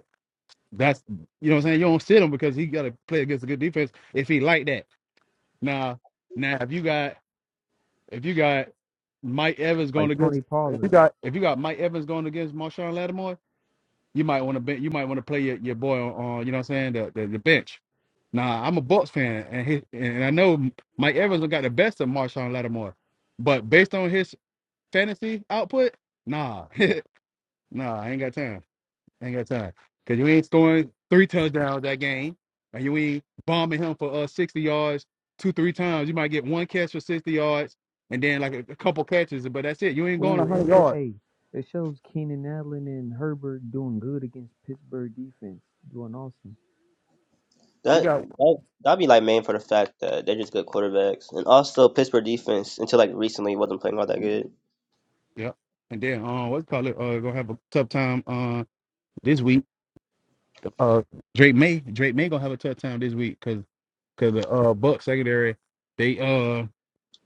[SPEAKER 2] That's you know what I'm saying. You don't sit him because he got to play against a good defense if he like that. Now, now if you got if you got Mike Evans
[SPEAKER 4] Like
[SPEAKER 2] going
[SPEAKER 4] Tony
[SPEAKER 2] against if you
[SPEAKER 4] Pollard.
[SPEAKER 2] got if you got Mike Evans going against Marshawn Lattimore, you might want to bench. You might want to play your, your boy on, on you know what I'm saying the, the the bench. Now I'm a Bucks fan and he, and I know Mike Evans got the best of Marshawn Lattimore, but based on his fantasy output, nah, nah, I ain't got time. Ain't got time. Because you ain't scoring three touchdowns that game, and you ain't bombing him for uh 60 yards two, three times. You might get one catch for 60 yards, and then like a, a couple catches, but that's it. You ain't going
[SPEAKER 4] Oh,
[SPEAKER 2] 100
[SPEAKER 4] it's a
[SPEAKER 2] yards.
[SPEAKER 4] A. It shows Keenan Allen and Herbert doing good against Pittsburgh defense, doing awesome.
[SPEAKER 2] You
[SPEAKER 3] that
[SPEAKER 2] got,
[SPEAKER 3] that that'd be like main for the fact that they're just good quarterbacks, and also Pittsburgh defense until like recently wasn't playing all that good.
[SPEAKER 2] yeah, And then, uh, what's it called? Uh, gonna have a tough time uh, this week. Uh, Drake May, Drake May gonna have a tough time this week because because the uh Buck secondary, they uh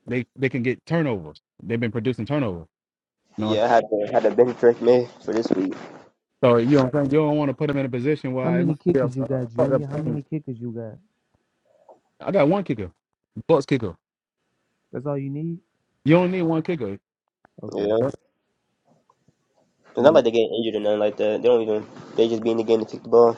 [SPEAKER 2] they they can get turnovers. They've been producing turnovers.
[SPEAKER 3] Yeah, I had to had to bench Drake May for this week.
[SPEAKER 2] So you know what I'm saying? You don't want to put him in a position
[SPEAKER 4] How
[SPEAKER 2] where it
[SPEAKER 4] many
[SPEAKER 2] might be a uh,
[SPEAKER 4] kickers you got,
[SPEAKER 2] fucked up
[SPEAKER 4] Junior? How
[SPEAKER 2] thing.
[SPEAKER 4] many kickers you got?
[SPEAKER 2] I got one kicker, Bucks kicker.
[SPEAKER 4] That's all you need.
[SPEAKER 2] You don't need one kicker.
[SPEAKER 4] Okay.
[SPEAKER 3] Yeah. It's not like they're
[SPEAKER 2] Now,
[SPEAKER 3] getting injured or nothing like that. They don't even. They just be in the game to kick the ball.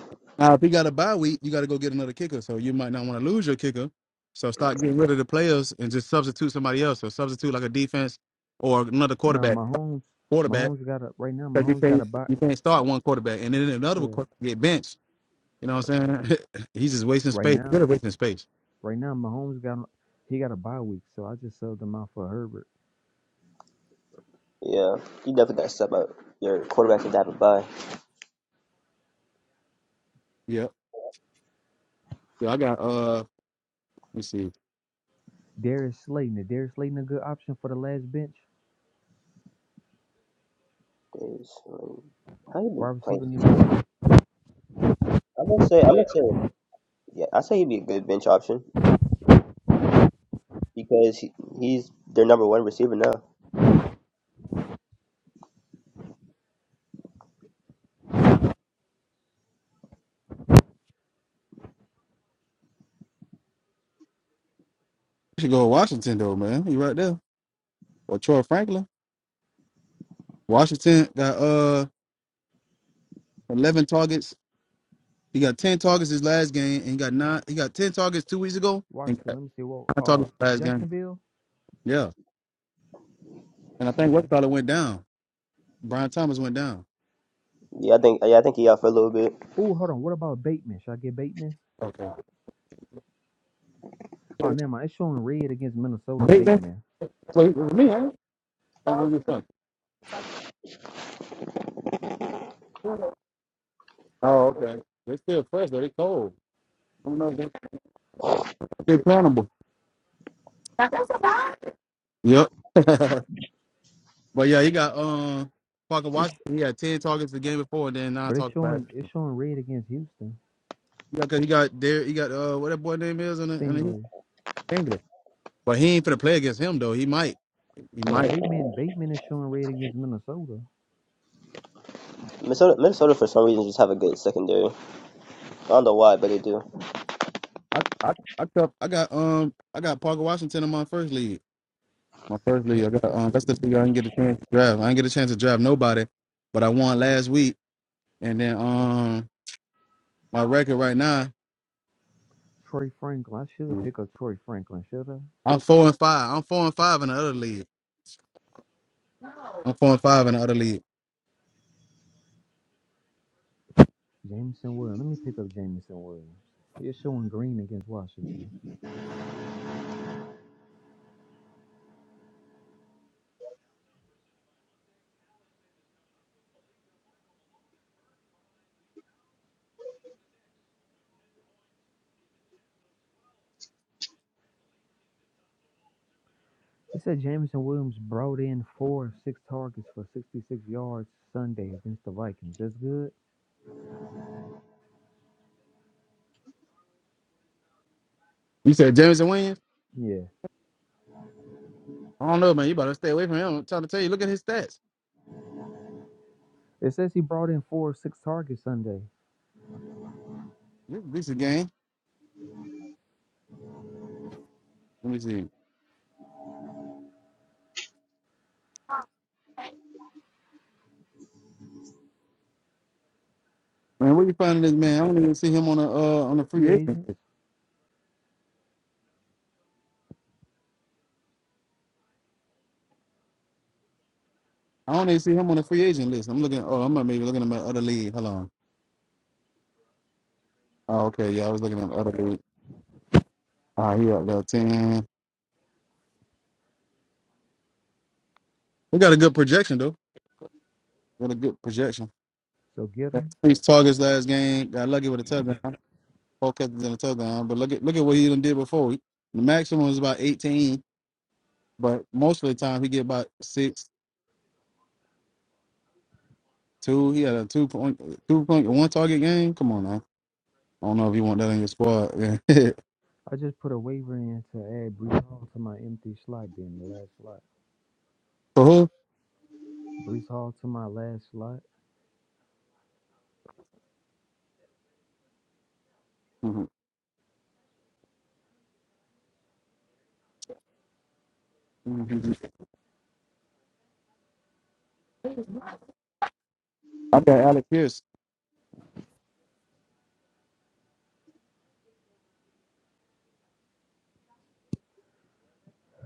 [SPEAKER 2] if he got a bye week, you got to go get another kicker. So you might not want to lose your kicker. So start getting rid of the players and just substitute somebody else, or substitute like a defense or another
[SPEAKER 4] No,
[SPEAKER 2] quarterback.
[SPEAKER 4] Mahomes.
[SPEAKER 2] Quarterback,
[SPEAKER 4] Mahomes got a right now.
[SPEAKER 2] because you
[SPEAKER 4] Mahomes got a
[SPEAKER 2] can't
[SPEAKER 4] buy.
[SPEAKER 2] you can't start one quarterback and then another one
[SPEAKER 4] Yeah.
[SPEAKER 2] quarterback get benched. You know what I'm saying? He's just wasting
[SPEAKER 4] Right
[SPEAKER 2] space.
[SPEAKER 4] now,
[SPEAKER 2] Really wasting space.
[SPEAKER 4] right now, Mahomes got he got a bye week, so I just sold him out for Herbert.
[SPEAKER 3] Yeah, you definitely got to stop out your quarterback and diving by.
[SPEAKER 2] Yep. Yeah, I got. Uh, let me see.
[SPEAKER 4] Darius Slayton. Is Darius Slayton a good option for the last bench
[SPEAKER 3] Days. um, How you been
[SPEAKER 4] wide receiver?
[SPEAKER 3] playing?
[SPEAKER 4] in the-
[SPEAKER 3] I'm gonna say. I'm gonna say. Yeah, I say he'd be a good bench option because he, he's their number one receiver now.
[SPEAKER 2] We should go to Washington though, man. You right there. or Troy Franklin. Washington got uh eleven targets. He got ten targets his last game, and he got nine. He got ten targets two weeks ago, and
[SPEAKER 4] Washington.
[SPEAKER 2] got
[SPEAKER 4] Let me see. Well,
[SPEAKER 2] nine targets
[SPEAKER 4] uh,
[SPEAKER 2] last game.
[SPEAKER 4] Jacksonville.
[SPEAKER 2] Yeah, and I think
[SPEAKER 4] Mm.
[SPEAKER 2] West Carolina went down. Brian Thomas went down.
[SPEAKER 3] Yeah, I think. Yeah, I think he out for a little bit.
[SPEAKER 4] Oh, hold on. What about Bateman? Should I get Bateman?
[SPEAKER 2] Okay.
[SPEAKER 4] Oh, never mind. It's showing red against Minnesota.
[SPEAKER 2] Bateman?
[SPEAKER 4] Bateman.
[SPEAKER 2] Wait, it was me, huh? Oh, what you think? Oh, okay. They still fresh though. They cold. I don't know. if They they plannable. Yep. but yeah, he got um Parker
[SPEAKER 4] It's
[SPEAKER 2] Washington. He had ten targets the game before, and then nine
[SPEAKER 4] but it's
[SPEAKER 2] targets last
[SPEAKER 4] showing it's showing red against Houston.
[SPEAKER 2] Yeah, cause he got there. He got uh, what that boy name is, and and he's
[SPEAKER 4] Singly.
[SPEAKER 2] angry. But he ain't finna play against him though. He might. He
[SPEAKER 4] But
[SPEAKER 2] might.
[SPEAKER 4] Bateman Bateman is showing red against Minnesota.
[SPEAKER 3] Minnesota. Minnesota for some reason just have a good secondary. I don't know why, but they do.
[SPEAKER 2] I I I, got- I got um I got Parker Washington in my first league. My first
[SPEAKER 4] T-
[SPEAKER 2] league. I got
[SPEAKER 4] Let's
[SPEAKER 2] um that's the
[SPEAKER 4] see.
[SPEAKER 2] thing. I didn't get a chance to draft. I didn't get a chance to draft nobody, but I won last week. And then um my record right now,
[SPEAKER 4] Troy Franklin. I should have pick up Troy Franklin, should I?
[SPEAKER 2] I'm four and five. I'm four and five in the other league. I'm four and five in the other league.
[SPEAKER 4] Jameson Williams. Let me pick up Jameson Williams. They're showing green against Washington. It said Jameson Williams brought in four of six targets for 66 yards Sunday against the Vikings. That's good?
[SPEAKER 2] You said Jameson Williams?
[SPEAKER 4] Yeah.
[SPEAKER 2] I don't know, man. You better stay away from him. I'm trying to tell you. Look at his stats.
[SPEAKER 4] It says he brought in four of six targets Sunday.
[SPEAKER 2] This this is a game. Let me see. Man, where you finding this man? I don't even see him on a uh, on a free
[SPEAKER 4] Free
[SPEAKER 2] agent.
[SPEAKER 4] agents,
[SPEAKER 2] I don't even see him on a free agent list. I'm looking. Oh, I'm not maybe looking at my other league. Hold on. Oh, okay. Yeah, I was looking at my other league. Ah, he up there ten. We got a good projection though. Got a good projection.
[SPEAKER 4] so get
[SPEAKER 2] Got
[SPEAKER 4] him.
[SPEAKER 2] six targets last game. Got lucky with a touchdown. Four catches and a touchdown. But look at look at what he done did before. The maximum was about 18, but most of the time he get about six, two. He had a two point two point one target game. Come on now. I don't know if you want that in your squad.
[SPEAKER 4] I just put a waiver in to add Brees Hall to my empty slot, then the last slot.
[SPEAKER 2] For who?
[SPEAKER 4] Brees Hall to my last slot.
[SPEAKER 2] Mm-hmm. Mhm. I got Alec Pierce.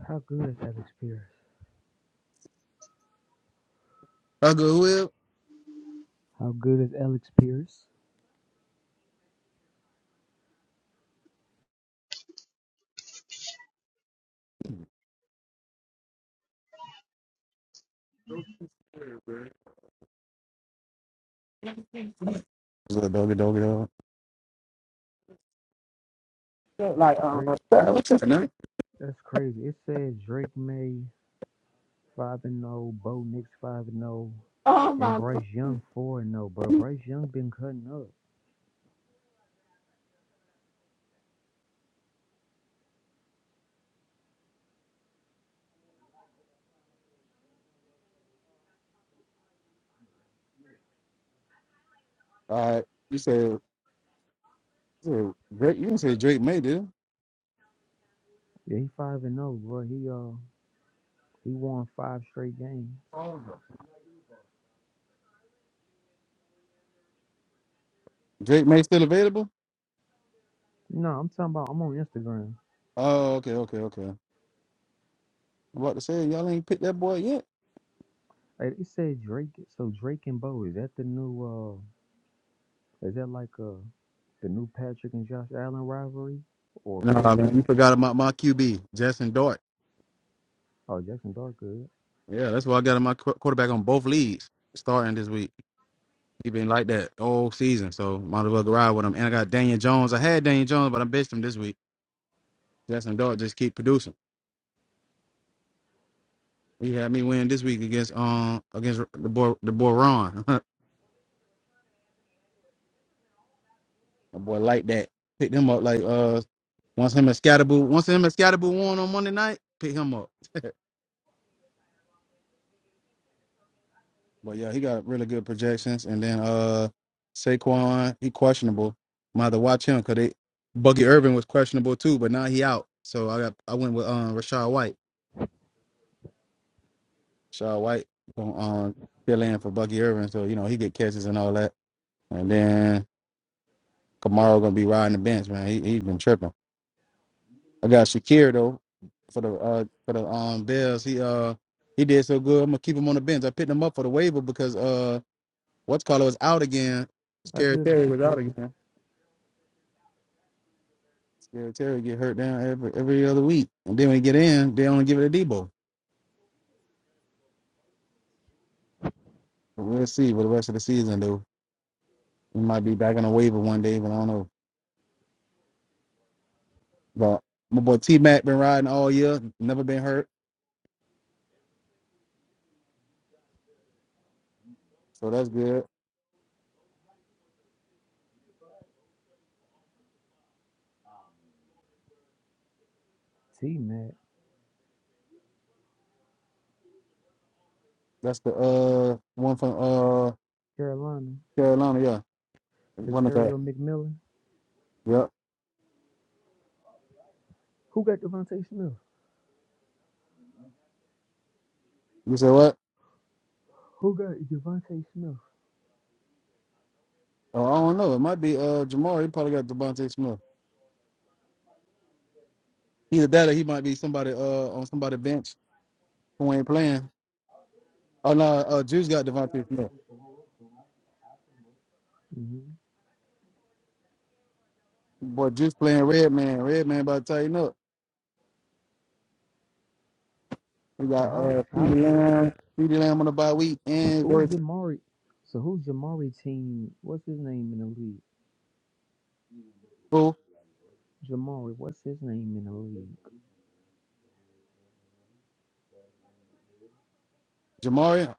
[SPEAKER 4] How good is Alex Pierce?
[SPEAKER 2] I go well.
[SPEAKER 4] How good is Alex Pierce?
[SPEAKER 2] What's up, doggy, doggy, dog? Yeah, Like um,
[SPEAKER 4] Drake
[SPEAKER 2] what's his name?
[SPEAKER 4] That's crazy. It says Drake May five and zero, Bo Nix five and zero,
[SPEAKER 2] Oh
[SPEAKER 4] and
[SPEAKER 2] my god.
[SPEAKER 4] Bryce Young four and zero, bro. Bryce Young been cutting up.
[SPEAKER 2] All right. You said, you said Drake. You didn't say Drake May, did you?
[SPEAKER 4] Yeah, he five and zero, bro. He uh he won five straight games.
[SPEAKER 2] Oh, no. Drake May still available?
[SPEAKER 4] No, I'm talking about. I'm on Instagram.
[SPEAKER 2] Oh, okay, okay, okay. I'm about to say y'all ain't picked that boy yet.
[SPEAKER 4] Hey, It said Drake. So Drake and Bo is that the new? uh Is that like uh the new Patrick and Josh Allen rivalry, or
[SPEAKER 2] No,
[SPEAKER 4] Peyton?
[SPEAKER 2] man,
[SPEAKER 4] And,
[SPEAKER 2] you forgot about my QB, Justin Dart.
[SPEAKER 4] oh, Jackson Dart good.
[SPEAKER 2] Yeah, that's why I got him my qu- quarterback on both leagues starting this week. He been like that all season, so might as well ride with him. And I got Daniel Jones. I had Daniel Jones, but I benched him this week. Justin Dart just keep producing. He had me win this week against um against the boy the boy Ron. My boy like that. Pick them up like uh once him and Scatterboo once him and Scatterboo won on Monday night, pick him up. But yeah, he got really good projections. And then uh Saquon, he questionable. I'm gonna have to watch him because they Buggy Irvin was questionable too, but now he out. So I got I went with um Rashad White. Rashad White gonna um, fill in for Buggy Irvin, so you know he get catches and all that. And then Kamara gonna be riding the bench, man. He he been tripping. I got Shakir though for the uh for the um Bills. He uh he did so good. I'm gonna keep him on the bench. I picked him up for the waiver because uh what's called was out again.
[SPEAKER 4] How
[SPEAKER 2] Scary
[SPEAKER 4] good is
[SPEAKER 2] Terry was out
[SPEAKER 4] Shaquille?
[SPEAKER 2] again. Scary Terry get hurt down every every other week, and then when he get in, they only give it a Debo. But we'll see what the rest of the season do. He might be back on the waiver one day, but I don't know. But my boy T Mac been riding all year, never been hurt, so that's good.
[SPEAKER 4] T Mac
[SPEAKER 2] That's the uh one from uh
[SPEAKER 4] Carolina.
[SPEAKER 2] Carolina, yeah. One of that.
[SPEAKER 4] Terrio McMillan.
[SPEAKER 2] Yep.
[SPEAKER 4] Who got Devontae Smith?
[SPEAKER 2] You say what?
[SPEAKER 4] Who got Javante Smith?
[SPEAKER 2] Oh, I don't know. It might be uh Jamar. He probably got Devontae Smith. Either that or he might be somebody uh on somebody bench who ain't playing. Oh no, uh Juice got Devontae Smith.
[SPEAKER 4] hmm
[SPEAKER 2] Boy, Juice playing Red Man. Red Man about to tighten up. We got
[SPEAKER 4] And how
[SPEAKER 2] uh
[SPEAKER 4] how's
[SPEAKER 2] CeeDee
[SPEAKER 4] your?
[SPEAKER 2] Lamb, CeeDee Lamb on the bye week and
[SPEAKER 4] Who's
[SPEAKER 2] versus
[SPEAKER 4] Jamari? So who's Jamari team? What's his name in the league?
[SPEAKER 2] Bull.
[SPEAKER 4] Jamari. What's his name in the league?
[SPEAKER 2] Jamari. I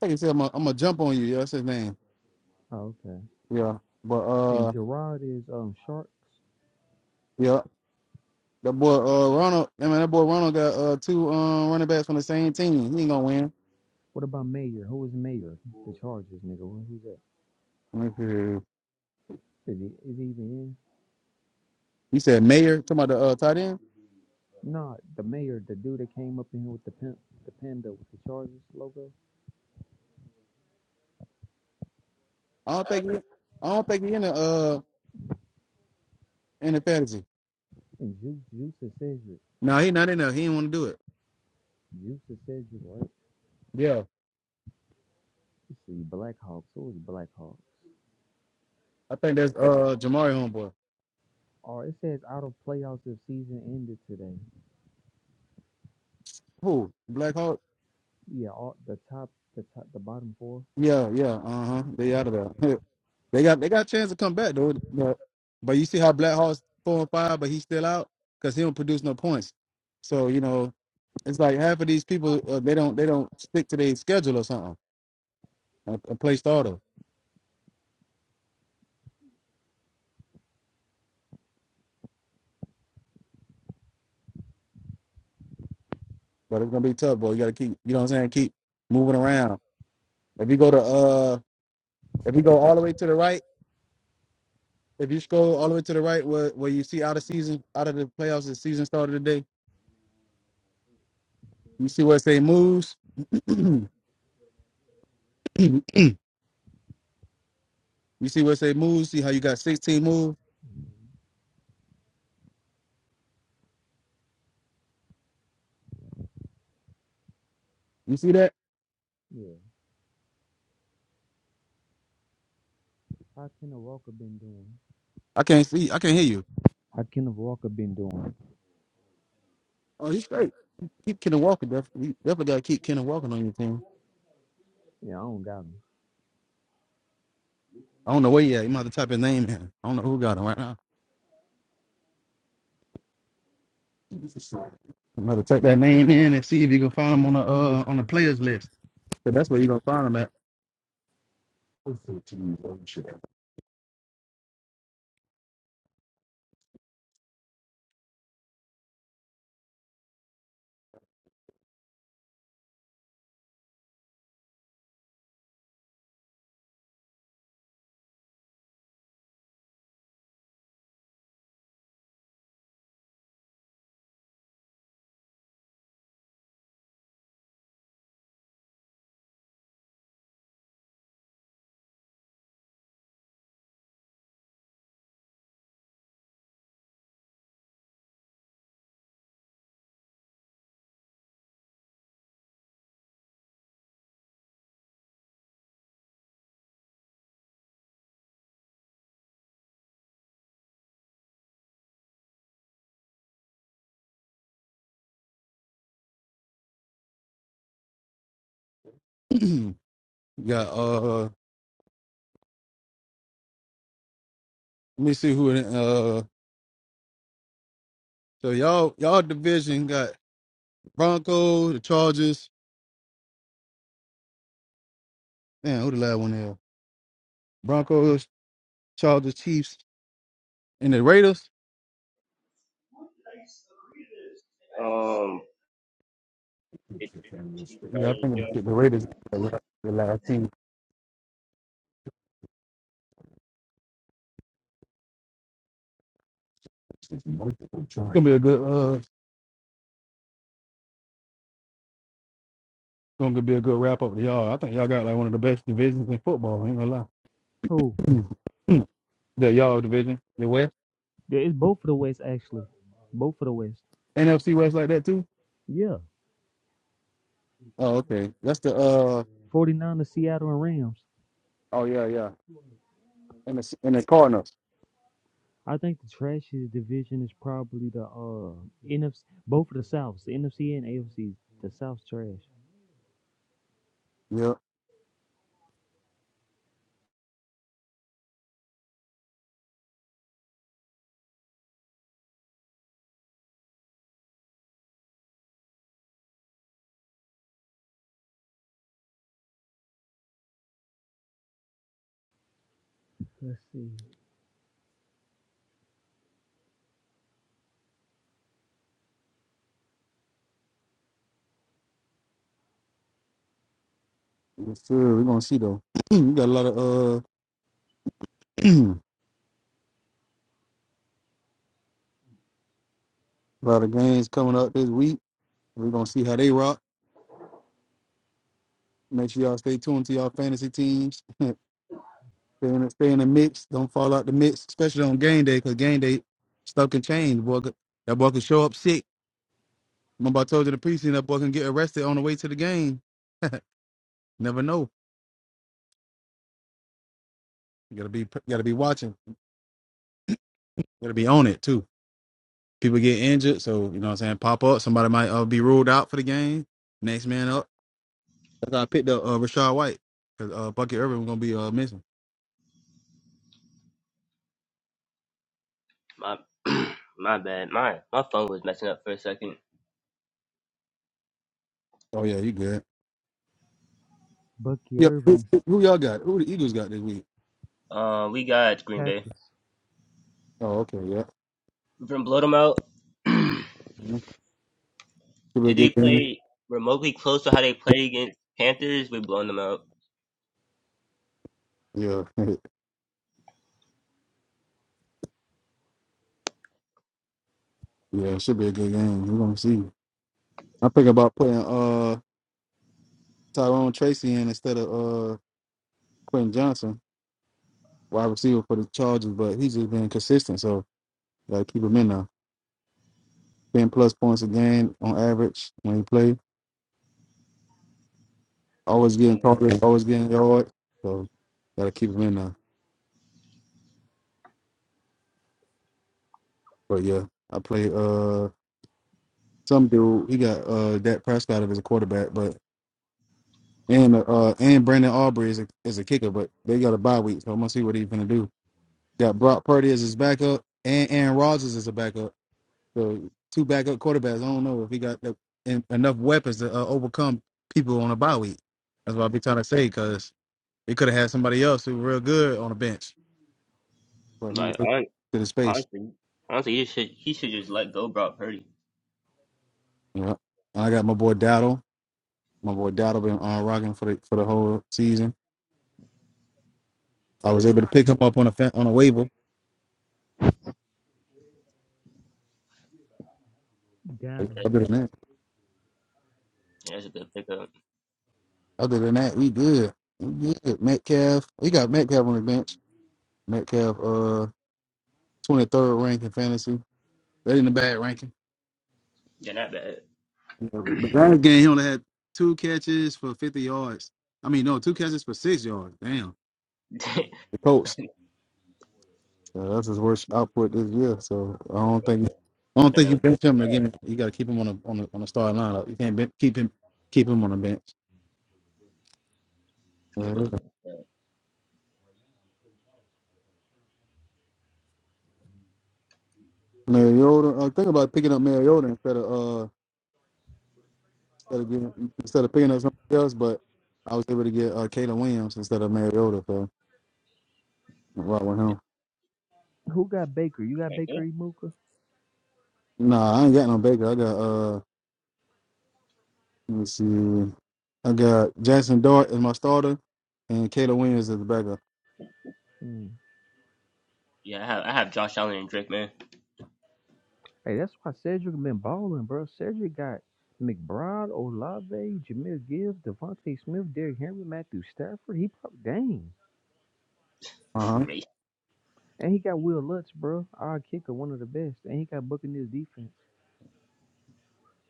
[SPEAKER 2] think he said I'm gonna jump on you. Yeah, that's his name.
[SPEAKER 4] Oh, okay.
[SPEAKER 2] Yeah. But
[SPEAKER 4] And
[SPEAKER 2] uh
[SPEAKER 4] Gerard is um Sharks.
[SPEAKER 2] yeah. That boy uh Ronald I mean that boy Ronald got uh two um running backs from the same team. He ain't gonna
[SPEAKER 4] What about Mayor? Who is Mayor? The Chargers nigga. Who- Who's that?
[SPEAKER 2] win.
[SPEAKER 4] Is he is he even in?
[SPEAKER 2] He said Mayor, talking about the uh, tight end.
[SPEAKER 4] Nah, the Mayor, the dude that came up in here with the pimp, the panda with the Chargers logo.
[SPEAKER 2] I don't think he, I don't think he in the uh in the fantasy.
[SPEAKER 4] And Juice Juice and Cedric.
[SPEAKER 2] No, he not in there. He didn't want to do it.
[SPEAKER 4] Juice and Cedric, right?
[SPEAKER 2] Yeah,
[SPEAKER 4] Let's see, Blackhawks. Who is Blackhawks?
[SPEAKER 2] I think that's uh Jamari homeboy.
[SPEAKER 4] Or it says out of playoffs if season ended today.
[SPEAKER 2] Who Black Hawk?
[SPEAKER 4] Yeah, all the top, the top, the bottom 4
[SPEAKER 2] Yeah, yeah. Uh huh. They out of there. they got they got a chance to come back though. But, but you see how Black Hawk's four and five, but he's still out because he don't produce no points. So you know it's like half of these people uh, they don't they don't stick to their schedule or something. A, a play starter, but it's gonna be tough, boy. You gotta keep you know what I'm saying. Keep moving around. If you go to uh, if you go all the way to the right, if you scroll all the way to the right, where where you see out of season, out of the playoffs, the season started today. You see where it say moves.
[SPEAKER 4] hmm
[SPEAKER 2] you see where it say moves. See how you got sixteen moves. You see that?
[SPEAKER 4] Yeah. How Kenneth Walker been doing?
[SPEAKER 2] I can't see. I can't hear you.
[SPEAKER 4] How Kenneth Walker been doing?
[SPEAKER 2] Oh, he's straight. Keep Kenan Walker. Def- you definitely gotta keep Kenan Walker on your team.
[SPEAKER 4] Yeah, I don't got him.
[SPEAKER 2] I don't know where he at. You might have to type his name in. I don't know who got him right now. I'm gonna type that name in and see if you can find him on the uh on the players list. So that's where you're gonna find him at. got uh let me see who in uh so y'all y'all division got Broncos, the Chargers, man, who the last one there? Broncos, Chargers, Chiefs, and the Raiders.
[SPEAKER 3] Um, it,
[SPEAKER 2] Yeah, I
[SPEAKER 3] Chargers,
[SPEAKER 2] think
[SPEAKER 3] yeah.
[SPEAKER 2] the Raiders are the the last team. It's gonna be a good uh it's gonna be a good wrap up to y'all. I think y'all got like one of the best divisions in football, I ain't gonna
[SPEAKER 4] Who?
[SPEAKER 2] lie. the y'all division, the West.
[SPEAKER 4] Yeah, it's both of the West actually. Both of the West.
[SPEAKER 2] NFC West like that too?
[SPEAKER 4] Yeah.
[SPEAKER 2] Oh, okay. That's the uh
[SPEAKER 4] 49 to Seattle and Rams.
[SPEAKER 2] oh yeah, yeah. And the and the Cardinals.
[SPEAKER 4] I think the trashiest division is probably the uh NFC both of the Souths, the NFC and AFC. The South's trash.
[SPEAKER 2] Yep.
[SPEAKER 4] Let's see.
[SPEAKER 2] Yes, sir. We're gonna see though. we got a lot of uh a lot of games coming up this week. We're gonna see how they rock. Make sure y'all stay tuned to y'all fantasy teams. stay, in, stay in the mix. Don't fall out the mix, especially on game day, because game day stuff can change. Boy, could- that boy can show up sick. Remember I told you in the preseason that boy can get arrested on the way to the game. Never know. You gotta be gotta be watching. gotta be on it too. People get injured, so you know what I'm saying. Pop up. Somebody might uh, be ruled out for the game. Next man up. That's how I picked up uh, Rashad White because uh, Bucky Irvin was gonna be uh, missing.
[SPEAKER 3] My my bad. My my phone was messing up for a second.
[SPEAKER 2] Oh yeah, he good.
[SPEAKER 4] Bucky
[SPEAKER 2] Yep. Who,
[SPEAKER 4] Irvin,
[SPEAKER 2] who who y'all got? Who the Eagles got this week?
[SPEAKER 3] Um, we got Green Bay.
[SPEAKER 4] Packers,
[SPEAKER 2] Oh okay, yeah.
[SPEAKER 3] from blow them out, and
[SPEAKER 2] Mhm. Should be a
[SPEAKER 3] they
[SPEAKER 2] good game.
[SPEAKER 3] play remotely close to how they play against Panthers, we blowing them out.
[SPEAKER 2] Yeah, yeah, should be a good game. We're gonna see. I'm thinking about putting uh Tyrone Tracy in instead of uh Quentin Johnson, wide receiver for the Chargers, but he's just been consistent, so gotta keep him in now. Ten plus points a game on average when he plays. Always getting
[SPEAKER 3] You know,
[SPEAKER 2] targets, always getting yard. So gotta keep him in now. But yeah, I play. Uh, Some dude, he got uh Dak Prescott as a quarterback, but and uh and Brandon Aubrey is a, is a kicker, but they got a bye week, so I'm gonna see what he's gonna do. Got Brock Purdy as his backup, and Aaron Rodgers as a backup. So two backup quarterbacks. I don't know if he got the, en- enough weapons to uh, overcome people on a bye week. That's what I be trying to say, because they could have had somebody else who was real good on the bench, but he was
[SPEAKER 3] like
[SPEAKER 2] to
[SPEAKER 3] hon-
[SPEAKER 2] the space.
[SPEAKER 3] honestly, honestly, he should he should just let go, Brock Purdy.
[SPEAKER 2] Yeah. And I got my boy Dowdle. My boy Dowdle been uh rocking for the for the whole season. I was able to pick him up on a fa- on a waiver.
[SPEAKER 4] got 'em.
[SPEAKER 3] That's
[SPEAKER 2] Other
[SPEAKER 3] a,
[SPEAKER 2] than that,
[SPEAKER 3] that's a good pickup.
[SPEAKER 2] other than that, we good. We good. Metcalf, we got Metcalf on the bench. Metcalf, uh, twenty third rank in fantasy. That ain't a bad ranking.
[SPEAKER 3] They're not bad.
[SPEAKER 2] Yeah, But last game, he only had two catches for fifty yards. I mean, no, two catches for six yards. Damn.
[SPEAKER 3] that
[SPEAKER 2] The Colts. So that's his worst output this year. So I don't think I don't think
[SPEAKER 3] man
[SPEAKER 2] you
[SPEAKER 3] was getting
[SPEAKER 2] bench him
[SPEAKER 3] scrapped.
[SPEAKER 2] again. You got to keep him on a on a on a starting lineup. You can't ben- keep him keep him on the bench.
[SPEAKER 3] That boy was getting scrapped.
[SPEAKER 2] Mariota. I think about picking up Mariota instead of uh instead of getting, instead of picking up somebody else, but I was able to get uh Kayla Williams instead of Mariota, so i right with him.
[SPEAKER 4] Who got Baker? You got
[SPEAKER 3] Like, good.
[SPEAKER 4] Baker Imuka?
[SPEAKER 2] Nah, I ain't got no Baker. I got uh let me see. I got Jackson Dart as my starter and Kayla Williams as the backup.
[SPEAKER 4] Hmm.
[SPEAKER 3] Yeah, I have I have Josh Allen and Drake, man.
[SPEAKER 4] Hey, that's why Cedric been balling, bro. Cedric got McBride, Olave, Jameer Gibbs, Devontae Smith, Derrick Henry, Matthew Stafford. He probably dang.
[SPEAKER 2] Uh huh.
[SPEAKER 3] Crazy.
[SPEAKER 4] And he got Will Lutz, bro. Our kicker, one of the best. And he got Buccaneers defense.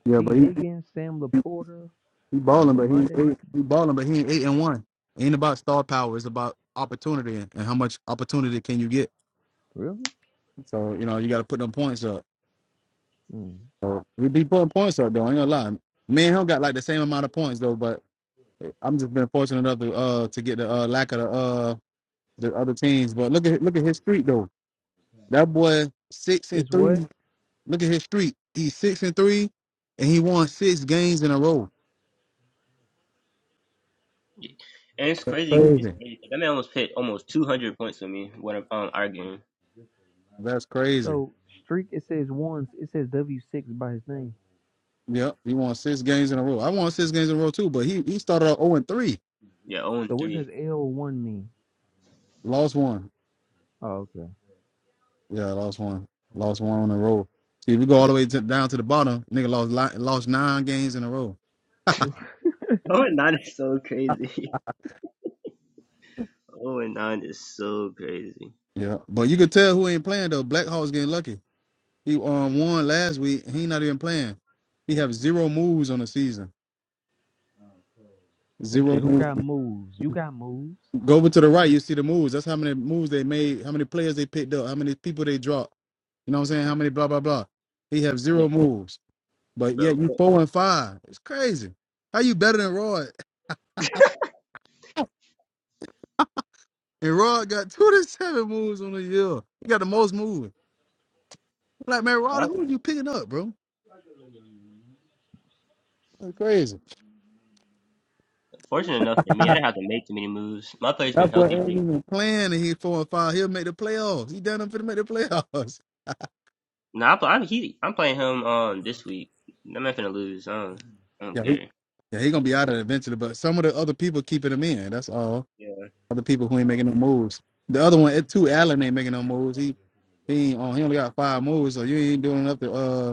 [SPEAKER 2] Yeah, but
[SPEAKER 4] T.
[SPEAKER 2] he
[SPEAKER 4] Higgins, Sam Laporta,
[SPEAKER 2] he balling, but he ain't
[SPEAKER 4] Monday.
[SPEAKER 2] he balling, but he ain't eight and one. It ain't about star power. It's about opportunity and how much opportunity can you get.
[SPEAKER 4] Really?
[SPEAKER 2] So you know you got to put them points up.
[SPEAKER 4] Hmm.
[SPEAKER 2] So we be putting points up though. I ain't gonna lie. Me and him got like the same amount of points though, but I'm just been fortunate enough to uh to get the uh lack of the uh the other teams. But look at look at his streak though. That boy six and
[SPEAKER 4] It's what?
[SPEAKER 2] three. Look at his streak. He's six and three, and he won six games in a row.
[SPEAKER 3] And it's
[SPEAKER 2] That's
[SPEAKER 3] crazy. It's
[SPEAKER 2] crazy.
[SPEAKER 3] crazy. Like, That man almost hit almost 200 points with me when um our game.
[SPEAKER 2] That's crazy.
[SPEAKER 4] So streak it says ones. It says W six by his name.
[SPEAKER 2] Yep, he won six games in a row. I won six games in a row too, but he he started out zero and three,
[SPEAKER 3] Yeah, 0
[SPEAKER 4] So
[SPEAKER 3] and
[SPEAKER 4] what
[SPEAKER 3] 3.
[SPEAKER 4] does L one mean?
[SPEAKER 2] lost one.
[SPEAKER 4] Oh, okay.
[SPEAKER 2] Yeah, I lost one. Lost one on the road. See, if you go all the way to, down to the bottom, nigga lost li- lost nine games in a row.
[SPEAKER 3] Oh, that is so crazy. Oh and nine is so crazy.
[SPEAKER 2] Yeah, but you could tell who ain't playing though. Black Hawk's getting lucky. He um won last week. He not even playing. He have zero moves on the season.
[SPEAKER 4] Let's
[SPEAKER 3] Yeah,
[SPEAKER 4] see.
[SPEAKER 2] Zero
[SPEAKER 4] Who
[SPEAKER 2] moves.
[SPEAKER 4] got moves? You got moves.
[SPEAKER 2] Go over to the right. You see the moves. That's how many moves they made. How many players they picked up. How many people they dropped. You know what I'm saying? How many blah blah blah. He have
[SPEAKER 3] yeah,
[SPEAKER 2] zero moves. But
[SPEAKER 3] bro.
[SPEAKER 2] yet you
[SPEAKER 3] But
[SPEAKER 2] four and five. It's crazy. How you better than Roy? And Rod got two to seven moves on the year. He got the most moves. I'm Like, man, Rod,
[SPEAKER 3] I-
[SPEAKER 2] who are you picking up, bro? That's crazy.
[SPEAKER 3] Fortunate enough for me, I didn't have to make too many moves. My play's been
[SPEAKER 2] That boy
[SPEAKER 3] healthy.
[SPEAKER 2] ain't
[SPEAKER 3] Pretty,
[SPEAKER 2] even playing and he's four and five. He'll make the playoffs. He done up to make the playoffs.
[SPEAKER 3] nah, I'm, pl- I'm he. I'm playing him um this week. I'm not gonna lose. I don't, I don't
[SPEAKER 2] Yeah, he,
[SPEAKER 3] care.
[SPEAKER 2] yeah, he gonna be out of it eventually, but some of the other people keeping him in. That's all.
[SPEAKER 3] Yeah,
[SPEAKER 2] Other people who ain't making no moves. The other one, it too, Allen ain't making no moves. He he ain't on he only got five moves, so you ain't doing nothing. Uh.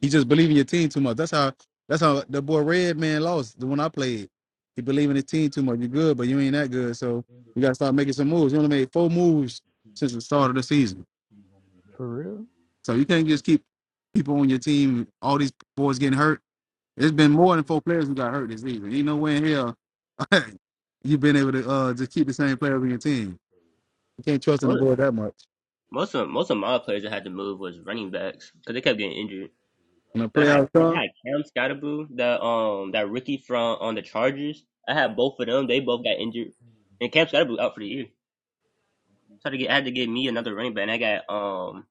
[SPEAKER 2] He just believe in your team too much. That's how that's how the boy Red Man lost the one I played. He believed in his team too much. you good, but you ain't that good. So you gotta start making some moves. You only made four moves since the start of the season.
[SPEAKER 4] For real?
[SPEAKER 2] So you can't just keep people on your team, all these boys getting hurt. It's been more than four players who got hurt this season. Ain't no way in hell you've been able to uh just keep the same players on your team. You can't trust in the
[SPEAKER 3] most
[SPEAKER 2] board that much.
[SPEAKER 3] most of most of my players I had to move was running backs because they kept getting injured.
[SPEAKER 2] When the
[SPEAKER 3] I had
[SPEAKER 2] playoffs
[SPEAKER 3] I
[SPEAKER 2] come,
[SPEAKER 3] had Cam Scottaboo, that um that rookie from on the Chargers. I had both of them. They both got injured, and Cam Scottaboo out for the year. So I had to get I had to get me another running back. And I got um.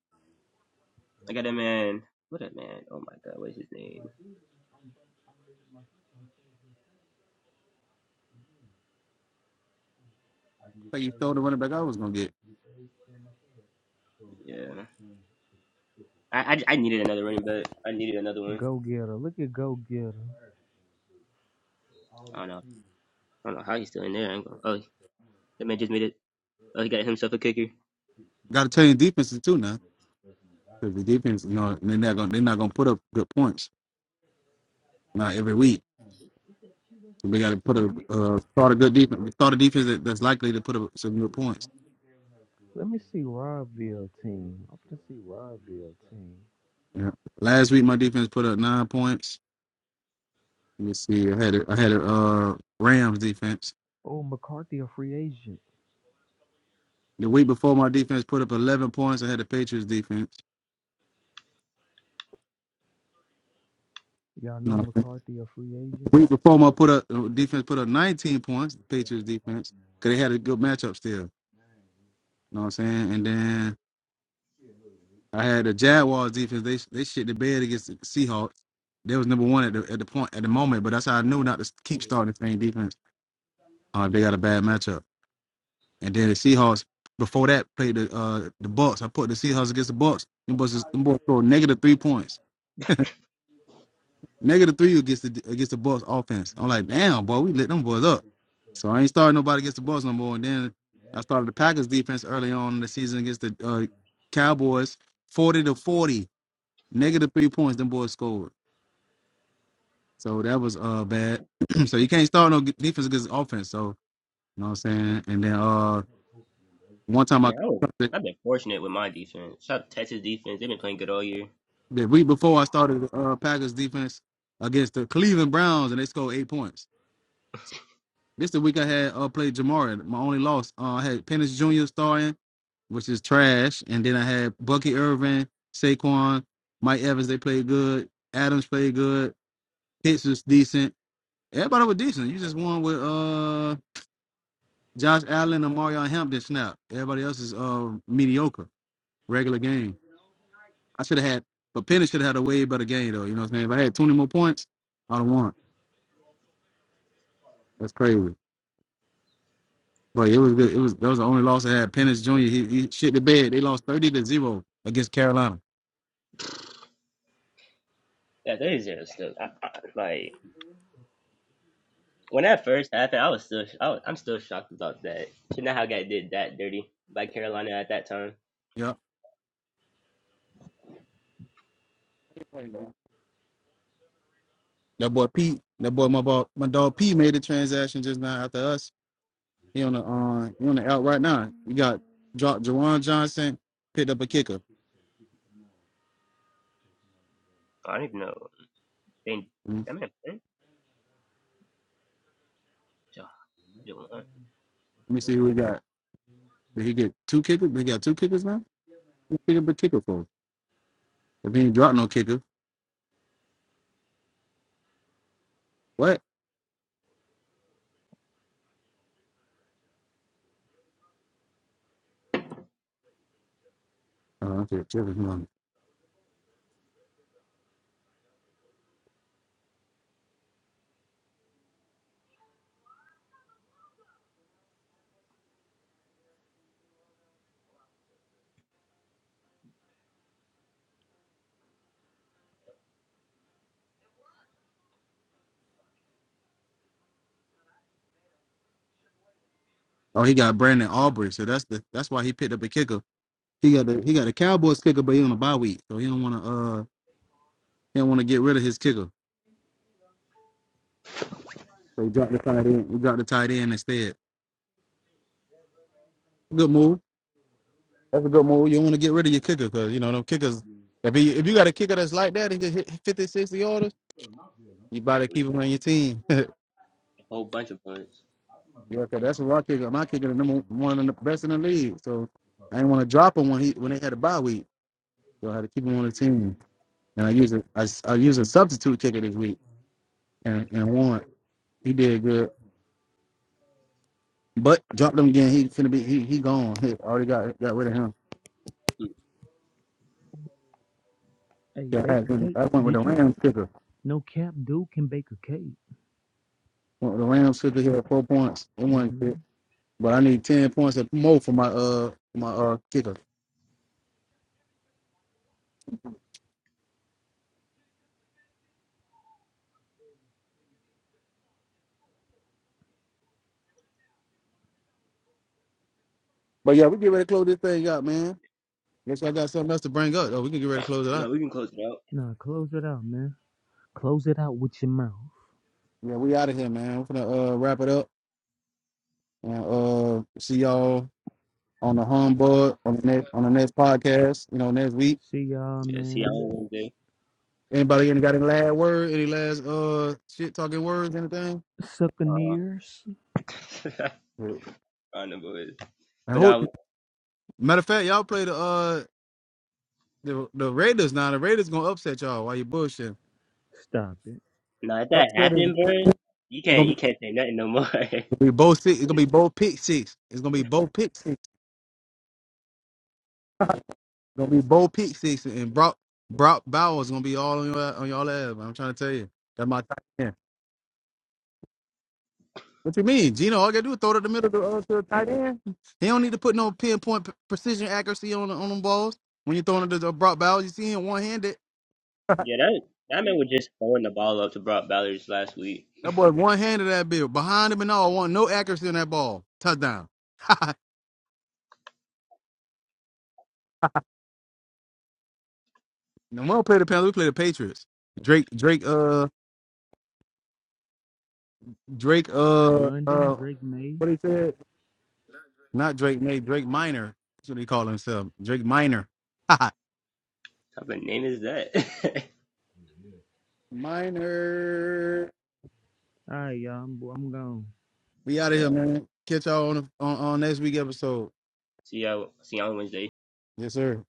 [SPEAKER 3] I got a man, what a man! Oh my God, what is his name?
[SPEAKER 2] I think you throw the running back I was gonna get.
[SPEAKER 3] Yeah, I, I, I needed another running back. I needed another one.
[SPEAKER 4] Go getter. Look at go getter.
[SPEAKER 3] I don't know. I don't know how he's still in there. I'm going, oh, that man just made it. Oh, he got himself a kicker.
[SPEAKER 2] Gotta change defenses too now. Because the defense, you know, they're not gonna they're not gonna put up good points not every week. So we got to put a
[SPEAKER 4] Let me
[SPEAKER 2] uh, start a good defense, start a defense that, that's likely to put up some good points.
[SPEAKER 4] let me see Robbie team. I'm gonna see Robbie team.
[SPEAKER 2] Yeah. Last week my defense put up nine points. Let me see. I had a, I had a uh, Rams defense.
[SPEAKER 4] Oh, McCarthy a free agent.
[SPEAKER 2] The week before my defense put up eleven points. I had the Patriots defense.
[SPEAKER 4] Y'all know
[SPEAKER 2] No, the
[SPEAKER 4] McCarthy a free agent.
[SPEAKER 2] week before my put up uh, defense put up nineteen points. The Patriots defense because they had a good matchup still. You know what I'm saying? And then I had the Jaguars defense. They they shit the bed against the Seahawks. They was number one at the at the point at the moment, but that's how I knew not to keep starting the same defense. Uh, if they got a bad matchup, and then the Seahawks before that played the uh the Bucks. I put the Seahawks against the Bucks. Them boys, is- them boys scored negative three points, negative three against the against the Bucks offense. I'm like, damn, boy, we lit them boys up. So I ain't starting nobody against the Bucks no more. And then I started the Packers defense early on in the season against the uh, Cowboys, forty to forty, negative three points. Them boys scored. So that was uh bad. so you can't start no defense against offense. So you know what I'm saying. And then uh one time I
[SPEAKER 3] No,
[SPEAKER 2] the,
[SPEAKER 3] I've been fortunate with my defense. Shout out to Texas defense. They've been playing good all year.
[SPEAKER 2] the week before I started the uh, Packers defense against the Cleveland Browns and they scored eight points. This the week I had uh played Jamari. My only loss. Uh, I had Pennis Jr. starting, which is trash. And then I had Bucky Irvin, Saquon, Mike Evans. They played good. Adams played good. Pitts was decent. Everybody was decent. You just won with uh Josh Allen and Mario Hampton snapped. Everybody else is uh, mediocre, regular game. I should have had, but Penny should have had a way better game though. You know what I'm saying? If I had 20 more points, I'd have won. That's crazy. But it was good. It was that was the only loss I had. Pennis Jr. He, he shit the bed. They lost 30 to zero against Carolina.
[SPEAKER 3] Yeah, they just still I, I, like when that first happened, I was still I was, I'm still shocked about that. Should not how got did that dirty by Carolina at that time.
[SPEAKER 2] Yeah. That boy Pete. That boy my ball, my dog P made the transaction just now after us. He on the uh, he on the out right now. We got dropped Jawan Johnson, picked up a kicker.
[SPEAKER 3] I don't even know. They
[SPEAKER 2] Mm-hmm.
[SPEAKER 3] that man, Jo- Jo- I
[SPEAKER 2] Let me
[SPEAKER 3] did know
[SPEAKER 2] see who we
[SPEAKER 3] that.
[SPEAKER 2] got. Did he get two kickers? They got two kickers now? What kicker a kicker for? If he ain't dropped no kicker, what? Oh, okay. Oh, he got Brandon Aubrey, so that's the that's why he picked up a kicker. He got the he got a Cowboys kicker, but he on a bye week, so he don't want to uh he don't want to get rid of his kicker. So he dropped the tight end. He dropped the tight end instead. Good move. That's a good move. You don't want to get rid of your kicker because you know them kickers. If he, if you got a kicker that's like that, he can hit fifty sixty 60 orders. You better keep him on your team. He
[SPEAKER 3] a whole bunch of points.
[SPEAKER 2] Yeah, cause that's where I kick. My kicker is number one of the best in the league. So I didn't want to drop him when he when they had a bye week. So I had to keep him on the team. And I used a I I used a substitute kicker this week and and won. He did good, but dropped him again. He finna be he he gone. He already got got rid of him.
[SPEAKER 4] Hey,
[SPEAKER 2] Yeah, I,
[SPEAKER 4] bake a
[SPEAKER 2] had,
[SPEAKER 4] cake.
[SPEAKER 2] I went with
[SPEAKER 4] Did
[SPEAKER 2] the
[SPEAKER 4] you?
[SPEAKER 2] Rams kicker.
[SPEAKER 4] No cap, dude can bake a cake.
[SPEAKER 2] Went with the Rams kicker. He had four points. It wasn't
[SPEAKER 4] hmm
[SPEAKER 2] good, but I need ten points or more for my uh for my uh kicker. But yeah, we get ready to close this thing out, man. Unless I got something else to bring up, Oh, we can get ready to close it out.
[SPEAKER 3] No, we can close it out.
[SPEAKER 4] Nah, close it out, man. Close it out with your mouth.
[SPEAKER 2] Yeah, we out of here, man. We're gonna uh, wrap it up and uh, see y'all on the humbug on the next on the next podcast. You know, next week.
[SPEAKER 4] See y'all,
[SPEAKER 3] Yeah, see y'all on
[SPEAKER 4] man.
[SPEAKER 3] Wednesday.
[SPEAKER 2] Anybody any got any last word? Any last uh shit talking words? Anything?
[SPEAKER 3] Uh,
[SPEAKER 4] Succaneers.
[SPEAKER 2] Yeah.
[SPEAKER 3] I don't know what it is.
[SPEAKER 2] And
[SPEAKER 3] But
[SPEAKER 2] who?
[SPEAKER 3] now,
[SPEAKER 2] Matter of fact, y'all play the uh the the Raiders now. The Raiders gonna upset y'all while you bullshitting.
[SPEAKER 4] Stop it.
[SPEAKER 3] now if that
[SPEAKER 2] Upset is
[SPEAKER 3] happened, bro, you
[SPEAKER 2] it's gonna
[SPEAKER 3] can't
[SPEAKER 2] be,
[SPEAKER 3] you can't say nothing no more.
[SPEAKER 2] it's going be both six. It's gonna be both pick six. It's gonna be both pick six. It's gonna be both pick six. And Brock Brock Bowers gonna be all on your on y'all ass. man. I'm trying to tell you. That's my time. What you mean, Gino? All you gotta do is throw it in the middle to, uh, to a tight end. He don't need to put no pinpoint p- precision accuracy on the- on them balls. When you're throwing it to the broad balls, you see him one handed.
[SPEAKER 3] yeah, that that man was just throwing the ball up to Brock Ballers last week.
[SPEAKER 2] That boy one handed that bill behind him and all. Want no accuracy on that ball. Touchdown. no, we don't play the Panthers. We play the Patriots. Drake, Drake, uh, Drake, uh,
[SPEAKER 4] London,
[SPEAKER 2] uh,
[SPEAKER 4] Drake May.
[SPEAKER 2] what he said? Not Drake, Nate. Drake Minor. That's what he called himself. Drake Minor.
[SPEAKER 3] What type of name is that?
[SPEAKER 2] Minor.
[SPEAKER 4] All right, y'all. I'm, I'm gone.
[SPEAKER 2] We out of here,
[SPEAKER 3] no.
[SPEAKER 2] man. Catch y'all on, the, on on next week episode.
[SPEAKER 3] See y'all. See y'all on Wednesday.
[SPEAKER 2] Yes, sir.